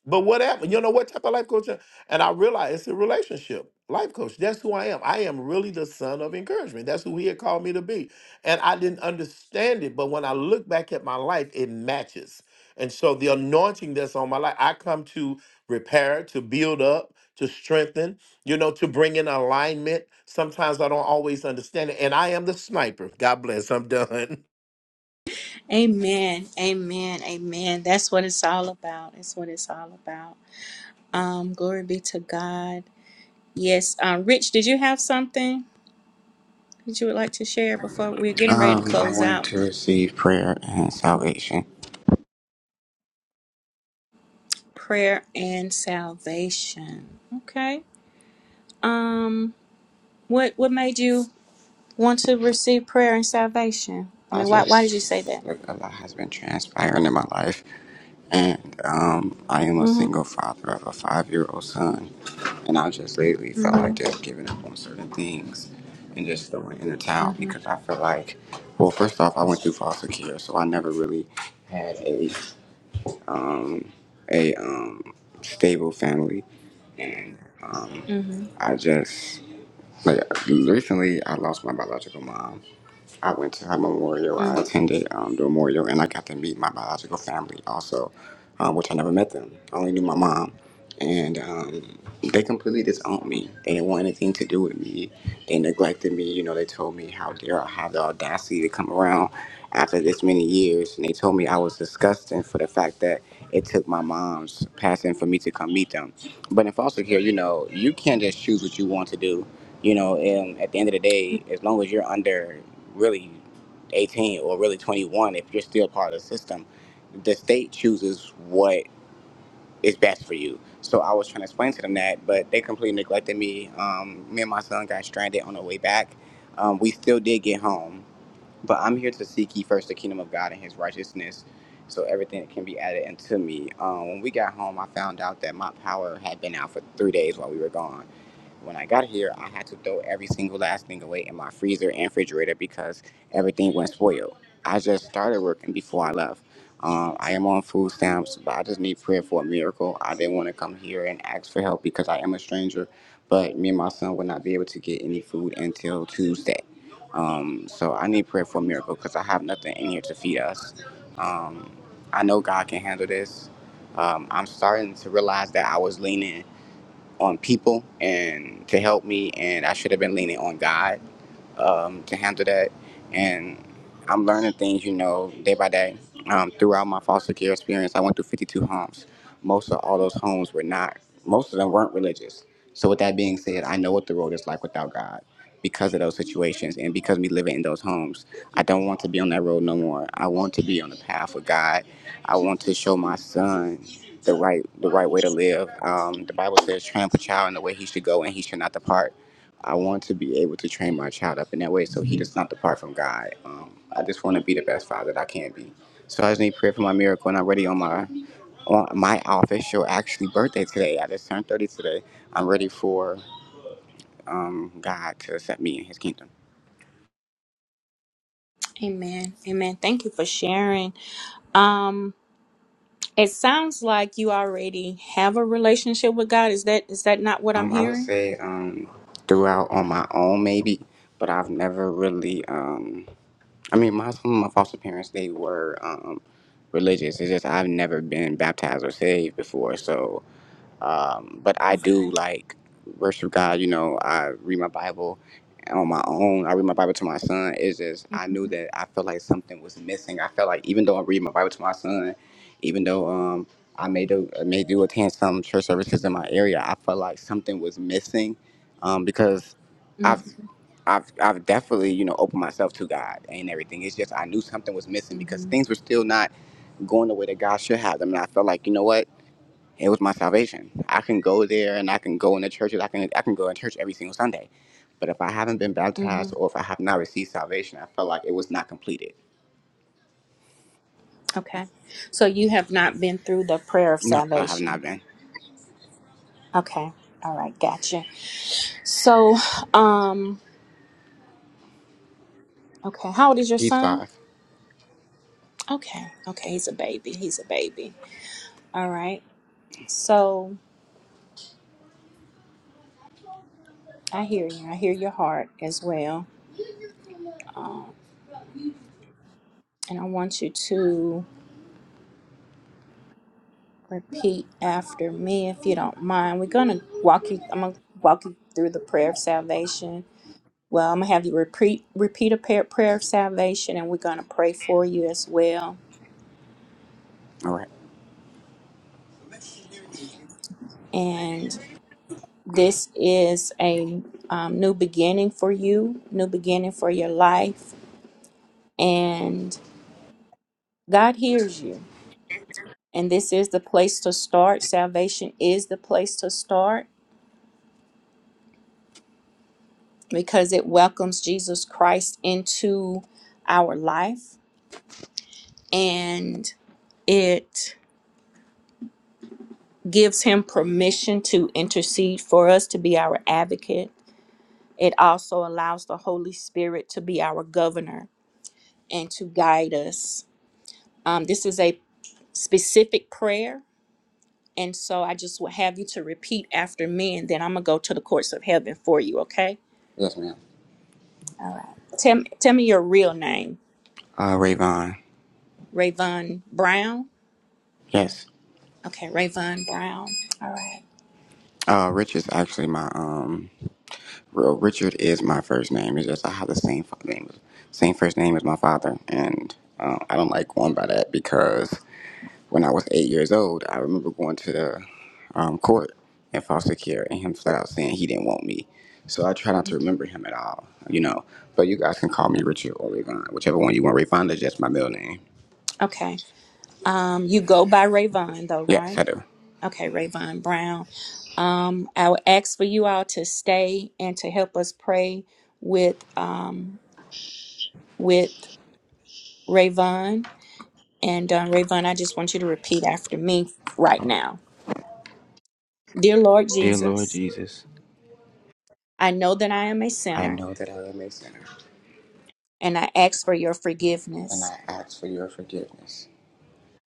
Speaker 6: But what happened? You know what type of life coach? am-" And I realized it's a relationship life coach. That's who I am. I am really the son of encouragement. That's who he had called me to be. And I didn't understand it. But when I look back at my life, it matches. And so the anointing that's on my life, I come to repair, to build up, to strengthen, you know, to bring in alignment. Sometimes I don't always understand it. And I am the sniper. God bless. I'm done.
Speaker 4: Amen. Amen. Amen. That's what it's all about. That's what it's all about. Um, glory be to God. Yes. Uh, Rich, did you have something that you would like to share before we're getting ready to
Speaker 7: Um, I
Speaker 4: close out?
Speaker 7: wanted to receive prayer and salvation.
Speaker 4: prayer and salvation. Okay. Um what what made you want to receive prayer and salvation? I
Speaker 7: I
Speaker 4: mean, why why did you say
Speaker 7: just
Speaker 4: that?
Speaker 7: like, a lot has been transpiring in my life, and um, I am a
Speaker 4: Mhm.
Speaker 7: single father of a five-year-old son, and I just lately felt like
Speaker 4: Mhm.
Speaker 7: just giving up on certain things and just throwing in the towel
Speaker 4: Mhm.
Speaker 7: because I feel like, well, first off, I went through foster care, so I never really had a um, a um, stable family, and um,
Speaker 4: Mhm.
Speaker 7: I just like recently I lost my biological mom. I went to her memorial. I
Speaker 4: Mhm.
Speaker 7: attended um, the memorial, and I got to meet my biological family also, um, which I never met them. I only knew my mom, and um, they completely disowned me. They didn't want anything to do with me. They neglected me. You know, they told me how dare I have the audacity to come around after this many years, and they told me I was disgusting for the fact that it took my mom's passing for me to come meet them. But in foster care, you know, you can't just choose what you want to do. You know, and at the end of the day, as long as you're under really 18 or really 21, if you're still part of the system, the state chooses what is best for you. So I was trying to explain to them that, but they completely neglected me. Um, me and my son got stranded on the way back. Um, we still did get home, but I'm here to seek ye first the kingdom of God and his righteousness, so everything can be added unto me. Um, when we got home, I found out that my power had been out for three days while we were gone. When I got here, I had to throw every single last thing away in my freezer and refrigerator because everything went spoiled. I just started working before I left. Um, I am on food stamps, but I just need prayer for a miracle. I didn't want to come here and ask for help because I am a stranger, but me and my son will not be able to get any food until Tuesday. Um, so I need prayer for a miracle because I have nothing in here to feed us. Um, I know God can handle this. Um, I'm starting to realize that I was leaning on people and to help me, and I should have been leaning on God um, to handle that. And I'm learning things, you know, day by day. Um, throughout my foster care experience, I went through 52 homes. Most of all those homes were not, most of them weren't religious. So, with that being said, I know what the road is like without God because of those situations and because me living in those homes. I don't want to be on that road no more. I want to be on the path of God. I want to show my son the right the right way to live. Um, the Bible says, "Tramp a child in the way he should go, and he should not depart." I want to be able to train my child up in that way so he does not depart from God. Um, I just want to be the best father that I can be. So I just need prayer for my miracle, and I'm ready on my on my official actually birthday today. I just turned 30 today. I'm ready for um, God to accept me in His kingdom.
Speaker 4: Amen. Amen. Thank you for sharing. Um it sounds like you already have a relationship with God. Is that is that not what I'm
Speaker 7: Um, I would
Speaker 4: hearing?
Speaker 7: say um, throughout on my own maybe, but I've never really. Um, I mean, my some of my foster parents they were um, religious. It's just I've never been baptized or saved before, so. Um, but I do
Speaker 4: Okay.
Speaker 7: like worship God. You know, I read my Bible on my own. I read my Bible to my son. It's just I knew that I felt like something was missing. I felt like even though I read my Bible to my son, even though um I may do I may do attend some church services in my area, I felt like something was missing um, because
Speaker 4: Mhm.
Speaker 7: I've I've I've definitely you know opened myself to God and everything. It's just I knew something was missing because
Speaker 4: Mhm.
Speaker 7: things were still not going the way that God should have them, and I felt like you know what. It was my salvation. I can go there and I can go in the churches. I can I can go in church every single Sunday. But if I haven't been baptized
Speaker 4: Mhm.
Speaker 7: or if I have not received salvation, I felt like it was not completed.
Speaker 4: Okay. So you have not been through the prayer of
Speaker 7: No, I have
Speaker 4: salvation.
Speaker 7: not been.
Speaker 4: Okay. All right. Gotcha. So, um, okay, how old is your
Speaker 7: He's
Speaker 4: son?
Speaker 7: five.
Speaker 4: Okay, okay, he's a baby. He's a baby. All right. So I hear you. I hear your heart as well. Um, and I want you to repeat after me if you don't mind. We're gonna walk you. I'm gonna walk you through the prayer of salvation. Well, I'm gonna have you repeat repeat a prayer, prayer of salvation, and we're gonna pray for you as well.
Speaker 7: All right.
Speaker 4: This is a um, new beginning for you, new beginning for your life, and God hears you. And this is the place to start. Salvation is the place to start because it welcomes Jesus Christ into our life and it gives him permission to intercede for us to be our advocate. It also allows the Holy Spirit to be our governor and to guide us. Um, this is a specific prayer. And so I just will have you to repeat after me, and then I'm going to go to the courts of heaven for you, okay?
Speaker 7: Yes, ma'am.
Speaker 4: All right. Tell, me- tell me your real name.
Speaker 7: Uh, Rayvon.
Speaker 4: Rayvon Brown.
Speaker 7: Yes.
Speaker 4: Okay, Rayvon Brown. All right.
Speaker 7: Uh, Rich is actually my um. Well, Richard is my first name. It's just I have the same fa- name, same first name as my father, and uh, I don't like going by that because When I was eight years old, I remember going to the um, court in foster care and him flat out saying he didn't want me. So I try not to remember him at all, you know. But you guys can call me Richard or Rayvon, whichever one you want. Rayvon is just my middle name.
Speaker 4: Okay. Um, you go by Rayvon, though,
Speaker 7: Yes,
Speaker 4: right?
Speaker 7: I do.
Speaker 4: Okay, Rayvon Brown. Um, I would ask for you all to stay and to help us pray with um, with Rayvon. And uh, Rayvon, I just want you to repeat after me right now. Dear Lord
Speaker 7: Dear Lord
Speaker 4: Jesus,
Speaker 7: Jesus,
Speaker 4: I know that I am a
Speaker 7: I
Speaker 4: sinner
Speaker 7: know that I am a sinner,
Speaker 4: and I ask for your
Speaker 7: and
Speaker 4: forgiveness.
Speaker 7: I ask for your forgiveness.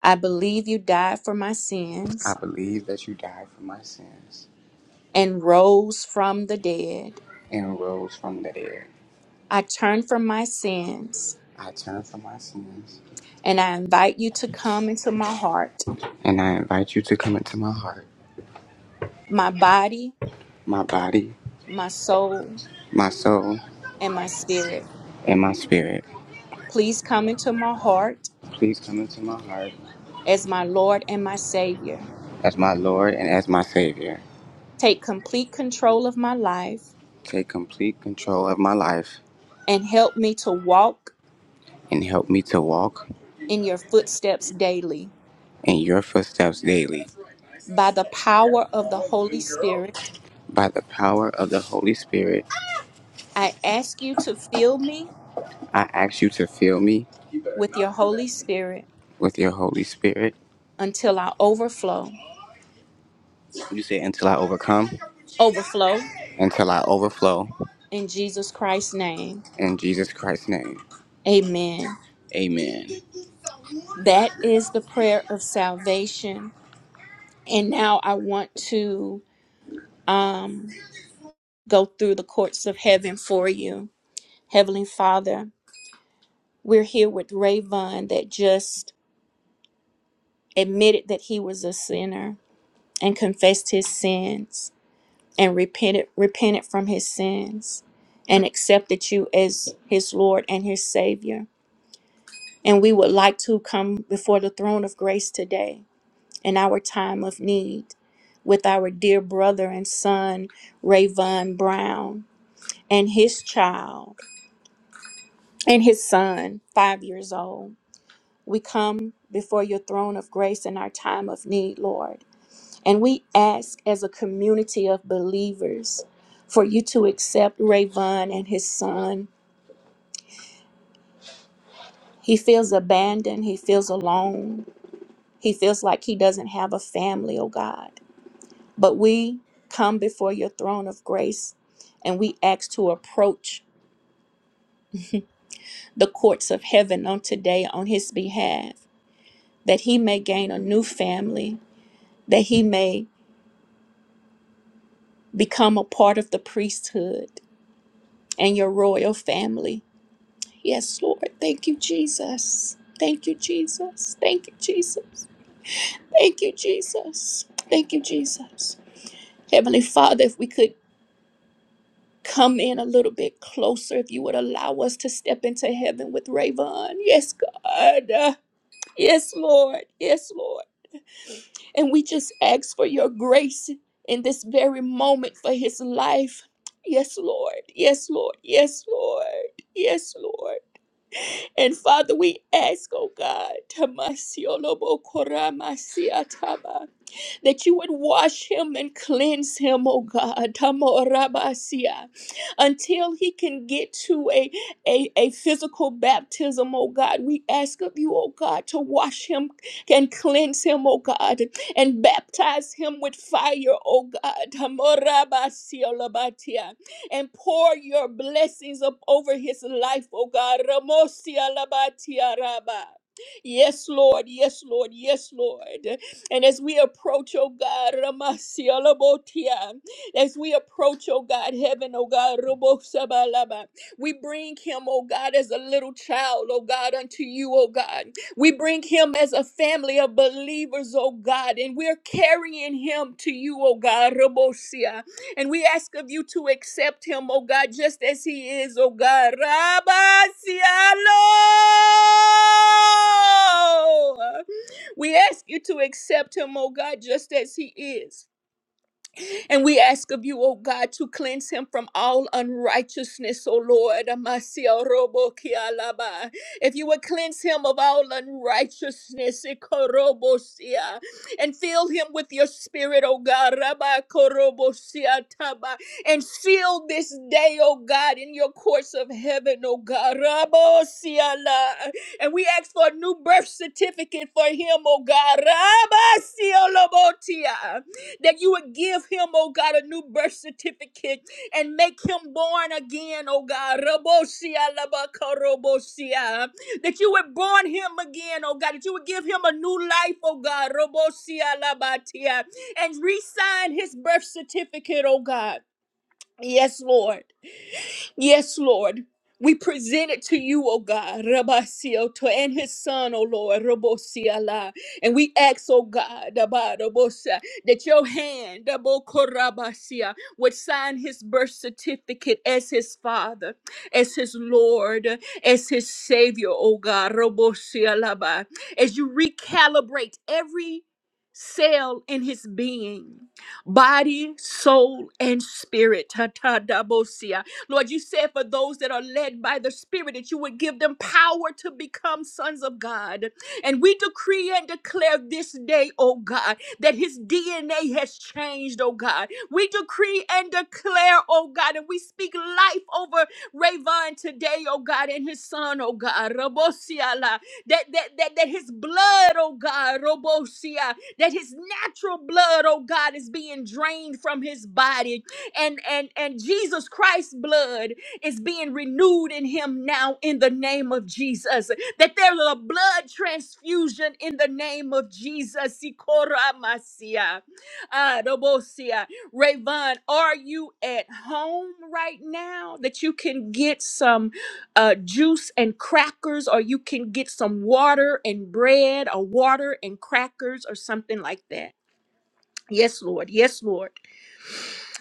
Speaker 4: I believe you died for my
Speaker 7: I
Speaker 4: sins
Speaker 7: believe that you died for my sins
Speaker 4: and rose from the dead.
Speaker 7: and rose from the dead.
Speaker 4: I turn from my sins
Speaker 7: I turn from my sins,
Speaker 4: and I invite you to come into my heart,
Speaker 7: and I invite you to come into my heart,
Speaker 4: my body,
Speaker 7: my body,
Speaker 4: my soul,
Speaker 7: my soul.
Speaker 4: and my spirit.
Speaker 7: and my spirit.
Speaker 4: Please come into my heart
Speaker 7: Please come into my heart
Speaker 4: as my Lord and my Savior.
Speaker 7: as my Lord and as my Savior.
Speaker 4: Take complete control of my life
Speaker 7: Take complete control of my life
Speaker 4: and help me to walk
Speaker 7: and help me to walk
Speaker 4: in your footsteps daily.
Speaker 7: in your footsteps daily.
Speaker 4: by the power of the Holy Spirit,
Speaker 7: By the power of the Holy Spirit,
Speaker 4: I ask you to fill me
Speaker 7: I ask you to fill me
Speaker 4: with your Holy Spirit
Speaker 7: with your Holy Spirit.
Speaker 4: until I overflow.
Speaker 7: You say, until I overcome,
Speaker 4: Overflow
Speaker 7: until I overflow.
Speaker 4: in Jesus Christ's name.
Speaker 7: In Jesus Christ's name,
Speaker 4: Amen.
Speaker 7: amen.
Speaker 4: That is the prayer of salvation. And now I want to um, go through the courts of heaven for you. Heavenly Father, we're here with Rayvon that just admitted that he was a sinner and confessed his sins. and repented repented from his sins and accepted you as his Lord and his Savior. And we would like to come before the throne of grace today in our time of need with our dear brother and son, Rayvon Brown, and his child and his son, five years old. We come before your throne of grace in our time of need, Lord And we ask as a community of believers for you to accept Rayvon and his son. He feels abandoned, he feels alone, he feels like he doesn't have a family, oh God. But we come before your throne of grace and we ask to approach the courts of heaven on today on his behalf, that he may gain a new family, that he may become a part of the priesthood and your royal family Yes, Lord. Thank you, Jesus. Thank you, Jesus. Thank you, Jesus. Thank you, Jesus. Thank you, Jesus. Heavenly Father, if we could come in a little bit closer, if you would allow us to step into heaven with Rayvon. Yes, God. Uh, Yes, Lord. Yes, Lord. And we just ask for your grace in this very moment for his life. Yes, Lord. Yes, Lord. Yes, Lord. Yes, Lord. And Father, we ask, oh God, Tamasiolobokoramasiataba, that you would wash him and cleanse him, oh God, Tamorabasia, until he can get to a, a, a physical baptism, oh God. We ask of you, oh God, to wash him and cleanse him, oh God, and baptize him with fire, oh God, Tamorabasia Labatia, and pour your blessings up over his life, oh God, Ramosia Labatia Rabba. Yes, Lord. Yes, Lord. Yes, Lord. And as we approach, oh God, Ramasia Labotia, as we approach, oh God, heaven, oh God, Robosabalaba, we bring him, oh God, as a little child, oh God, unto you, oh God. We bring him as a family of believers, oh God, and we're carrying him to you, oh God, Robosia. And we ask of you to accept him, oh God, just as he is, oh God. Rabasialo! We ask you to accept him, oh God, just as he is. And we ask of you, O God, to cleanse him from all unrighteousness, O Lord. Amasia robo kia If you would cleanse him of all unrighteousness, ikorobosia, and fill him with your spirit, O God. Rabba korobosia taba. And seal this day, O God, in your courts of heaven, O God. Rabosia la. And we ask for a new birth certificate for him, O God. Rabasia lobotia that you would give him, oh God, a new birth certificate and make him born again, oh God. Rabosia labakarobosia. That you would born him again, oh God. That you would give him a new life, oh God. Rabosia labatia. And re sign his birth certificate, oh God. Yes, Lord. Yes, Lord. We present it to you, O God, Rabasioto, and his son, O Lord, Robosiala. And we ask, O God, Dabarabosa, that your hand, Dabokorabasia, would sign his birth certificate as his father, as his Lord, as his Savior, O God, Robosialaba. As you recalibrate every cell in his being, body, soul, and spirit, Tata Lord, you said for those that are led by the Spirit that you would give them power to become sons of God. And we decree and declare this day, oh God, that his DNA has changed, oh God. We decree and declare, oh God, and we speak life over Rayvon today, oh God, and his son, oh God. Robosiala. That, that, that, that his blood, oh God, Robosia, that his natural blood, oh God, is being drained from his body and and and Jesus Christ's blood is being renewed in him now in the name of Jesus that there's a blood transfusion in the name of Jesus Sikoramasia. Adobosia. Rayvon, are you at home right now that you can get some uh, juice and crackers, or you can get some water and bread, or water and crackers, or something like that? Yes, Lord. Yes, Lord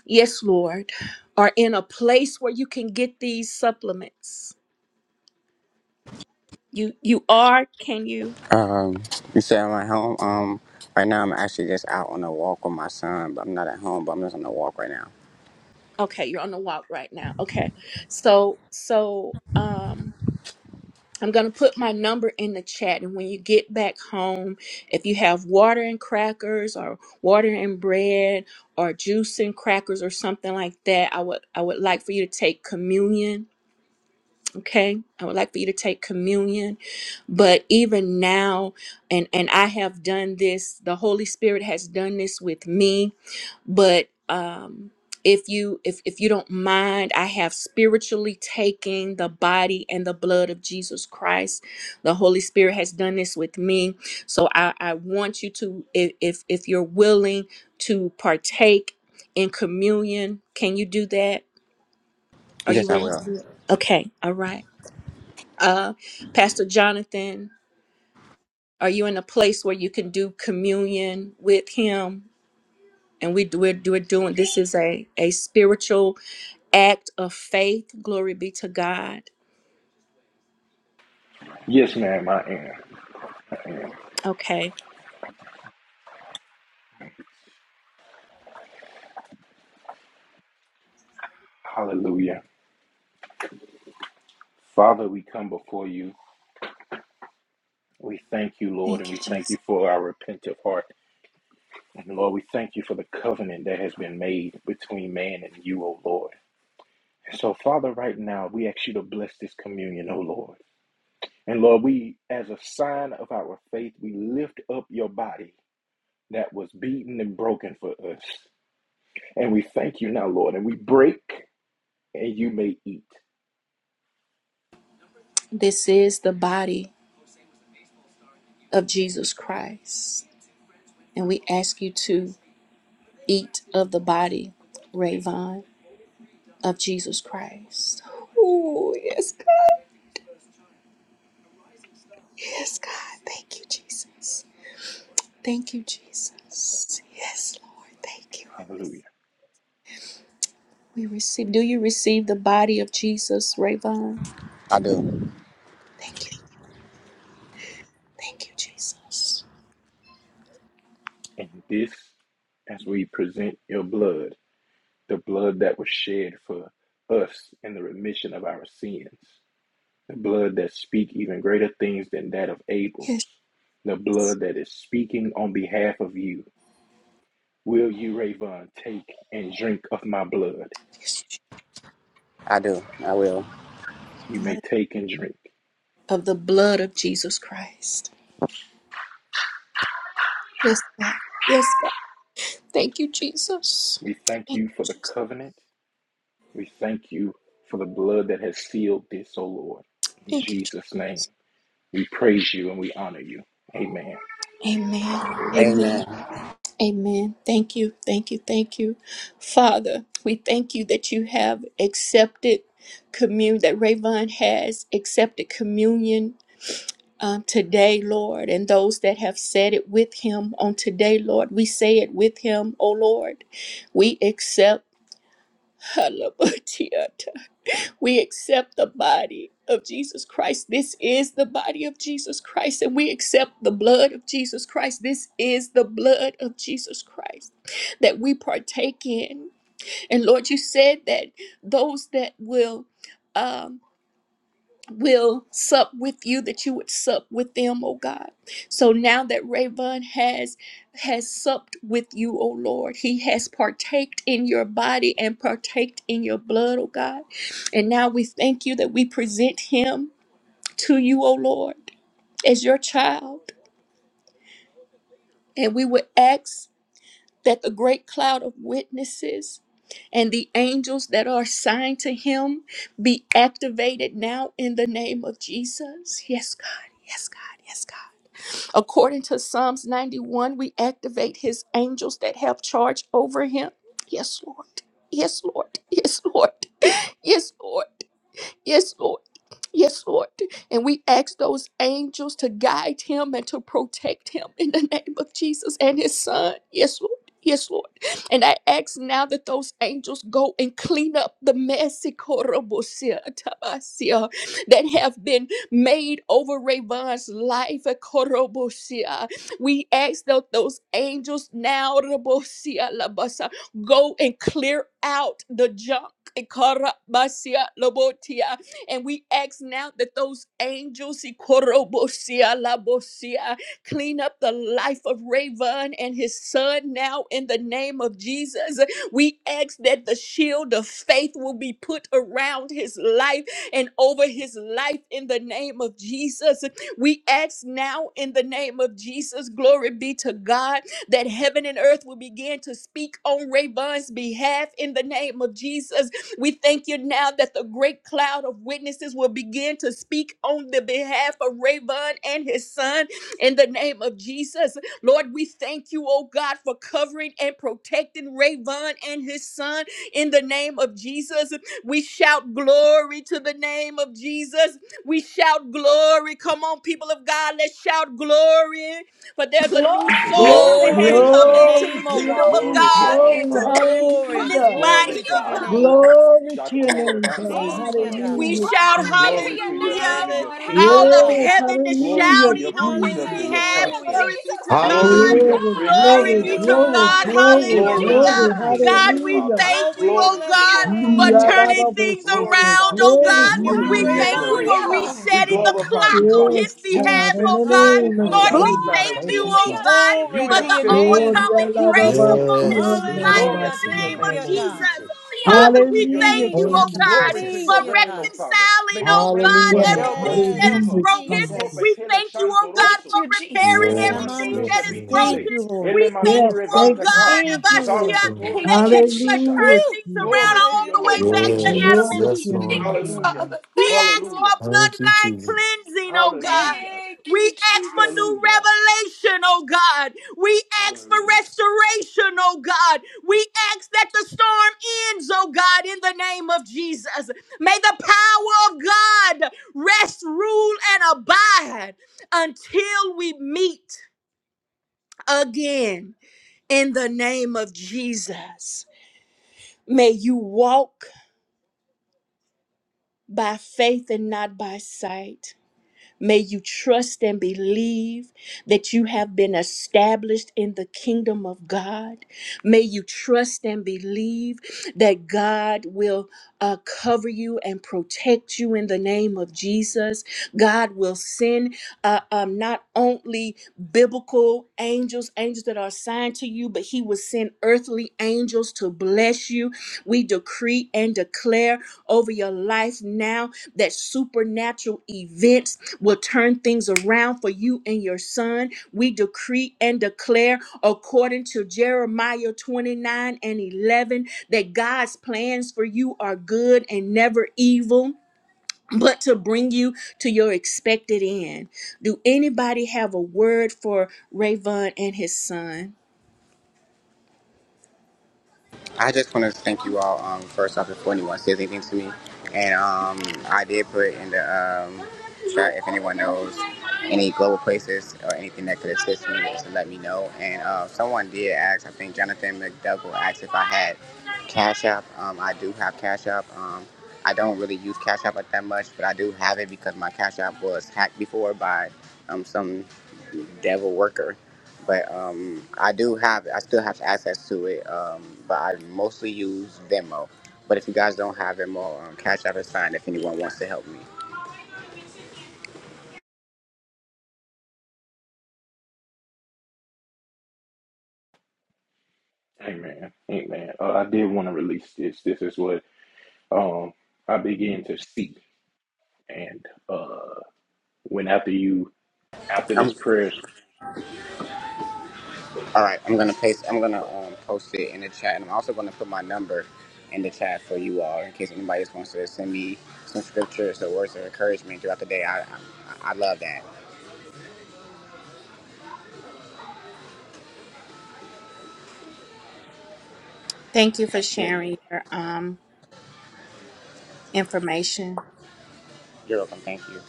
Speaker 4: yes lord are in a place where you can get these supplements you you are can you
Speaker 7: Um, instead of my home, um, right now I'm actually just out on a walk with my son, but I'm not at home, but I'm just on a walk right now.
Speaker 4: okay you're on the walk right now okay so so um i'm gonna put my number in the chat and when you get back home if you have water and crackers or water and bread or juice and crackers or something like that i would i would like for you to take communion okay i would like for you to take communion but even now and and i have done this the holy spirit has done this with me but um if you if, if you don't mind i have spiritually taken the body and the blood of jesus christ the holy spirit has done this with me so i i want you to if if, if you're willing to partake in communion can you do that are you
Speaker 7: Yes, I
Speaker 4: willing to
Speaker 7: will.
Speaker 4: do it okay all right uh, Pastor Jonathan, are you in a place where you can do communion with him? And we do, we're, we're doing this is a a spiritual act of faith. Glory be to God.
Speaker 1: Yes, ma'am. I am. I am.
Speaker 4: Okay,
Speaker 1: Hallelujah. Father, we come before you. We thank you, Lord,
Speaker 4: thank
Speaker 1: and
Speaker 4: you,
Speaker 1: we thank
Speaker 4: Jesus.
Speaker 1: you for our repentant heart. And Lord, we thank you for the covenant that has been made between man and you, O Lord. And so, Father, right now, we ask you to bless this communion, O Lord. And Lord, we, as a sign of our faith, we lift up your body that was beaten and broken for us. And we thank you now, Lord, and we break and you may eat.
Speaker 4: This is the body of Jesus Christ, and we ask you to eat of the body, Ravon, of Jesus Christ. Oh yes, God. Yes, God. Thank you, Jesus. Thank you, Jesus. Yes, Lord. Thank you.
Speaker 1: Hallelujah.
Speaker 4: We receive. Do you receive the body of Jesus, Rayvon?
Speaker 7: I do.
Speaker 4: Thank you. Thank you, Jesus.
Speaker 1: And this, as we present your blood the blood that was shed for us in the remission of our sins, the blood that speak even greater things than that of Abel's,
Speaker 4: Yes.
Speaker 1: the blood that is speaking on behalf of you. Will you, Ravon, take and drink of my blood?
Speaker 4: yes.
Speaker 7: I do. I will.
Speaker 1: You may
Speaker 4: Blood
Speaker 1: take and drink.
Speaker 4: Of the blood of Jesus Christ. Yes, God. Yes, God. Thank you, Jesus.
Speaker 1: We thank
Speaker 4: Thank
Speaker 1: you for
Speaker 4: you,
Speaker 1: the
Speaker 4: Jesus.
Speaker 1: covenant. We thank you for the blood that has sealed this, O Lord. In
Speaker 4: Thank you, Jesus.
Speaker 1: Jesus' name, we praise you and we honor you. Amen.
Speaker 4: Amen. Amen.
Speaker 7: Amen.
Speaker 4: Amen. Thank you. Thank you. Thank you. Father, we thank you that you have accepted communion, that Rayvon has accepted communion um, today, Lord, and those that have said it with him on today, Lord. We say it with him, O Lord. We accept. We accept the body of Jesus Christ. This is the body of Jesus Christ, and we accept the blood of Jesus Christ. This is the blood of Jesus Christ that we partake in. And Lord, you said that those that will. um, will sup with you that you would sup with them oh god so now that Rayvon has has supped with you oh lord he has partaked in your body and partaked in your blood oh god and now we thank you that we present him to you oh lord as your child and we would ask that the great cloud of witnesses and the angels that are assigned to him be activated now in the name of Jesus. Yes, God. Yes, God. Yes, God. According to Psalms 91, we activate his angels that have charge over him. Yes, Lord. Yes, Lord. Yes, Lord. Yes, Lord. Yes, Lord. Yes, Lord. And we ask those angels to guide him and to protect him in the name of Jesus and his son. Yes, Lord. Yes, Lord. And I ask now that those angels go and clean up the messy korobosia tabasia that have been made over Rayvon's life. eh, korobosia. We ask that those angels now rabosia labasa, go and clear out the junk. eh, karabasia lobotia, and we ask now that those angels Ikorobosia, Labosia, clean up the life of Raven and his son now in the name of Jesus. We ask that the shield of faith will be put around his life and over his life in the name of Jesus. We ask now in the name of Jesus, glory be to God, that heaven and earth will begin to speak on Raven's behalf in the name of Jesus we thank you now that the great cloud of witnesses will begin to speak on the behalf of Rayvon and his son in the name of Jesus. Lord, we thank you, oh God, for covering and protecting Rayvon and his son in the name of Jesus. We shout glory to the name of Jesus. We shout glory. Come on, people of God, let's shout glory. For there's a
Speaker 2: Glory!
Speaker 4: new soul that
Speaker 1: Glory
Speaker 4: has
Speaker 5: Glory
Speaker 1: to
Speaker 5: to
Speaker 1: his
Speaker 4: come
Speaker 5: your
Speaker 1: name.
Speaker 4: into
Speaker 3: Glory,
Speaker 4: the
Speaker 5: name, oh
Speaker 4: kingdom
Speaker 5: God.
Speaker 4: of
Speaker 3: glory,
Speaker 1: Glory to
Speaker 4: God
Speaker 1: our
Speaker 3: glory.
Speaker 4: to
Speaker 1: Father.
Speaker 4: to
Speaker 5: Glory,
Speaker 4: this
Speaker 3: Hallelujah.
Speaker 1: Glory
Speaker 4: body
Speaker 5: glory
Speaker 1: to
Speaker 5: to
Speaker 2: Hallelujah!
Speaker 4: of
Speaker 5: your
Speaker 1: Abba.
Speaker 5: name,
Speaker 4: believers.
Speaker 5: Father.
Speaker 3: Glory to your
Speaker 1: Jakore
Speaker 3: name,
Speaker 1: banda
Speaker 3: God.
Speaker 4: excuse
Speaker 5: Thank
Speaker 4: me,
Speaker 5: you,
Speaker 2: Glory!
Speaker 5: God.
Speaker 4: we
Speaker 3: Hallelujah,
Speaker 1: basalatora.
Speaker 4: shout
Speaker 2: Glory be
Speaker 3: Jesus.
Speaker 2: to
Speaker 1: Glory
Speaker 2: your
Speaker 1: to your
Speaker 2: name,
Speaker 1: name
Speaker 4: hallelujah.
Speaker 1: and your
Speaker 2: Lord.
Speaker 4: All
Speaker 1: kingdom,
Speaker 5: Hallelujah,
Speaker 4: of
Speaker 1: Father.
Speaker 5: God.
Speaker 3: Yes,
Speaker 4: heaven
Speaker 2: Hallelujah!
Speaker 4: is
Speaker 1: Glory
Speaker 3: hallelujah,
Speaker 1: to
Speaker 4: shouting
Speaker 1: your
Speaker 4: on his
Speaker 1: precepts and
Speaker 3: Jesus.
Speaker 1: your
Speaker 4: behalf.
Speaker 2: Hallelujah,
Speaker 1: concepts.
Speaker 5: Hallelujah.
Speaker 4: Glory be
Speaker 2: Jesus.
Speaker 4: to
Speaker 2: Thank
Speaker 1: Glory
Speaker 2: you,
Speaker 4: God.
Speaker 1: to your
Speaker 6: Hallelujah.
Speaker 3: Glory,
Speaker 2: God.
Speaker 1: presence, O
Speaker 2: Thank
Speaker 4: Glory
Speaker 3: glory,
Speaker 2: you,
Speaker 4: be
Speaker 1: Lord
Speaker 4: to
Speaker 1: Jesus.
Speaker 3: glory,
Speaker 2: God.
Speaker 4: God.
Speaker 5: Hallelujah.
Speaker 2: Thank
Speaker 5: Thank
Speaker 2: you,
Speaker 3: glory,
Speaker 5: you,
Speaker 1: Glory to
Speaker 6: Thank
Speaker 5: God.
Speaker 4: Hallelujah.
Speaker 1: your
Speaker 6: you,
Speaker 3: glory.
Speaker 2: Jesus.
Speaker 1: kingdom,
Speaker 6: Jesus.
Speaker 4: God,
Speaker 1: O
Speaker 4: we
Speaker 1: Father.
Speaker 3: Hallelujah.
Speaker 4: thank
Speaker 5: Oh, we
Speaker 4: you, oh
Speaker 1: Glory to
Speaker 5: bless
Speaker 2: Hallelujah!
Speaker 4: God,
Speaker 5: your
Speaker 1: your,
Speaker 5: name,
Speaker 4: for
Speaker 1: your
Speaker 5: oh God.
Speaker 4: turning
Speaker 1: reign.
Speaker 4: things
Speaker 1: Glory,
Speaker 3: Yalababasete.
Speaker 4: around,
Speaker 1: Father,
Speaker 5: We
Speaker 4: oh
Speaker 1: to
Speaker 3: Glory
Speaker 1: your
Speaker 5: thank
Speaker 4: God.
Speaker 3: to
Speaker 5: you
Speaker 3: your
Speaker 1: ruling
Speaker 5: for
Speaker 4: We
Speaker 1: and
Speaker 3: name, God.
Speaker 4: thank you
Speaker 5: Rayvon, oh
Speaker 4: for
Speaker 1: declaration.
Speaker 5: God.
Speaker 2: Hallelujah!
Speaker 1: We
Speaker 4: resetting the
Speaker 1: glorify you,
Speaker 4: clock on
Speaker 1: Father.
Speaker 3: Yes,
Speaker 4: his
Speaker 1: Who
Speaker 3: God,
Speaker 4: behalf,
Speaker 3: in
Speaker 4: oh
Speaker 3: the
Speaker 1: sets
Speaker 4: God.
Speaker 1: people
Speaker 3: name of
Speaker 1: free
Speaker 4: Lord,
Speaker 5: Hallelujah.
Speaker 4: we
Speaker 3: Jesus.
Speaker 6: Hallelujah.
Speaker 1: outside
Speaker 2: Glory
Speaker 4: thank
Speaker 1: of
Speaker 2: be
Speaker 6: Thank
Speaker 4: you,
Speaker 1: you,
Speaker 6: you,
Speaker 1: O
Speaker 2: to
Speaker 4: oh
Speaker 2: your
Speaker 1: Father?
Speaker 6: Jesus.
Speaker 4: God,
Speaker 2: name,
Speaker 1: You
Speaker 5: Glory to
Speaker 4: for
Speaker 1: have
Speaker 4: the
Speaker 2: Lord.
Speaker 5: your
Speaker 1: set all
Speaker 3: Glory,
Speaker 1: the
Speaker 5: name.
Speaker 4: overcoming
Speaker 1: captives
Speaker 2: Hallelujah!
Speaker 4: grace
Speaker 1: free, O
Speaker 4: upon his
Speaker 1: Father.
Speaker 6: Yes. yes,
Speaker 4: life in
Speaker 1: Glory
Speaker 5: Hallelujah.
Speaker 6: yes,
Speaker 4: the
Speaker 1: to
Speaker 6: and
Speaker 1: your
Speaker 4: name
Speaker 5: Thank
Speaker 6: God.
Speaker 4: of
Speaker 5: you,
Speaker 1: name,
Speaker 3: yalababasiyondalabasitaya.
Speaker 1: O
Speaker 5: God.
Speaker 4: Jesus.
Speaker 1: Jesus.
Speaker 4: Father,
Speaker 1: Glory to
Speaker 4: we
Speaker 2: Hallelujah!
Speaker 1: your
Speaker 3: Hallelujah,
Speaker 4: thank
Speaker 5: Thank
Speaker 4: you,
Speaker 1: kingdom.
Speaker 5: you,
Speaker 4: oh
Speaker 6: Thank you,
Speaker 5: God.
Speaker 4: God
Speaker 1: Glory
Speaker 3: Jesus.
Speaker 1: to
Speaker 4: for
Speaker 5: Thank
Speaker 6: Jesus.
Speaker 1: your
Speaker 5: you,
Speaker 1: reign, O
Speaker 5: God.
Speaker 1: Father.
Speaker 4: reconciling,
Speaker 1: May
Speaker 4: oh
Speaker 1: it reign
Speaker 4: God,
Speaker 3: Yes,
Speaker 6: Hallelujah.
Speaker 1: forever
Speaker 4: everything
Speaker 1: and
Speaker 6: Thank you,
Speaker 4: that
Speaker 5: Yes,
Speaker 4: is
Speaker 3: hallelujah,
Speaker 6: Jesus.
Speaker 1: la
Speaker 4: broken.
Speaker 3: Jesus.
Speaker 4: We
Speaker 5: Jesus.
Speaker 1: copetele
Speaker 4: thank you, oh God,
Speaker 2: Thank
Speaker 1: shandoroso,
Speaker 4: for
Speaker 2: you,
Speaker 1: le
Speaker 2: Jesus.
Speaker 4: repairing
Speaker 1: kele
Speaker 6: Yes,
Speaker 4: everything
Speaker 5: Eramando
Speaker 4: that
Speaker 1: mandorise
Speaker 6: yes,
Speaker 4: is
Speaker 5: ko.
Speaker 6: yes,
Speaker 5: Thank
Speaker 1: pitile,
Speaker 4: broken.
Speaker 5: you,
Speaker 6: yes.
Speaker 5: Lord.
Speaker 1: ele
Speaker 4: We thank
Speaker 3: Yes,
Speaker 4: you,
Speaker 1: mandure
Speaker 4: oh
Speaker 3: thank you,
Speaker 4: God,
Speaker 1: vantaka,
Speaker 5: Thank you,
Speaker 3: Jesus.
Speaker 5: Lord.
Speaker 4: Abashia,
Speaker 6: Yes, Lord.
Speaker 1: salvatore
Speaker 4: that,
Speaker 2: Thank you,
Speaker 4: that you have
Speaker 2: Jesus.
Speaker 1: mandibisha.
Speaker 3: Hallelujah,
Speaker 4: turned
Speaker 5: Woo!
Speaker 4: things around
Speaker 1: Glory
Speaker 3: Jesus.
Speaker 1: to
Speaker 4: all
Speaker 1: your
Speaker 4: the way
Speaker 1: name, O
Speaker 2: Thank
Speaker 5: Hallelujah.
Speaker 4: back
Speaker 2: you,
Speaker 1: Lord
Speaker 4: to Adam
Speaker 6: Yes,
Speaker 4: and
Speaker 3: Glory
Speaker 1: Jesus.
Speaker 3: to
Speaker 4: Eve.
Speaker 2: Jesus.
Speaker 6: yes,
Speaker 3: your
Speaker 2: Thank
Speaker 6: Lord.
Speaker 3: name,
Speaker 2: you,
Speaker 1: Hallelujah,
Speaker 3: God.
Speaker 2: Father.
Speaker 4: We
Speaker 2: Thank you,
Speaker 4: ask
Speaker 2: Lord.
Speaker 1: hallelujah,
Speaker 4: for
Speaker 6: Thank you,
Speaker 4: bloodline
Speaker 6: Jesus.
Speaker 4: cleansing, oh God.
Speaker 1: hallelujah,
Speaker 2: Thank
Speaker 4: We
Speaker 2: you,
Speaker 4: ask for
Speaker 2: Jesus.
Speaker 4: new
Speaker 1: hallelujah,
Speaker 4: revelation, oh God. We ask for
Speaker 1: hallelujah.
Speaker 4: restoration, oh God. We ask that the storm ends, oh God, in the name of Jesus. May the power of God rest, rule, and abide until we meet again in the name of Jesus. May you walk by faith and not by sight. May you trust and believe that you have been established in the kingdom of God. May you trust and believe that God will uh, cover you and protect you in the name of Jesus. God will send uh, um, not only biblical angels, angels that are assigned to you, but He will send earthly angels to bless you. We decree and declare over your life now that supernatural events will turn things around for you and your son. We decree and declare, according to Jeremiah 29 and 11, that God's plans for you are good and never evil. But to bring you to your expected end. Do anybody have a word for Rayvon and his son?
Speaker 7: I just want to thank you all um, first off before anyone says anything to me. And um, I did put in the um, chat if anyone knows any global places or anything that could assist me, just to let me know. And uh, someone did ask, I think Jonathan McDougall asked if I had Cash App. Um, I do have Cash App. Um, I don't really use Cash App like that much, but I do have it because my Cash App was hacked before by um, some devil worker but um, I do have, I still have access to it, um, but I mostly use Venmo. But if you guys don't have Venmo, um, Cash App is fine. If anyone wants to help me,
Speaker 1: Amen, amen. Uh, I did want to release this. This is what um I began to see. And uh when after you, after this
Speaker 7: I'm,
Speaker 1: prayers,
Speaker 7: all right. I'm gonna paste. I'm gonna um, post it in the chat, and I'm also gonna put my number in the chat for you all in case anybody just wants to send me some scriptures or words of encouragement throughout the day. I, I, I love that.
Speaker 4: Thank you for
Speaker 1: amen.
Speaker 4: sharing your um information.
Speaker 7: You're welcome. Thank you.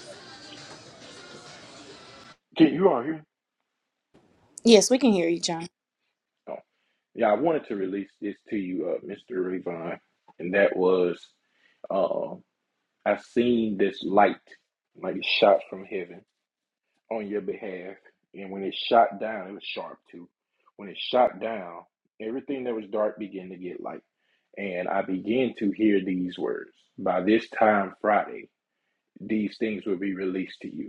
Speaker 1: Can you all hear? me?
Speaker 4: Yes, we can hear you, John.
Speaker 1: Oh. Yeah, I wanted to release this to you, uh, Mr. Ravon, and that was uh, I seen this light, like it shot from heaven on your behalf. And when it shot down, it was sharp too. When it shot down, everything that was dark began to get light. And I began to hear these words By this time Friday, these things will be released to you.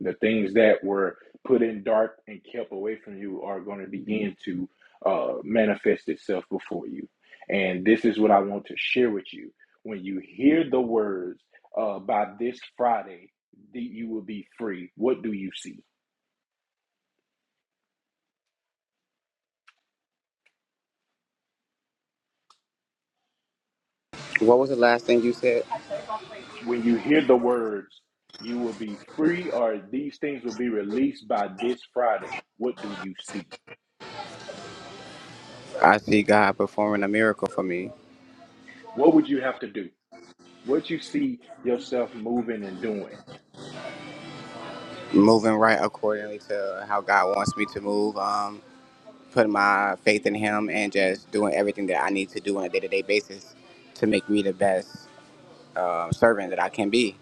Speaker 1: The things that were put in dark and kept away from you are going to begin to uh, manifest itself before you. And this is what I want to share with you. When you hear the words uh, by this Friday, you will be free, what do you see?
Speaker 7: What was the last thing you said?
Speaker 1: When you hear the words, you will be free, or these things will be released by this Friday, what do you see?
Speaker 7: I see God performing a miracle for me.
Speaker 1: What would you have to do? What you see yourself moving and doing?
Speaker 7: moving right accordingly to how God wants me to move. Um, putting my faith in Him and just doing everything that I need to do on a day to day basis to make me the best um servant that I can be.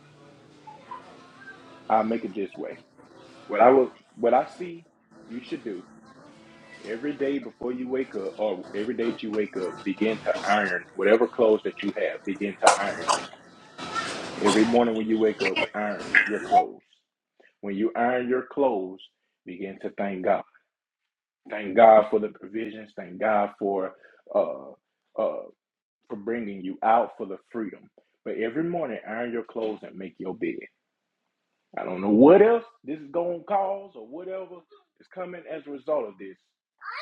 Speaker 1: I'll make it this way What I will, what I see you should do every day before you wake up, or every day that you wake up, begin to iron whatever clothes that you have. Begin to iron them every morning when you wake up. Iron your clothes. When you iron your clothes, begin to thank God. Thank God for the provisions. Thank God for uh uh for bringing you out for the freedom. But every morning, iron your clothes and make your bed. I don't know what else this is going to cause or whatever is coming as a result of this.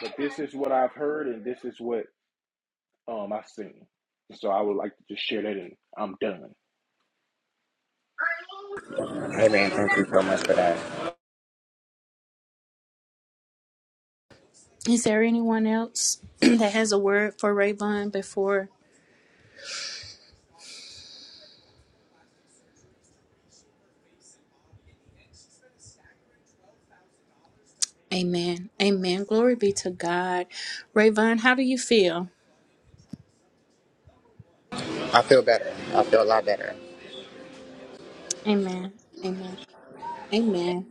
Speaker 1: But this is what I've heard and this is what um, I've seen. So I would like to just share that and I'm done.
Speaker 7: Amen. Thank you so much for that.
Speaker 4: Is there anyone else that has a word for Rayvon before Amen. Amen. Glory be to God. Rayvon, how do you feel?
Speaker 7: I feel better. I feel a lot better.
Speaker 4: Amen. Amen. Amen.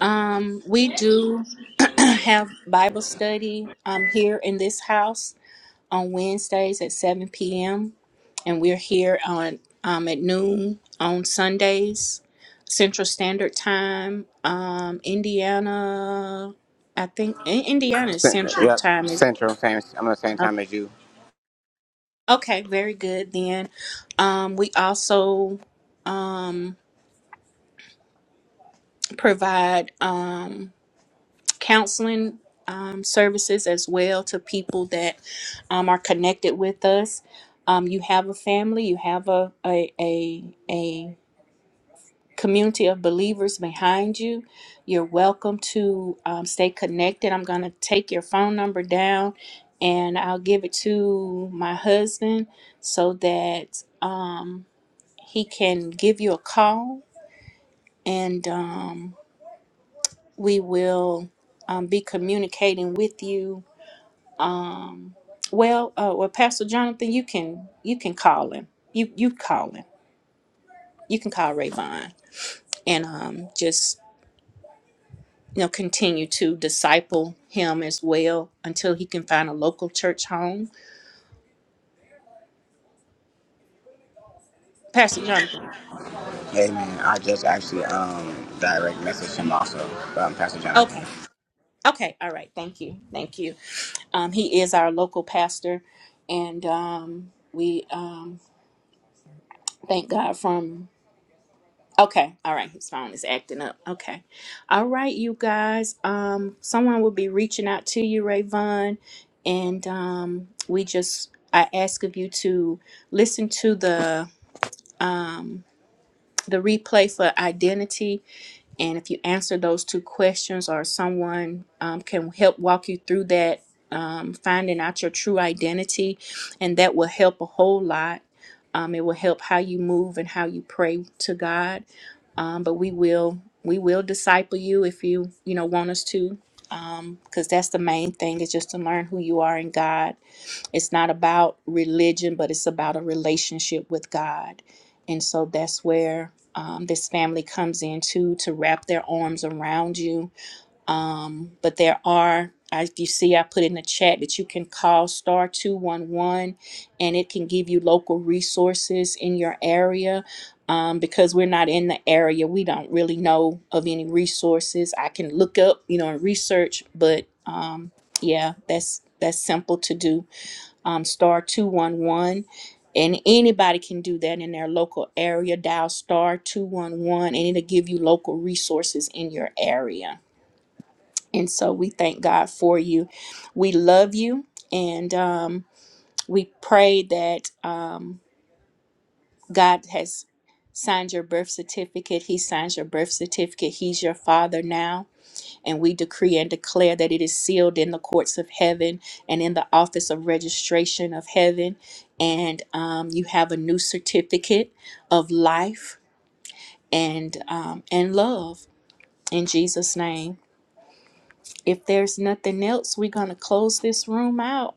Speaker 4: Um, we do have Bible study um here in this house on Wednesdays at 7 p.m. And we're here on um at noon on Sundays, Central Standard Time. Um, Indiana, I think in Indiana is
Speaker 7: Central.
Speaker 4: Central
Speaker 7: Yep.
Speaker 4: Time is
Speaker 7: Central. Same. I'm the same time as you.
Speaker 4: Okay, very good then. Um, we also um, provide um, counseling um, services as well to people that um, are connected with us. Um, you have a family, you have a, a, a, a community of believers behind you. You're welcome to um, stay connected. I'm going to take your phone number down and I'll give it to my husband so that. Um, he can give you a call and um, we will um, be communicating with you um, well uh, well pastor jonathan you can you can call him you you call him you can call Rayvon and um, just you know continue to disciple him as well until he can find a local church home pastor jonathan
Speaker 7: Amen. I just actually um direct messaged him also, um, Pastor Jonathan.
Speaker 4: okay okay all right thank you thank you um, he is our local pastor, and um, we um, thank God from Okay. All right. His phone is acting up. Okay. All right, you guys. Um, someone will be reaching out to you, Rayvon, and um, we just I ask of you to listen to the um the replay for identity and if you answer those two questions, or someone um, can help walk you through that, um, finding out your true identity, and that will help a whole lot. Um, it will help how you move and how you pray to God. Um, but we will we will disciple you if you you know want us to, because that's the main thing is just to learn who you are in God it's not about religion, but it's about a relationship with God. And so that's where um, this family comes in too to wrap their arms around you. Um, but there are, as you see, I put in the chat that you can call star 211 and it can give you local resources in your area. Um, because we're not in the area, we don't really know of any resources. I can look up, you know, and research, but um, yeah, that's that's simple to do um, star 211 and anybody can do that in their local area dial star 211 and it'll give you local resources in your area and so we thank god for you we love you and um, we pray that um, god has signed your birth certificate he signs your birth certificate he's your father now and we decree and declare that it is sealed in the courts of heaven and in the office of registration of heaven. And um, you have a new certificate of life and um, and love in Jesus' name. If there's nothing else, we're gonna close this room out.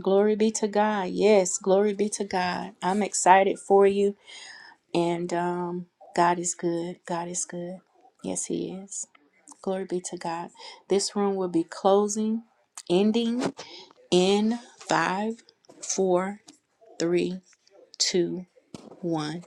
Speaker 4: Glory be to God. Yes, glory be to God. I'm excited for you, and um, God is good. God is good. Yes, He is. Glory be to God. This room will be closing, ending in five, four, three, two, one.